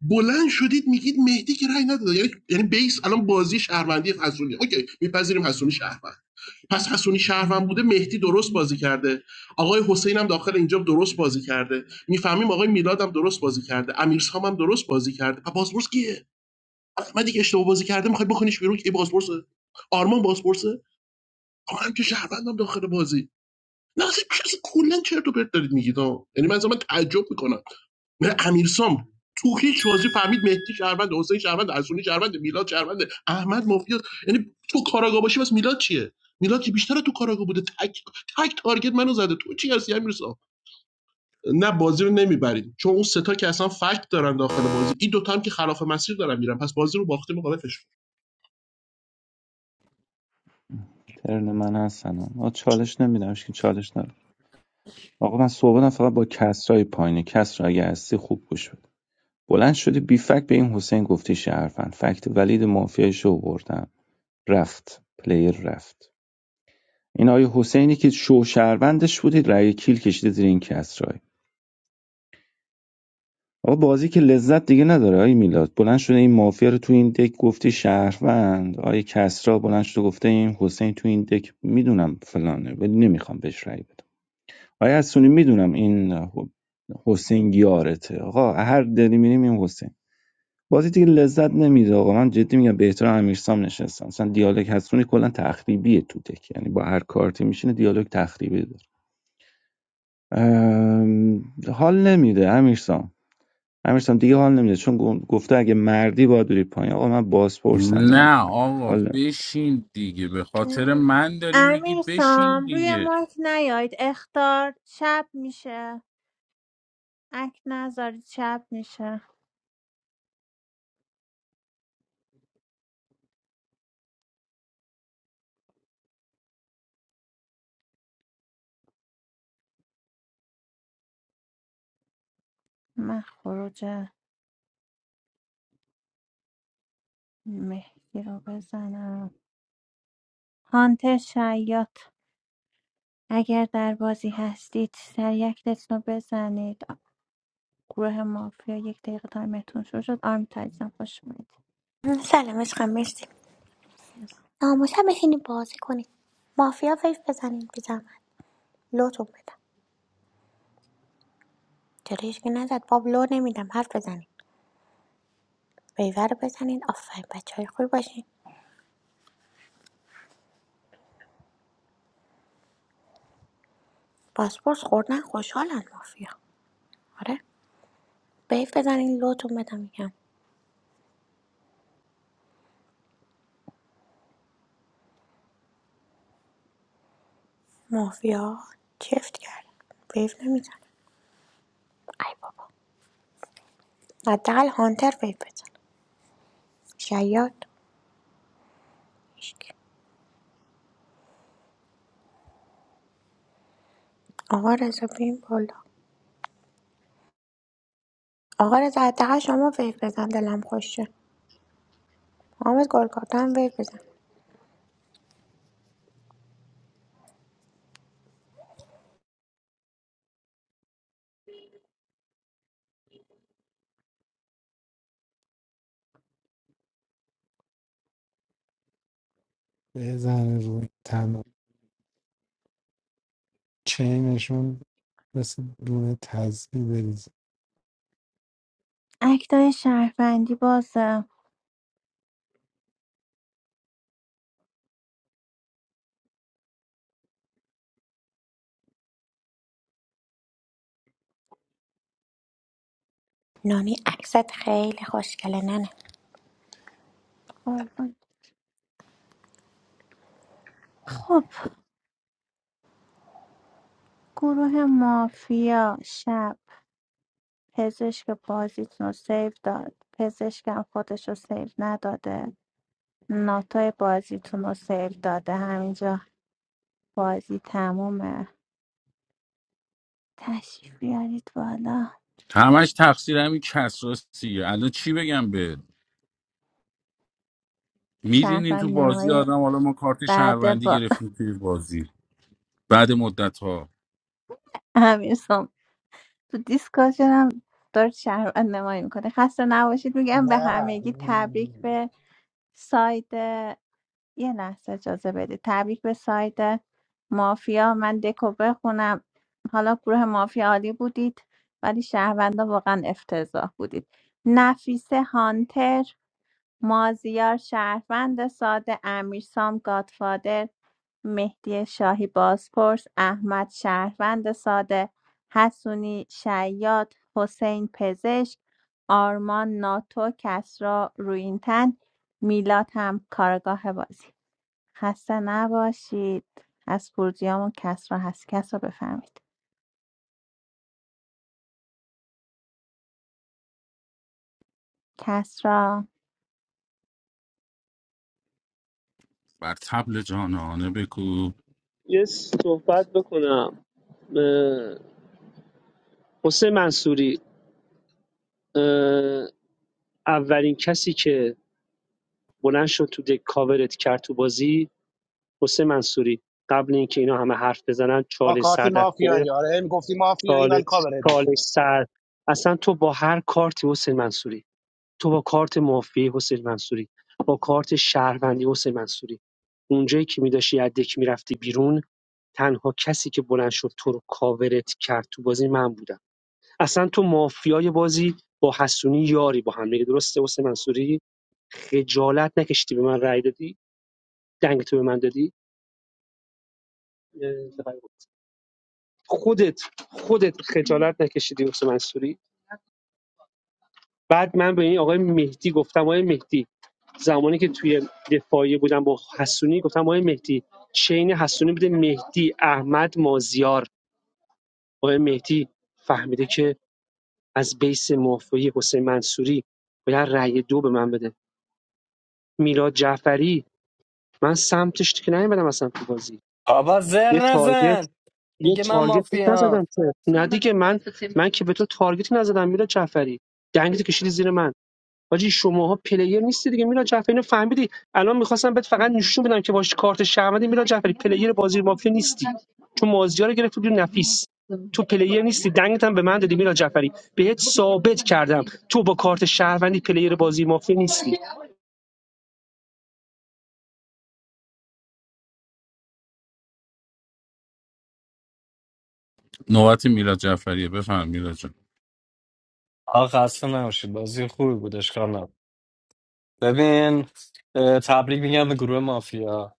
بلند شدید میگید مهدی که رأی نداده یعنی یعنی بیس الان بازی شهروندی حسونی اوکی میپذیریم حسونی شهروند پس حسونی شهروند بوده مهدی درست بازی کرده آقای حسین هم داخل اینجا درست بازی کرده میفهمیم آقای میلاد هم درست بازی کرده امیرسام هم درست بازی کرده پس بازپرس کیه احمدی که اشتباه بازی کرده میخواد بکنیش بیرون که بازپرس آرمان بازپرسه آقا هم که شهروندم داخل بازی نه اصلا اصلا کلا چرت و پرت دارید میگید آه. یعنی من اصلا من تعجب میکنم نه امیرسام تو هیچ بازی فهمید مهدی شهروند حسین شهروند ارسونی شهروند میلاد شهروند احمد مافیاس یعنی تو کاراگا باشی بس میلاد چیه میلاد که بیشتر تو کاراگا بوده تک تک تارگت منو زده تو چی هستی امیرسام نه بازی رو نمیبرید چون اون سه تا که اصلا فکت دارن داخل بازی این دوتا هم که خلاف مسیر دارن میرن پس بازی رو باخته مقابلش
ترن من هستن آقا چالش نمیدم که چالش ندارم آقا من صحبتم فقط با کسرای پایینه کسرا اگه هستی خوب گوش بده بلند شدی بی فکت به این حسین گفتی شهروند فکت ولید مافیایش رو بردم رفت پلیر رفت این آیه حسینی که شو شهروندش بودید رأی کیل کشیده زیر این کسرا آقا بازی که لذت دیگه نداره آی میلاد بلند شده این مافیا رو تو این دک گفتی شهروند آی کسرا بلند شده گفته این حسین تو این دک میدونم فلانه ولی نمیخوام بهش رأی بدم آی حسونی میدونم این حسین یارته آقا هر دلی میریم این حسین بازی دیگه لذت نمیده آقا من جدی میگم به احترام امیرسام نشستم مثلا دیالوگ حسونی کلا تخریبیه تو دک یعنی با هر کارتی میشینه دیالوگ تخریبی داره ام، حال نمیده امیرسام امیرسام دیگه حال نمیده چون گم- گفته اگه مردی باید بری پایین آقا من بازپرسم میرم
نه
پایین
آقا
حال نمیده
بشین دیگه به خاطر من داری میگی بشین
امیرسام روی
دیگه
مایک نیاید اختار شب میشه اک نذارید شب میشه من خروج مهدی رو بزنم هانتر شیاط اگر در بازی هستید سریع اکتتون رو بزنید گروه مافیا یک دقیقه تایمتون شروع شد آرم تایزم خوش اومدید
سلام عشقم مرسی
سلام.
ناموسم بشینید بازی کنی. مافیا ویف بزنید به زحمت لوتون بدم چرا هیچکی نزد باب لو نمیدم حرف بزنید ویور رو بزنید آفرین بچه های خوبی باشین پاسپورت خوردن خوشحالن مافیا آره ویف بزنین لوتون بدم میگم مافیا چفت کرد ویف نمیزنم ای بابا حداقل هانتر ویف بزن شیاد هیچکی. آقا رضا بیم بالا آقا رضا حداقل شما ویف بزن دلم خوشه محمد گلکارتا هم ویف بزن
بزن روی تمام چینشون مثل دونه تزبیه بریزه
اکتای شهروندی بازه
نانی عکست خیلی خوشگله ننه
قربان. خب گروه مافیا شب پزشک بازیتون رو سیو داد پزشکم خودش رو سیو نداده ناتای بازیتون رو سیو داده همینجا بازی تمومه تشریف بیارید بالا
همش تقصیر همین کسراسیه الان چی بگم بهت میرینین تو
شهروند
بازی
نمایی
آدم حالا ما کارت
بعد
شهروندی
با
گرفتیم توی بازی بعد مدت ها
امیر سام تو دیسکاشن هم داره شهروند نمایی میکنه خسته نباشید میگم به
نه
همگی تبریک به ساید یه لحظه اجازه بدید تبریک به ساید مافیا من دکو بخونم حالا گروه مافیا عالی بودید ولی شهروندا واقعا افتضاح بودید نفیسه هانتر مازیار شهروند ساده امیر سام گادفادر مهدی شاهی بازپرس، احمد شهروند ساده، حسونی شیاد، حسین پزشک، آرمان ناتو، کسرا روینتن، میلاد هم کارگاه بازی خسته نباشید از فرودیام و کسرا هست کسرا بفهمید کسرا
بر تبل جانانه بکو
یه صحبت بکنم اه، حسین منصوری اه، اولین کسی که بلند شد تو دک کاورت کرد تو بازی حسین منصوری قبل اینکه اینا همه حرف بزنن
با
چالش
کارتی
سر دست
مافیایی
گرفت
آره میگفتی مافیایی
چالش
ولی کاورت
چالش
میکنه
سر اصلا تو با هر کارتی حسین منصوری تو با کارت مافیای حسین منصوری با کارت شهروندی حسین منصوری اونجایی که میداشی از دک میرفتی بیرون تنها کسی که بلند شد تو رو کاورت کرد تو بازی من بودم اصلا تو مافیای بازی با حسونی یاری با هم دیگه درسته واسه منصوری خجالت نکشیدی به من رأی دادی دنگ تو به من دادی خودت خودت خجالت نکشیدی واسه منصوری بعد من به این آقای مهدی گفتم آقای مهدی زمانی که توی دفاعی بودم با حسونی گفتم آقای مهدی چین حسونی بوده مهدی احمد مازیار آقای مهدی فهمیده که از بیس مافیای حسین منصوری باید رأی دو به من بده میلاد جعفری من سمتش که نیومدم اصلا تو بازی
آبا زر
یه
نزن
تارگت یه
میگه من
تارگت بهت
مافیام
نزدم که نه دیگه من من که به تو تارگتی نزدم میلاد جعفری دنگت کشیدی زیر من حاجی شماها پلیر نیستی دیگه میلاد جعفری اینو فهمیدی الان میخواستم بهت فقط نشون بدم که باش کارت شهرمدی میلاد جعفری پلیر بازی مافیا نیستی چون مازیار رو گرفتی بیرون نفیس تو پلیر نیستی دنگت هم به من دادی میلاد جعفری بهت ثابت کردم تو با کارت شهروندی پلیر بازی مافیا نیستی
نوبت میلاد جعفریه بفهم میلاد جان
آقا خسته نباشید بازی خوبی بود اشکال نبود ببین اه، تبریک میگم به گروه مافیا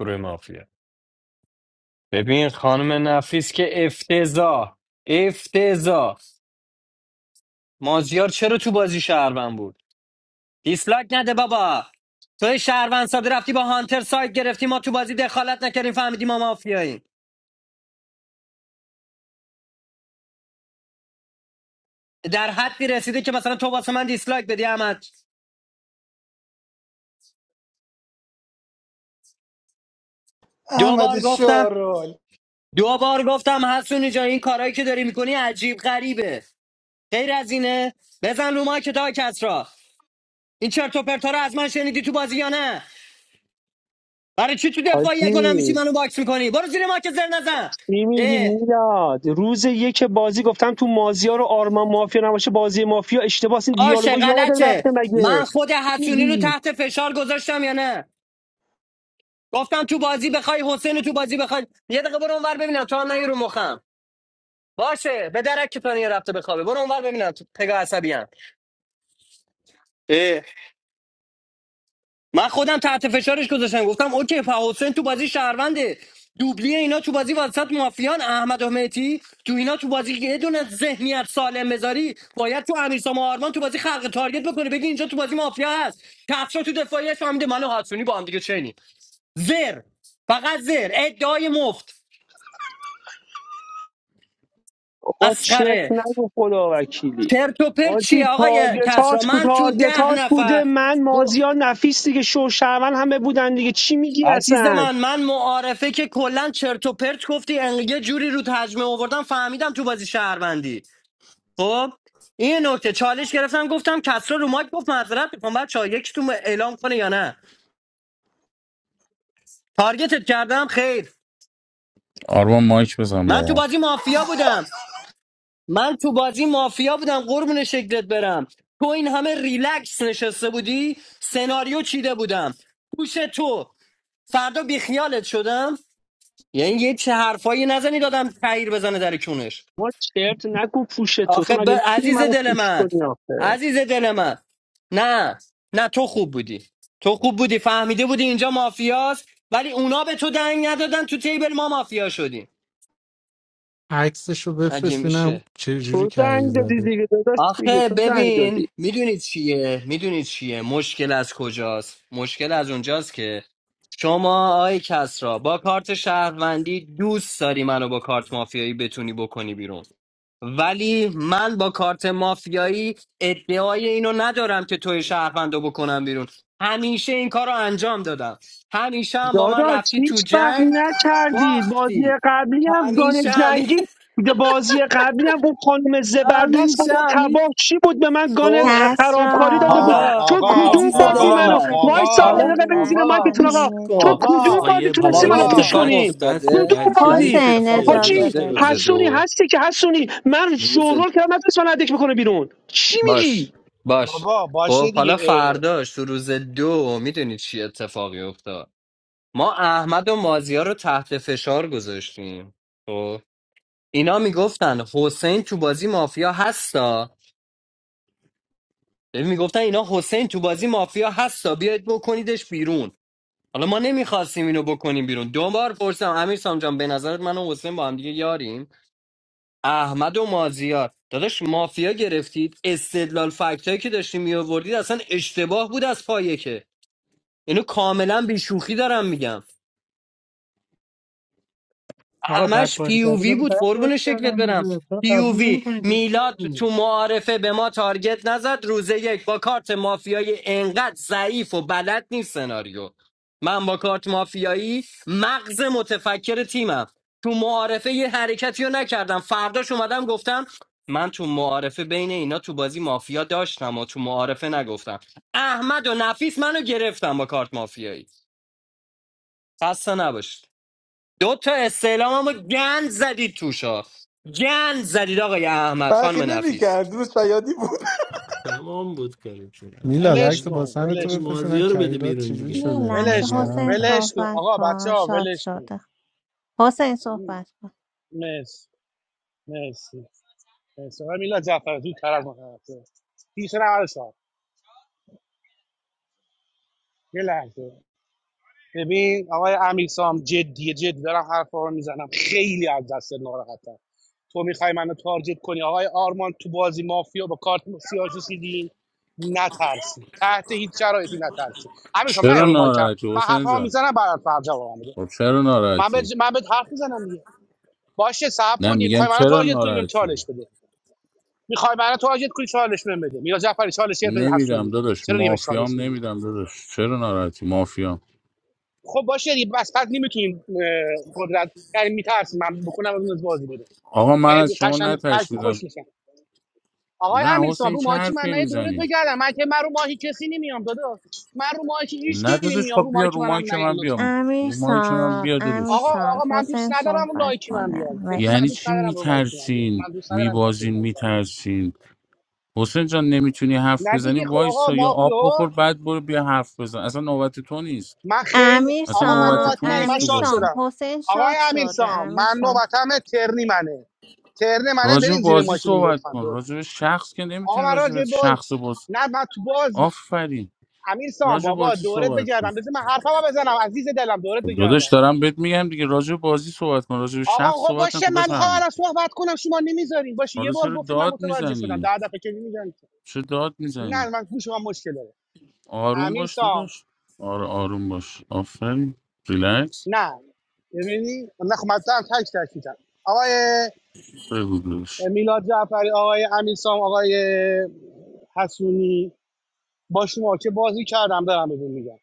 گروه مافیا ببین خانم نفیس که افتضاح افتضاح مازیار چرا تو بازی شهروند بود دیسلاک نده بابا توی شهروند ساده رفتی با هانتر سایت گرفتی ما تو بازی دخالت نکردیم فهمیدیم ما مافیاییم در حدی رسیده که مثلا تو واسه من دیسلایک بدی احمد دو
احمد
بار
شورول
گفتم دو بار گفتم حسونی جان این کارایی که داری میکنی عجیب غریبه غیر از اینه بزن رو ما که تا کسرا این چرت و پرتا رو از من شنیدی تو بازی یا نه برای چی تو
حاجی
دفاعیت بلند میشی منو باکس میکنی برو زیر ما که زر نزن
چی میگی
اه،
میلاد روز یک بازی گفتم تو مازیار و آرمان مافیا نباشه بازی مافیا اشتباس این
آشه
دیالوگو یادت رفته
غلطه من
مگه
خود
چی
حسونی رو
میگی
تحت فشار گذاشتم یا نه گفتم تو بازی بخوای حسین تو بازی بخوای یه دقیقه برو اونور ببینم تو هم نیا رو مخم باشه به درک که پنیر رفته بخوابه برو اونور ببینم تو پگاه عصبی هم. اه. من خودم تحت فشارش گذاشتم گفتم اوکی فا حسین تو بازی شهرونده دوبلی اینا تو بازی وسط مافیان احمد احمدی تو اینا تو بازی یه دونه ذهنیت سالم مزاری باید تو امیرسام و آرمان تو بازی خلق تارگت بکنه بگی اینجا تو بازی مافیا هست کفشا تو دفاعیش فهمیده منو و حسونی با هم دیگه چینیم زر فقط زر ادعای مفت
آقا چرت
اسخره
نگو خدا وکیلی
چرت و پرت
حاجی
چیه آقای کسرا
تارگتات بود
من تو ده
تارگتات بوده
نفر
من مازیار
گفت
نفیس دیگه شوشرون همه بودن دیگه چی میگی
عزیز
اصلا
من من معارفه که کلا چرت و پرت گفتی انقدر یه جوری رو تجمه آوردم فهمیدم تو بازی شهروندی خب این نکته چالش گرفتم گفتم کسرا رو مایک گفت معذرت میخوام بعد چای یکیتون اعلام کنه یا نه تارگتت کردم خیر
آرمان مایک بزن با
من تو
ما
بازی مافیا بودم من تو بازی مافیا بودم قربون شکلت برم تو این همه ریلکس نشسته بودی سناریو چیده بودم گوش تو فردا بیخیالت شدم یعنی یه چه حرفایی نزنی دادم تغییر بزنه در کونش
ما چرت نگو پوش تو تو
آخه ب...
مگه میتونی
عزیز
منو
دل
پوش
من
کنی آخه
عزیز دل من نه نه تو خوب بودی تو خوب بودی فهمیده بودی اینجا مافیاست ولی اونا به تو دنگ ندادن تو تیبل ما مافیا شدیم
عکسش رو
مگه
بفرست ببینم
میشه
چه جوری
تو زنگ
کهی
دادی دیگه داداش دیگه
آخه
تو زنگ دادی
ببین میدونید چیه میدونید چیه مشکل از کجاست مشکل از اونجاست که شما آی کسرا با کارت شهروندی دوست داری منو با کارت مافیایی بتونی بکنی بیرون ولی من با کارت مافیایی ادعای اینو ندارم که توی شهروندو بکنم بیرون همیشه این کار رو انجام دادم همیشه هم با من
داداش
رفتی تو
هیچ وقت
جنگ
نکردید بازی
باختی
قبلی هم
همیشه
گان
همیشه
جنگی بازی قبلی هم اون خانم زبردست بود
همیشه,
اون
همیشه.
تباه چی بود به من گان
خب
خرابکاری داده بود
کسرا
حالا
تو کدوم
عزیز
بازی
دل
کسرا
منو
میشه
من
وای
پینگ
ساقه
حالا
دقیقه
پونگی
برین زیر مایکتون آقا
گوش
نکنید
تو
کن
کدوم
آقا
بازی
یه
حالا
تونستی منو
این
بازی
پوش
اتفاق
بچه
کنی
بس
کدوم
افتاده
بچه
حالا این
بازی
حسین
نیستید
اتفاق
که
اجازه
حاجی
افتاده
زشته به
بده
روز
خدا
حسونی
دو
هستی که حسونی من
روز
شورول کردم نتونست من ادک بکنه بیرون چی میگی
باش باش
بابا باشه
خب
دیگه
حالا
اه.
فرداش تو روز دو میدونی چی اتفاقی افتاد ما احمد و مازیار رو تحت فشار گذاشتیم خب اینا میگفتن حسین تو بازی مافیا هستا ببین، میگفتن اینا حسین تو بازی مافیا هستا بیاید بکنیدش بیرون حالا ما نمیخواستیم اینو بکنیم بیرون دو بار پرسیدم امیر سام جان به نظرت من و حسین با هم دیگه یاریم احمد و مازیار داداش مافیا گرفتید استدلال فکتایی که داشتیم میآوردید اصلا اشتباه بود از پایه که اینو کاملا بیشوخی دارم میگم
آقا بد
همش
بازی کرده
پیووی
بگو
بود
بد بازی
قربون شکلت
کردم
برم
دیگه چرا قبول
پیووی
نمیکنی دوست
میلاد
دیگه
تو معارفه به ما تارگت نزد روز یک با کارت مافیایی انقدر ضعیف و بلد نیست سناریو من با کارت مافیایی مغز متفکر تیمم تو معارفه یه حرکتی رو نکردم فرداش اومدم گفتم من تو معارفه بین اینا تو بازی مافیا داشتم و تو معارفه نگفتم احمد و نفیس منو گرفتم با کارت مافیایی خسته نباش دو تا استعلام هم گند زدید توشا گند زدید آقای احمد
فرقی
خانم
نمیکرد
نفیس
روز شیادی بود
تمام بود کارتون
میلاد عکس باسن تو بفرستینم
مازیا رو بده
کهیرات
بیرون
چجوری
دیگه
یه
شده
لحظه
ولش کن
حسین
نگرانتم
ولش کن
صحبت
آقا بچه
کن
ها
شاد
ولش کن
شده حسین صحبت کن
مرسی مرسی مرسی آقای میلاد جعفر زودتر از ما خلاصه. پیش رو شد یه لحظه ببین آقای امیرسام جدیه جدی دارم حرفا رو میزنم خیلی از دست ناراحتم تو میخوای منو تارجت کنی آقای آرمان تو بازی مافیا با کارت سیاه کشیدی نترسی تحت هیچ شرایطی نترسی امیرسام نه
چرا
رو مایکم
ناراحتی
من
حسین
حرفامو
جان
میزنم برات فرجا جواب میده
خب چرا
من به
ناراحتی
من به حرف میزنم دیگه. باشه صبر
نه
کنیم
میگن
میخوای منو
چرا
تارگت کنیم بهم
ناراحتی
چالش بده میخوای منو تارگت کنی چالش بهم بده میلا جعفری چالش گرفت
نمیدم
حسونی
داداش
چرا دیگه بهش چالش
مافیام
میدی
نمیدم داداش چرا ناراحتی مافیام
خب باشه دیگه بس پس نمیتونیم قدرت یعنی میترسیم من بکنم از اون از بازی بده
آقا
و
من
یه
از شما
قشنگ فکتی خوش
نترسیدم
میشن آقای
نه
امیر صاحب
حسین
رو
چه
ماهی من
حرفی
نه دورت
میزنی
بگردم من که من رو ماهی کسی نمیام دادا من رو ماهی هیچ
نه
کی
داداش
نمیام
خب
رو
بیا
ماهی
رو
منم
مایک
نگن
من بیا
لطفا
امیر
رو مایک من
سام
بیا
امیر
داداش
آقا
سام
آقا من دوست
حسین
ندارم رو ماهی
صحبت
من
کنه
بیاد کسی من
مرسی
یعنی
دوست
چی
ندارم رو ماهی من بیاد
میترسین
من دوست ندارم کسی رو
میبازین
ماهی من
میترسین حسین جان نمیتونی حرف
نه
بزنی
دیگه خب آقا
وایسا یا آب
مافیا
بخور بعد برو بیا حرف بزن اصلا نوبت تو نیست
من خیلی
امیر
اصلا
آقا من
نوبت
سام
نوبتی
تو
منه
نیست
من
امیر
تو
شاد
بازی
شدم
حسین
آقای
شاد
امیر
شده
سام
امیر
من نوبتم ترنی منه ترن منه
راجع به
برین زیر
بازی
ماشین
صحبت
لطفا
کن
دور
راجع به شخص که
آقا
نمیتونی
من راجع
راجع به
باز
شخص باز
نه من تو باز
آفرین
امیرسام
راجع به
بابا
بازی
دورت
صحبت کن
بگردم بذار من حرفمو بزنم عزیز دلم دورت
خب داداش
بگردم
دارم بهت میگم دیگه راجع به بازی صحبت کن راجع به شخص
آقا خب
صحبت
باشه
نکن
من میخوام
بفرمایید
الان صحبت کنم شما نمیذارین باشه یه
حالا
بار
چرا
گفتین من
داد
متوجه شدم
میزنی
ده دفعه که میگن
چرا داد میزنی
نه من گوش من مشکل داره
آروم
امیر
باش داداش آره آروم باش آفرین ریلکس
نه ببینی نه خب من خودم تک تک می‌گم. آقای
بگو داداش
میلاد جعفری آقای امیرسام آقای حسونی باشون که بازی کردم دارم بهتون میگم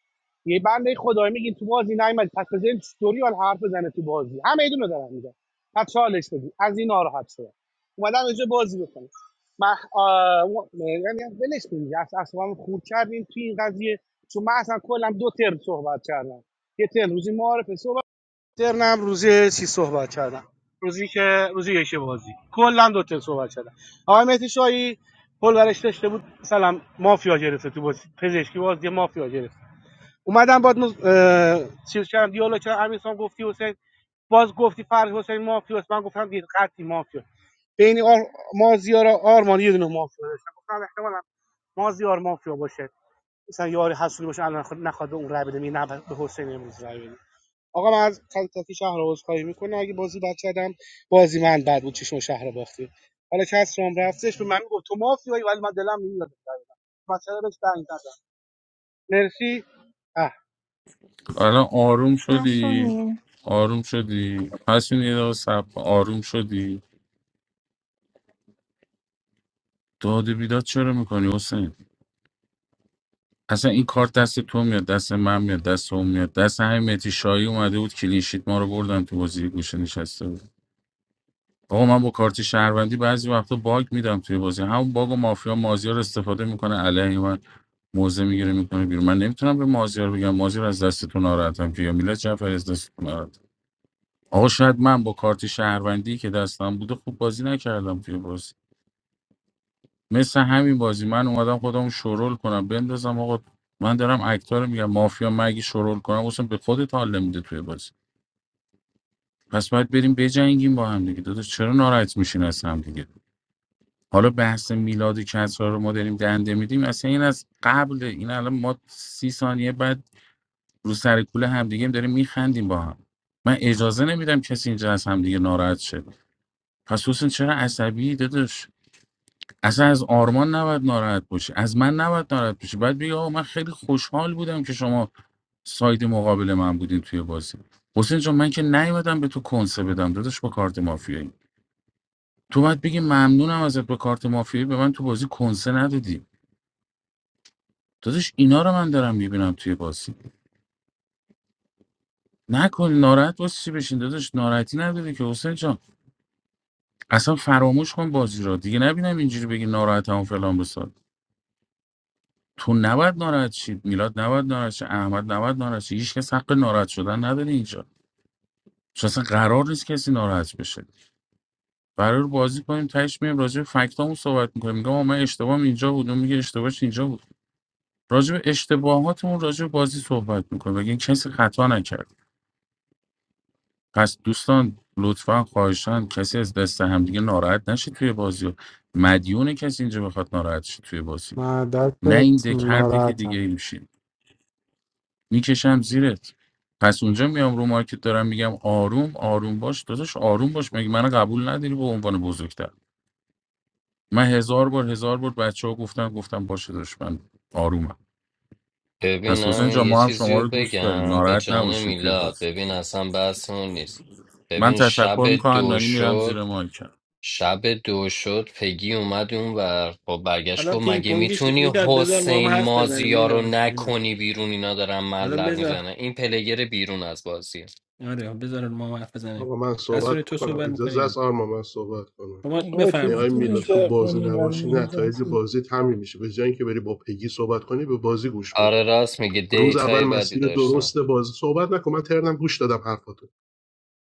یه بنده خدایی میگین تو بازی نیومد پس بزنین استوریال حرف بزنه تو بازی همه ایدونو دارم میگم پس چالش بدین از این ناراحت شدم اومدم اینجا بازی بکنم من آه، و- یعنی ولش کنید اص- اصلا من خور کردیم توی این قضیه چون من اصلا کلا دو ترم صحبت کردم یه ترم روزی معارفه صحبت ترنم روزی چی صحبت کردم روزی که روزی یک بازی کلا دو ترم صحبت کردم آقای مهدی شاهی پل ورش داشته بود مثلا مافیا گرفته تو بازی پزشکی بازی مافیا گرفت اومدم بعد مز... اه... چیز کردم دیالوگ کردم امیرسام گفتی حسین باز گفتی فرض حسین مافیاست من گفتم دید قطعی مافیا بین آر... مازیار و آرمان یه دونه مافیا داشتم گفتم احتمالاً مازیار مافیا باشه مثلا یاری حسولی باشه الان خود نخواد به اون رای بده می نه به حسین امروز رای بده آقا من از خطاطی شهر رو عذرخواهی میکنه اگه بازی بد کردم بازی من بد بود چشم شهر رو باختیم حالا کس رام رفتش به من گفت تو مافیایی ولی من دلم نمیاد بگم، مثلا بهش دنگ ندم مرسی
الان آروم شدی
حسونی
آروم شدی حسین یه دقیقه صبر کن. آروم شدی داد و بیداد چرا میکنی حسین اصلا این کار دست تو میاد دست من میاد دست اون میاد دست همین متی شایی اومده بود کلینشیت ما رو بردن تو بازی گوشه نشسته بود آقا من با کارت شهروندی بعضی وقتا باگ میدم توی بازی همون باگ و مافیا مازیار استفاده میکنه علیه من موزه میگیره میکنه بیرون من نمیتونم به مازیار بگم مازیار از دستتون ناراحتم که یا میلاد جعفر از دستتون ناراحتم آقا شاید من با کارت شهروندی که دستم بوده خوب بازی نکردم توی بازی مثل همین بازی من اومدم خودم شرول کنم بندازم آقا من دارم اکتا رو میگم مافیا مگی شرول کنم اصلا به خودت حال نمیده توی بازی پس باید بریم بجنگیم با هم دیگه داداش چرا ناراحت میشین از هم دیگه؟ حالا بحث میلاد کسرا رو ما داریم دنده میدیم اصلا این از قبل این الان ما سی ثانیه بعد رو سر کوله همدیگه داریم میخندیم با هم من اجازه نمیدم کسی اینجا از همدیگه ناراحت شه پس حسین چرا عصبی داداش اصلا از آرمان نباید ناراحت باشی از من نباید ناراحت باشی بعد بگی آقا من خیلی خوشحال بودم که شما ساید مقابل من بودین توی بازی حسین جان من که نیومدم به تو کنسه بدم داداش با کارت مافیایی تو باید بگی ممنونم ازت با کارت مافیایی به من تو بازی کنسه ندادی داداش اینا رو من دارم میبینم توی بازی نکن ناراحت باز چی بشین داداش ناراحتی نداره که حسین جان اصلا فراموش کن بازی رو دیگه نبینم اینجوری بگی ناراحتم و فلان بسار تو نباید ناراحت شید میلاد نباید ناراحت شه احمد نباید ناراحت شه هیچ کس حق ناراحت شدن نداره اینجا چون اصلا قرار نیست کسی ناراحت بشه قرار بازی کنیم تهش میایم راجع به فکتامون صحبت میکنیم میگم آقا من اشتباهم اینجا بود اون میگه اشتباهش اینجا بود راجع به اشتباهاتمون راجع به بازی صحبت میکنیم بگین کسی خطا نکرد پس دوستان لطفا خواهشان کسی از دست همدیگه ناراحت نشه توی بازی و مدیون کسی اینجا بخواد ناراحت شه توی بازی
من
نه این
دست
دک هر دک دیگه
ناراحتم
ای میشین میکشم زیرت پس اونجا میام رو مارکت دارم میگم آروم آروم باش داداش آروم باش مگه منو قبول نداری به عنوان بزرگتر من هزار بار هزار بار بچه ها گفتم گفتم باشه داداش من آرومم پس
ببینم
حسین جان
یه
ما هم
چیزی
شما
رو
رو دوست داریم
بگم به
ناراحت
جان
نباشین توی
میلاد
بازی
ببین اصلا بحثمون نیست
من
ببین شب
تشکر میکنم
دو
نانی میرم زیر
شد
مایک
شب دو شد پگی اومد اون ور با برگشت
حالا
گفت
پینگ
مگه
پونگیش
میتونی
میداد بذار ما هم
حسین
حرف بزنیم
مازیا رو
میداد میداد
نکنی بیرون اینا دارن
حالا
ملق
بذار
میزنن این پلگر بیرون از بازی
آره بذار ما هم حرف بزنیم
آقا من صحبت
حسونی تو
کنم
صحبت
اجازه
میکنی
است آرما من صحبت کنم
شما
آقا چجوری
آقای
بفرمایید خواهش
میلاد
کنم
تو بازی نباشی
میچرخونیم
نتایج بازی همین میشه به جای اینکه بری با پگی صحبت کنی به بازی گوش
آره
بده
راست میگه
روز اول
دیتای بدی
مسیر
داشتم
درست بازی صحبت نکن من ترنم گوش دادم حرفاتو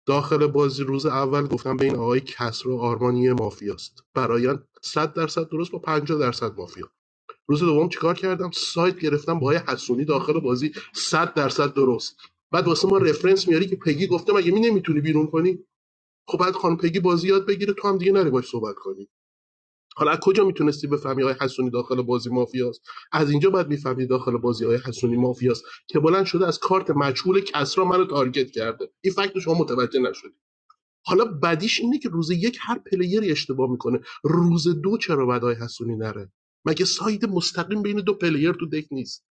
داخل بازی روز اول گفتم بین آقای کسرو آرمانی مافیاست برایان صد درصد درست با پنجاه درصد مافیا روز دوم چیکار کردم سایت گرفتم با آقای حسونی داخل بازی صد درصد درست بعد واسه ما رفرنس میاری که پگی گفته مگه می نمیتونی بیرون کنی خب بعد خانم پگی بازی یاد بگیره تو هم دیگه نری باش صحبت کنی حالا از کجا میتونستی بفهمی آقای حسونی داخل بازی مافیاست از اینجا بعد میفهمی داخل بازی آقای حسونی مافیاست که بلند شده از کارت مجهول کسرا منو تارگت کرده این فکت رو شما متوجه نشدی حالا بدیش اینه که روز یک هر پلیری اشتباه میکنه روز دو چرا باید آقای حسونی نره مگه ساید مستقیم بین دو پلیر تو دک نیست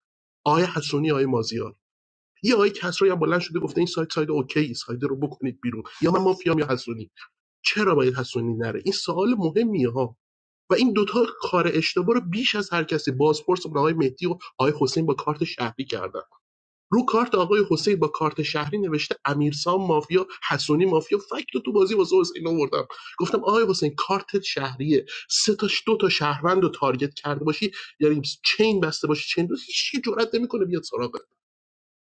آقای حسونی آقای مازیار یا آقای کسرایی هم بلند شده گفته این ساید ساید اوکی سایت رو بکنید بیرون یا من مافیام یا حسونی چرا باید حسونی نره این سوال مهمیه ها و این دوتا کار اشتباه رو بیش از هر کسی بازپرس آقای مهدی و آقای حسین با کارت شهری کردن رو کارت آقای حسین با کارت شهری نوشته امیرسام مافیا حسونی مافیا فکت تو بازی واسه حسین آوردم گفتم آقای حسین کارت شهریه سه تا دو تا شهروند رو تارگت کرده باشی یعنی چین بسته باشی چین رو هیچ کی جرئت نمیکنه بیاد سراغت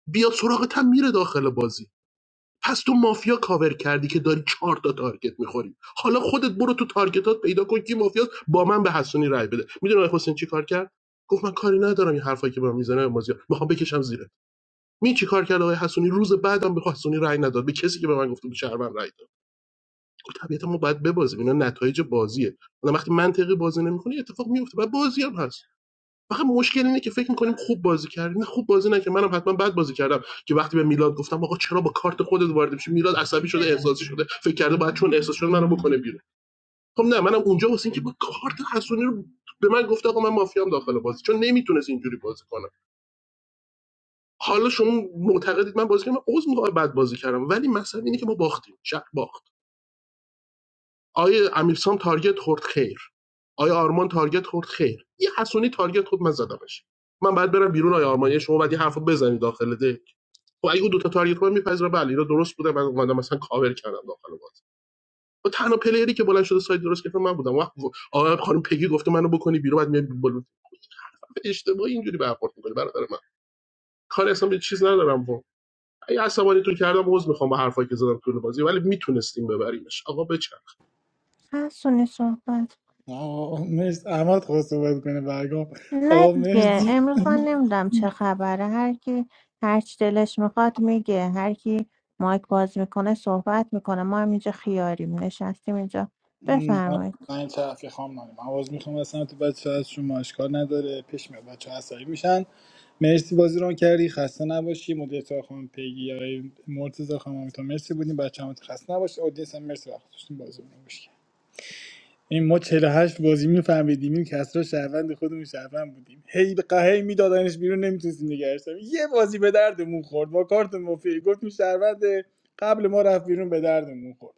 بیاد سراغت هم میره داخل بازی پس تو مافیا کاور کردی که داری چهار تا تارگت میخوری حالا خودت برو تو تارگتات پیدا کن که مافیا با من به حسونی رای بده میدونی آقای حسین چی کار کرد گفت من کاری ندارم این حرفایی که به من میزنه مازیار میخوام بکشم زیره می چی کار کرد آقای حسونی روز بعدم به حسونی رای نداد به کسی که به من گفته بود شهروند رای داد گفت طبیعتا ما باید ببازیم اینا نتایج بازیه حالا وقتی منطقی بازی نمیکنی اتفاق میفته و بازی هم هست فقط مشکل اینه که فکر میکنیم خوب بازی کردیم نه خوب بازی نکردیم منم حتما بد بازی کردم که وقتی به میلاد گفتم آقا چرا با کارت خودت وارد میشی میلاد عصبی شده احساسی شده فکر کرده باید چون احساس شده منو بکنه بیرون خب نه منم اونجا واسه اینکه با کارت حسونی رو به من گفت آقا من مافیام داخل بازی چون نمیتونست اینجوری بازی کنم حالا شما معتقدید من بازی کردم من عذر میخوام بد بازی کردم ولی مثلا اینه که ما باختیم شق باخت آیه امیرسام تارگت خورد خیر آیه آرمان تارگت خورد خیر یه حسونی تارگت خود من زدمش من بعد برم بیرون آیه آرمان یه شما باید یه حرف رو بزنید داخل ده خب اگه اون دوتا تارگت من میپذیره بله اینا درست بوده من اومدم مثلا کاور کردم داخل باز و تنها پلیری که بلند شده سایت درست گرفته من بودم وقت آقا خانم پگی گفته منو بکنی بیرون بعد میاد بلند اشتباهی اینجوری برخورد میکنی برادر من کار اصلا به چیز ندارم با اگه عصبانی تو کردم عذر میخوام با حرفایی که زدم طول بازی ولی میتونستیم ببریمش آقا بچن
حسونی صحبت
آقا مرسی احمد خواست صحبت کنه برگام
نه
آقا
دیگه
مرسی
امروز من نمیدم چه خبره هر کی هر چی دلش میخواد میگه هر کی مایک باز میکنه صحبت میکنه ما هم اینجا خیاریم نشستیم اینجا
م،
بفرمایید
آقا، من چرفی خام نانیم آواز میخوام اصلا تو بچه هست شما اشکال نداره پیش میاد بچه عصبی میشن مرسی بازی ران کردی خسته نباشی مدیر خانم پیگی آقای مرتضی خانم آقای تا مرسی بودیم بچه هم خسته نباشی اودینس هم مرسی وقت داشتیم بازی رو این ما 48 بازی میفهمیدیم این کسرا شهروند خودمون شهروند بودیم هی به قهی میدادنش بیرون نمیتونستیم نگرش داریم. یه بازی به دردمون خورد با کارت مافی گفتیم شهروند قبل ما رفت بیرون به دردمون خورد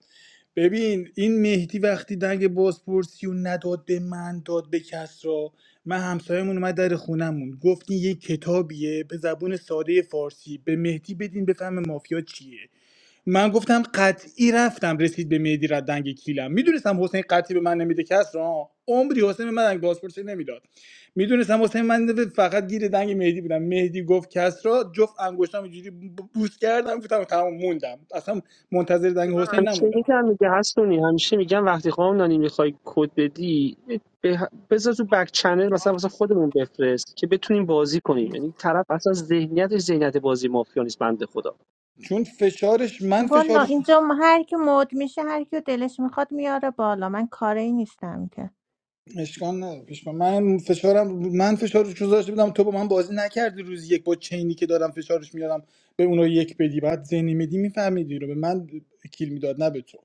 ببین این مهدی وقتی دنگ بازپرسی و نداد به من داد به کسرا من همسایمون اومد در خونمون گفت این یه کتابیه به زبون ساده فارسی به مهدی بدین بفهم مافیا چیه من گفتم قطعی رفتم رسید به مهدی ردنگ کیلم میدونستم حسین قطعی به من نمیده کس را عمری حسین به من دنگ بازپرسی نمیداد میدونستم حسین من فقط گیر دنگ مهدی بودم مهدی گفت کس را جفت انگشتام اینجوری ب- بوس کردم گفتم تمام موندم اصلا منتظر دنگ حسین
همیشه
نموندم
میگم میگه هستونی همیشه میگم وقتی خواهم نانی میخوای کد بدی به- بذار تو بک چنل مثلا مثلا خودمون بفرست که بتونیم بازی کنیم یعنی طرف اصلا ذهنیتش ذهنیت بازی مافیا نیست بنده خدا
چون فشارش من
والا
فشار
اینجا م- هر کی مد میشه هر کی دلش میخواد میاره بالا من کاری نیستم که
اشکال نداره اشکال من فشارم من فشار روش گذاشته بودم تو با من بازی نکردی روز یک با چینی که دارم فشارش میارم به اونو یک بدی بعد ذهنی میدی میفهمیدی رو به من کیل میداد نه به تو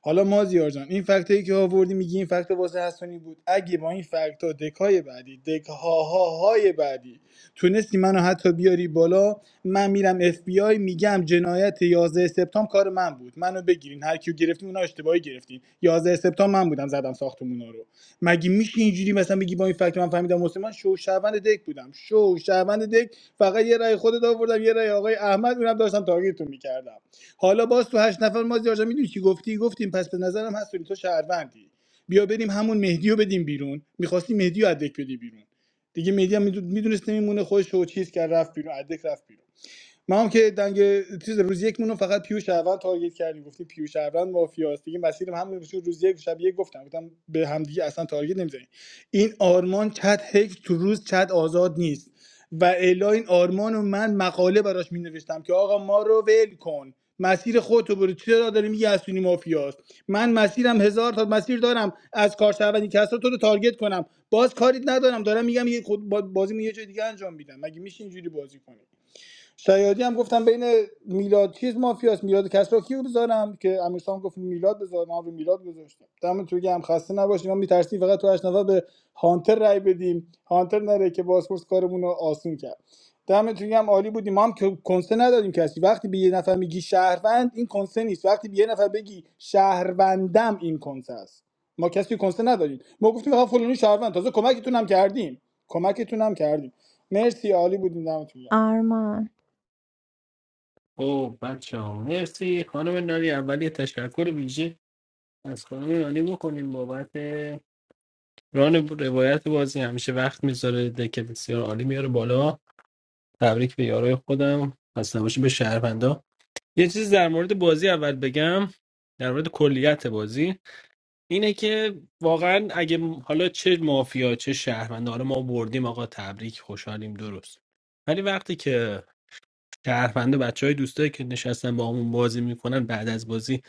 حالا مازیار جان این فکت که آوردی میگی این فکت واسه حسنی بود اگه با این فکت ها دکای بعدی دک ها ها های بعدی تونستی منو حتی بیاری بالا من میرم اف بی آی میگم جنایت 11 سپتامبر کار من بود منو بگیرین هر کیو گرفتین اونا اشتباهی گرفتین 11 سپتامبر من بودم زدم ساختمونا رو مگه میشه اینجوری مثلا بگی با این فکت من فهمیدم مسلمان شو شهروند دک بودم شو شهروند دک فقط یه رأی خودت آوردم یه رأی آقای احمد اونم داشتم تارگتتون میکردم حالا باز تو هشت نفر ما زیاد میدونی چی گفتی گفتیم پس به نظرم هستونی تو شهروندی بیا بریم همون مهدی رو بدیم بیرون میخواستی مهدی رو از دک بدی بیرون دیگه مهدی هم میدونست نمیمونه خودش رو چیز کرد رفت بیرون ادک رفت بیرون ما هم که دنگ چیز روز یک مونو فقط پیو شهروند تارگت کردیم گفتیم پیو شهروند مافیاست دیگه مسیرم هم نمیشه روز یک شب یک گفتم گفتم به هم دیگه اصلا تارگت نمیزنیم این آرمان چت هیچ تو روز چت آزاد نیست و الا این آرمان و من مقاله براش می نوشتم که آقا ما رو ول کن مسیر خودتو برو چرا داری میگی اسونی مافیاست من مسیرم هزار تا مسیر دارم از کارشهروندی کسرا تو رو تارگت کنم باز کاریت ندارم دارم میگم یه خود با- بازی یه جای دیگه انجام میدم مگه میشه اینجوری بازی کنی شیادی هم گفتم بین میلاد چیز مافیاست میلاد کسرا کیو بذارم که امیرسام گفت میلاد بذار ما به میلاد گذاشتم دم تو هم خسته نباشیم ما میترسیم فقط تو اشنوا به هانتر رای بدیم هانتر نره که بازپرس کارمون رو آسون کرد دم تو هم عالی بودیم ما هم که کنسه ندادیم کسی وقتی به یه نفر میگی شهروند این کنسه نیست وقتی به یه نفر بگی شهروندم این کنسه است ما کسی کنسه ندادیم ما گفتیم آقا فلانی شهروند تازه کمکتون هم کردیم کمکتون هم کردیم مرسی عالی بودیم دمتون
آرمان
او بچه ها مرسی خانم نانی اول یه تشکر ویژه از خانم نانی بکنیم بابت ران روایت بازی همیشه وقت میذاره دکه بسیار عالی میاره بالا تبریک به یارای خودم خسته نباشید به شهروندا یه چیز در مورد بازی اول بگم در مورد کلیت بازی اینه که واقعا اگه م- حالا چه مافیا چه شهروندا حالا ما بردیم آقا تبریک خوشحالیم درست ولی وقتی که شهروند بچه های دوستایی که نشستن با همون بازی میکنن بعد از بازی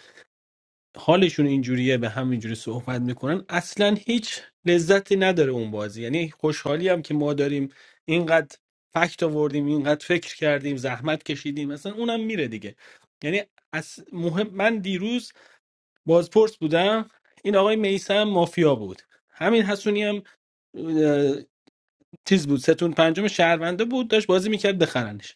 حالشون اینجوریه به همینجوری صحبت میکنن اصلا هیچ لذتی نداره اون بازی یعنی خوشحالی هم که ما داریم اینقدر فکت آوردیم اینقدر فکر کردیم زحمت کشیدیم مثلا اونم میره دیگه یعنی از مهم من دیروز بازپرس بودم این آقای میسم مافیا بود همین حسونی هم اه، چیز بود ستون پنجم شهرونده بود داشت بازی میکرد بخرنش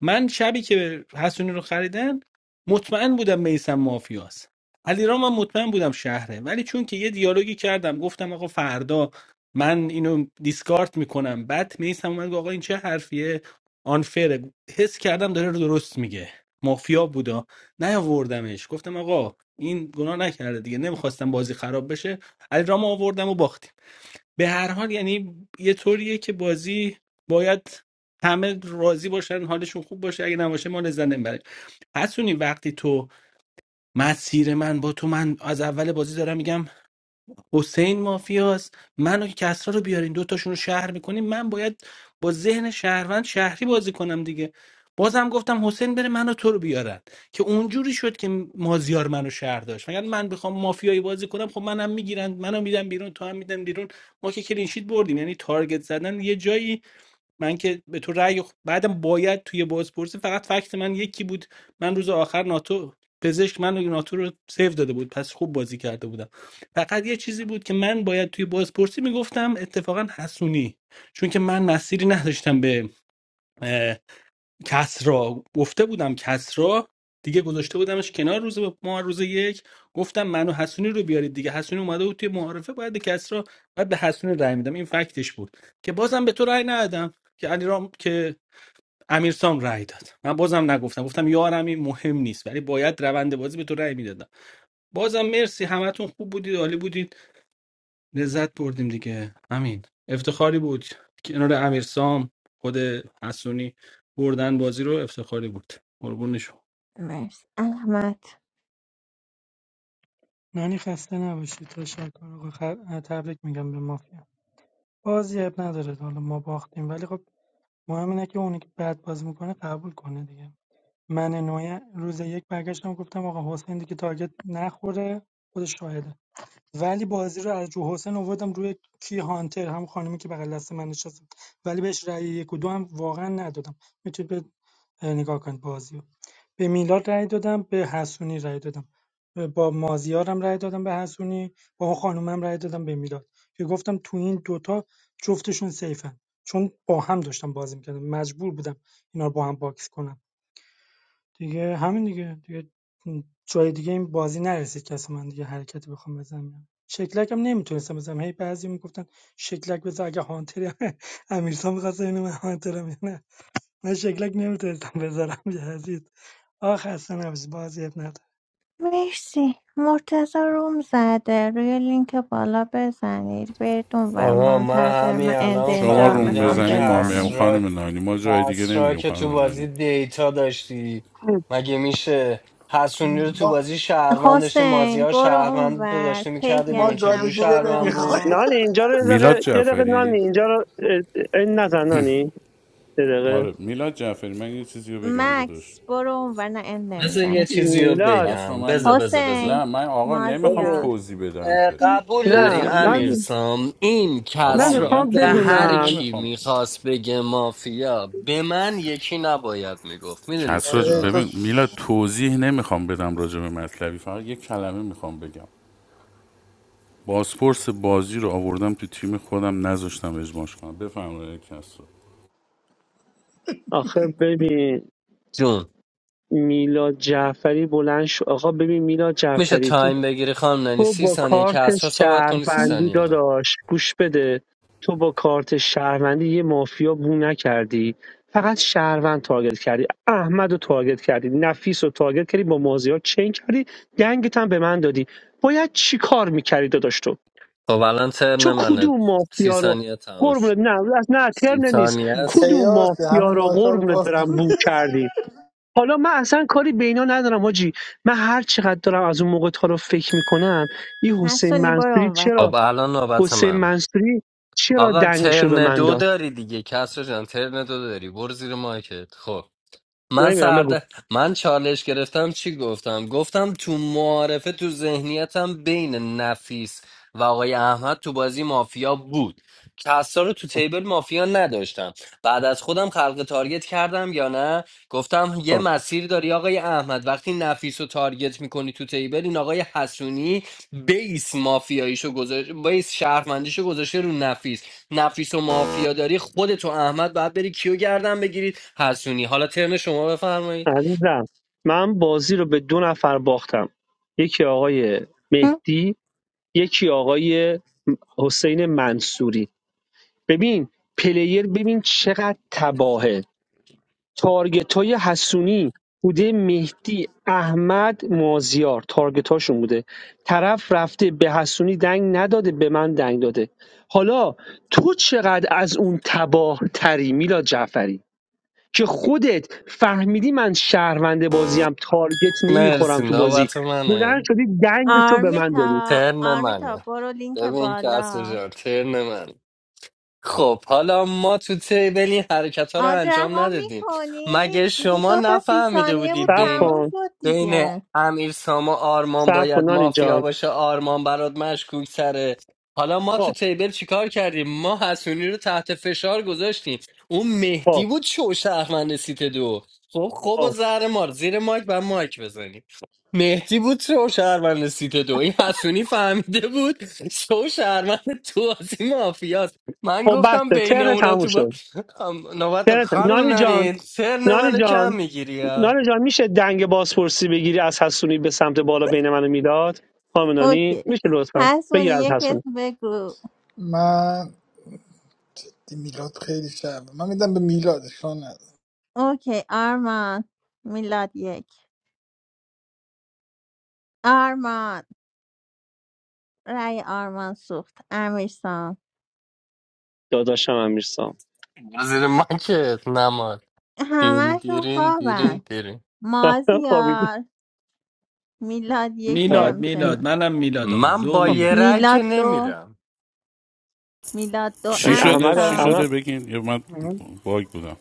من شبی که حسونی رو خریدن مطمئن بودم میسم مافیاست علیرام من مطمئن بودم شهره ولی چون که یه دیالوگی کردم گفتم آقا فردا من اینو دیسکارت میکنم بعد میسم اومد گفت آقا این چه حرفیه آنفره حس کردم داره رو درست میگه مافیا بودا نیاوردمش گفتم آقا این گناه نکرده دیگه نمیخواستم بازی خراب بشه علیرام آوردم و باختیم به هر حال یعنی یه طوریه که بازی باید همه راضی باشن حالشون خوب باشه اگه نباشه ما لذت نمیبریم پسونی وقتی تو مسیر من با تو من از اول بازی دارم میگم حسین مافیاست منو که کسرا رو بیارین دوتاشون رو شهر میکنین من باید با ذهن شهروند شهری بازی کنم دیگه بازم گفتم حسین بره منو تو رو بیارن که اونجوری شد که مازیار منو شهر داشت مگر من بخوام مافیایی بازی کنم خب منم میگیرن منو میدم بیرون تو هم میدم بیرون ما که کلینشیت بردیم یعنی تارگت زدن یه جایی من که به تو رأی خ- بعدم باید توی بازپرسی فقط فکت من یکی بود من روز آخر ناتو پزشک من و ناتو رو سیو داده بود پس خوب بازی کرده بودم فقط یه چیزی بود که من باید توی بازپرسی میگفتم اتفاقا حسونی چون که من مسیری نداشتم به کسرا گفته بودم کسرا دیگه گذاشته بودمش کنار روز ما روز یک گفتم منو حسونی رو بیارید دیگه حسونی اومده بود توی معارفه باید به کسرا باید به حسونی رأی میدم این فکتش بود که بازم به تو رأی ندادم که علیرام که امیرسام رأی داد من بازم نگفتم گفتم یارمی مهم نیست ولی باید روند بازی به تو رأی میدادم بازم مرسی همتون خوب بودید عالی بودید لذت بردیم دیگه همین افتخاری بود کنار امیر سام خود حسونی بردن بازی رو افتخاری بود قربون شما
مرسی احمد
نانی خسته نباشید تشکر آقا خ- تبریک میگم به مافیا بازی اب نداره حالا ما باختیم ولی خب مهم اینه که اونی که بد بازی میکنه قبول کنه دیگه من نوعی روز یک برگشتم گفتم آقا حسین دیگه تارگت نخوره خود شاهده ولی بازی رو از جو حسین آوردم روی کی هانتر هم خانمی که بغل دست من نشست ولی بهش رأی یک و دو هم واقعا ندادم میتونید به نگاه کنید بازی رو. به میلاد رأی دادم به حسونی رأی دادم با مازیارم رأی دادم به حسونی با اون خانومم رأی دادم به میلاد که گفتم تو این دوتا جفتشون سیفن چون با هم داشتم بازی میکردم مجبور بودم اینا رو با هم باکس کنم دیگه همین دیگه دیگه جای دیگه این بازی نرسید کسی من دیگه حرکتی بخوام بزنم شکلکم نمیتونستم بزنم هی بعضی میگفتن شکلک بزن اگه هانتر امیرسا میخواست اینو من هانترم من شکلک نمیتونستم بذارم یزید آه خسته نباشید بازی اب نداره
مرسی مرتزا روم زده روی لینک بالا بزنید برید اونور
آقا من
منتظر من
همین
اند
الان
شما
اینجا رو
روم
میخوام
فهمیدم
بزنی ما میام
بزنم
کسرا
خانم نانی ما جای دیگه
کسرا
نمیریم
که
خانم
تو
نانی
بازی دیتا داشتی مگه میشه حسونی رو تو
گرم
بازی شهروند داشتی
حسین
مازیار
برو
شهروند رو
اونور
داشته میکرده
پگ
ما
بیرون
گاد
عزیزم
چجوری
دیگه
برو
شهروند بود
نمیخوایم
اونور
نانی اینجا رو یه
میلاد
دقیقه یه دقیقه نانی
جعفری
اینجا رو اه، این نزن نانی یه دقیقه
آره میلاد جعفری من یه چیزی رو بگم داداش
مکس برو اونور نه اند
بذار یه
نمیزنم
چیزی رو
میلاد
کس رو
بگم
من
بذار بذار
نه
حسین
بذار
من آقا نمیخوام
ببین
مازیار
توضیح بدم
اه،
که
قبول
نه
داری
توضیح نیست
من
امیرسام این
آقا
من
کسرا
میگم
میخوام
به
توضیح
هر
بدونم
کی
نمیخوام
میخواست بگه مافیا به من یکی نباید میگفت میدونی
کس را
آره
چرا
تو
ببین میلاد توضیح نمیخوام بدم راجع به مطلبی فقط یه کلمه میخوام بگم بازپرس بازی رو آوردم تو تیم خودم نذاشتم اجماش کنم بفرمایید کس رو
آخه ببین
جون
میلاد جعفری بلند شو آقا ببین میلاد
میشه
جعفری
تایم بگیری خانم ننی
تو
سی
با
ثانیه که
کارت
از تو صحبت کنی سی
شهروندی
ثانیه من
داداش گوش بده تو با کارت شهروندی یه مافیا بو نکردی فقط شهروند تارگت کردی احمد رو تارگت کردی نفیس رو تارگت کردی با مازیار چین کردی دنگت هم به من دادی باید چی کار میکردی داداش تو
خب الان ترن
تو
منه
کدوم
سی
مافیا رو
ثانیه تموم شد
قربونت نه از نه
سی
ترن نیست
ثانیه است
کدوم
کیاس همه
مافیا رو
مایکا رو
قربونت
باز
برم
کن.
بو کردی حالا من اصلا کاری به اینا ندارم حاجی من هر چقدر دارم از اون موقع تا رو فکر میکنم این حسین
هستونی برو
منصوری
اونور
خب
چرا
الان نوبت
حسین
من
منصوری چرا
آقا
دنگشو به
ترن
من
دو
داد
داری دیگه کسرا جان ترن دو داری برو زیر مایکت خب من
نمیرم بگو
سرده من چالش گرفتم چی گفتم گفتم تو معارفه تو ذهنیتم بین نفیس و آقای احمد تو بازی مافیا بود کسا رو تو تیبل مافیا نداشتم بعد از خودم خلق تارگت کردم یا نه گفتم یه
آه.
مسیر داری آقای احمد وقتی نفیس رو تارگت میکنی تو تیبل این آقای حسونی بیس مافیاییشو گذاشته بیس شهرمندیشو گذاشته رو نفیس نفیس و مافیا داری خودت و احمد باید بری کیو گردن بگیرید حسونی حالا ترن شما بفرمایید
عزیزم من بازی رو به دو نفر باختم یکی آقای مهدی یکی آقای حسین منصوری ببین پلیر ببین چقدر تباهه تارگتای حسونی بوده مهدی احمد مازیار تارگتاشون بوده طرف رفته به حسونی دنگ نداده به من دنگ داده حالا تو چقدر از اون تباه تری میلاد جعفری که خودت فهمیدی من شهروند بازیم تارگت
مرسی
نمیخورم تو بازی
نوبت
بلند
منه
شدی دنگ تو به من
آرمیتا
دادی
ترن
آرمیتا
منه
برو لینک
ببین که اصلا
بالا
جان ترن منه خب حالا ما تو تیبل این حرکت ها رو
آن
انجام
رها
ندادیم
میکنید
مگه
دیگه
شما
دو تا سی
نفهمیده
ثانیه
بودی
بود
صبر
بین
تموم
کن
شد
بین
دیگه
امیر سام آرمان
صبر
باید
کن نانی
مافیا
جان
باشه آرمان برات مشکوک تره حالا ما تو
خب
تیبل چیکار کردیم ما حسونی رو تحت فشار گذاشتیم اون مهدی
خب
بود شو شهرمند سیت دو خب خب و
خب
زهر مار زیر مایک و مایک بزنیم مهدی بود شو شهرمند سیت دو این حسونی فهمیده بود شو شهرمند تو بازی مافیاست. من
خب
گفتم
بسته
بین
تره
اونا
تموم
تو با
شد
ام، نوبت
تره تموم.
خانم
نانی جان
نرین سرن
نانی
منو
جان
کم میگیری ها
ناله جان میشه دنگ بازپرسی بگیری از حسونی به سمت بالا بین من و میلاد خامنانی
اوکی
میشه لطفا
حسونی
بگیر از
یک
حسونی
اسم بگو
من دی میلاد خیلی شب من میدم به میلاد اشکال نداره
اوکی آرمان میلاد یک آرمان رای آرمان سوخت امیرسان
داداشم امیرسام
زیر من که نماد دین
همهشون
دیرین دیرین
خوابن
دیرین
خوابید
مازیار میلاد یک
میلاد میلاد
همچنان
منم میلاد آقا
من
دو
با
خب
یه
میلاد
رای که
میلاد دو
نمیرم
میلاد دو
چی شده
احمد
چی
امیرسام
احمد
شده بگین یا من
من
باگ بودم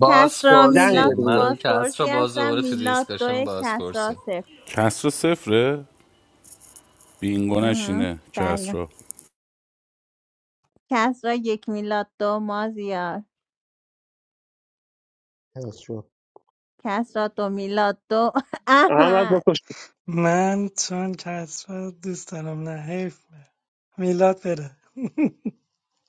کسرا
دنگ
میلاد
بازپرسیه
بده
تو
منو که اصرا
بازپرسی
باز
هستن
دوباره تو
میلاد
دیسکشن
دو
بازپرسی
کسرا صفر
کسرا صفره؟ بینگو
اها،
نشینه
بله
کسرا
کسرا یک میلاد دو مازیار کسرا دو میلاد دو
احمد
احمد
بکش
من چون کسرا دوست دارم نه حیف میلاد بره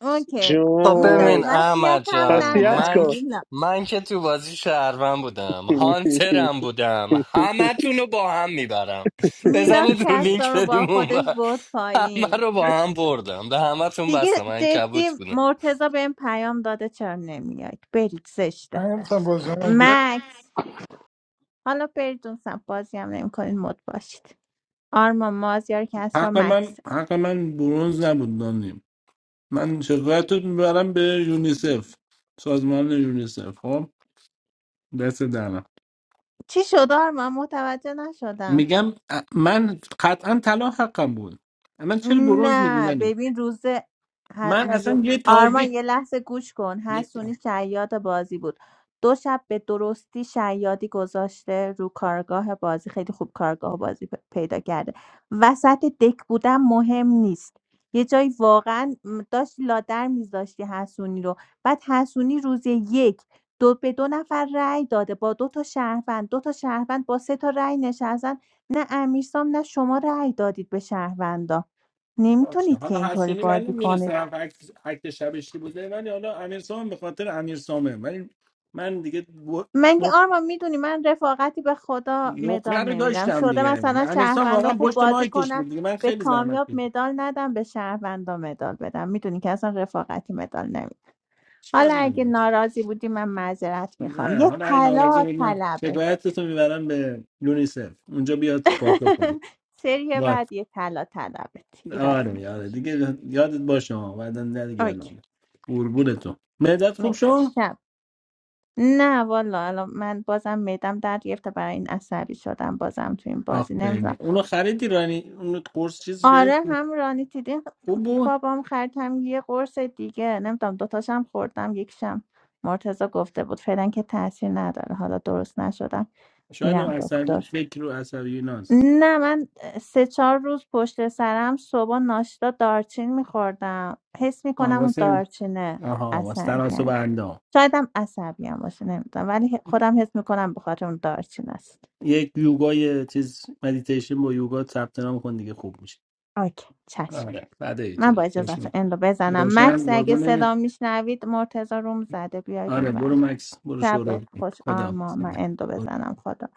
اوکی
خب
میلاد
ببین
جون
وصیت
احمد
هم
جان
پس
نداره
من
کن
ک-
میلاد
من که تو بازی شهروند بودم هانترم بودم همه رو با هم میبرم
میلاد
بزنید رو لینک
کسرا رو با
بریم اون
خودش
بر.
برد
همه
پایین
رو با هم بردم به همه تون
دیگه
بستم من
جدی
کبوت بودم
مرتضا به این پیام داده چرا نمیاد برید
من
زشته
نمیتونم بازی کنم، گوش
مکس حالا برید اون سمت بازی هم نمیکنین مد باشید آرما مازیار کسرا
حق
مکس
من حق من برونز نبود دانیم من شکایت رو میبرم به یونیسف سازمان یونیسف خب دست دارم
چی شد آرمان من متوجه نشدم
میگم ا- من قطعا طلا حقم بود من چرا برونز میگی
نه
منی
ببین روز ه-
من
یه-
اصلا یه
آرمان یه
تارگت
لحظه گوش کن حسونی شیاد بازی بود دو شب به درستی شیادی گذاشته رو کارگاه بازی خیلی خوب کارگاه بازی پ- پیدا کرده وسط دک بودن مهم نیست یه جایی واقعا م، داشتی لادر میذاشتی حسونی رو بعد حسونی روز یک دو به دو نفر رأی داده با دو تا شهروند دو تا شهروند با سه تا رأی نشستن نه امیرسام نه شما رأی دادید به شهروندا
باشه
نمیتونید که
حالا
اینطوری
حسونی من
بازی کنید
نمیدونستم اکت اکت شبش چی بوده ولی حالا امیر سام به خاطر امیر سامه ولی من دیگه ب-
من که
نق-
آرما میدونی من رفاقتی به خدا مدال
نقره رو
نمیدم
داشتم
شده
دیگه
مثلا
امیر سام
شهروندا
واقعا
خوب
پشت
بازی
مایکش
کنن
بود دیگه من
به
خیلی زحمت
کامیاب
کشیدم
مدال ندم به شهروندا مدال بدم میدونی که اصلا رفاقتی مدال نمیدم
چیکار
حالا اگه
من
ناراضی بودی من معذرت میخوام
نه
یه
حالا این ناراضی
طلا
بود نه
طلبت
شکایتتو میبرم به یونیسف اونجا بیاد پاتو کنه
سری
باش.
بعد یه طلا طلبت ایرادی نداره.
آره آره دیگه یادت باشه ها بعدا نه دیگه یادم
اوکی
نیست. قربونتون مدت خوب
مرسی
شو
شب نه والا الان من بازم میدم در گرفته برای این عصبی شدم بازم تو این بازی نمیدونم
آفرین اونو خریدی رانی اونو قرص چیزی
آره
گرفت
هم رانی دیدی
خوب بود
بابام خرید هم یه قرص دیگه نمیدونم دوتاشم خوردم یکیشم مرتضی گفته بود فعلا که تاثیر نداره حالا درست نشدم
شاید هم
میرم
عصبی
دکتر
فکر رو عصبی ناست
نه من سه چهار روز پشت سرم صبح ناشتا دارچین میخوردم حس
آه
میکنم اون
واسه
دارچینه
آها واسه
اثر
تناسب
کرد
اندام
شایدم عصبی هم باشه نمیدونم ولی خودم حس میکنم به خاطر اون دارچین است
یک یوگای چیز مدیتیشن با یوگا ثبت نام کن دیگه خوب میشه
اوکی چشم.
آره بعد ای
من
تو
با
چشم
اجازت اندو بزنم مکس
روشن
اگه
قربونه
صدا میشنوید مرتزا روم زده بیاید اون
آره برو
ور
مکس برو شروع
شبت
کن.
خوش آرما من اندو
خدا
بزنم خدا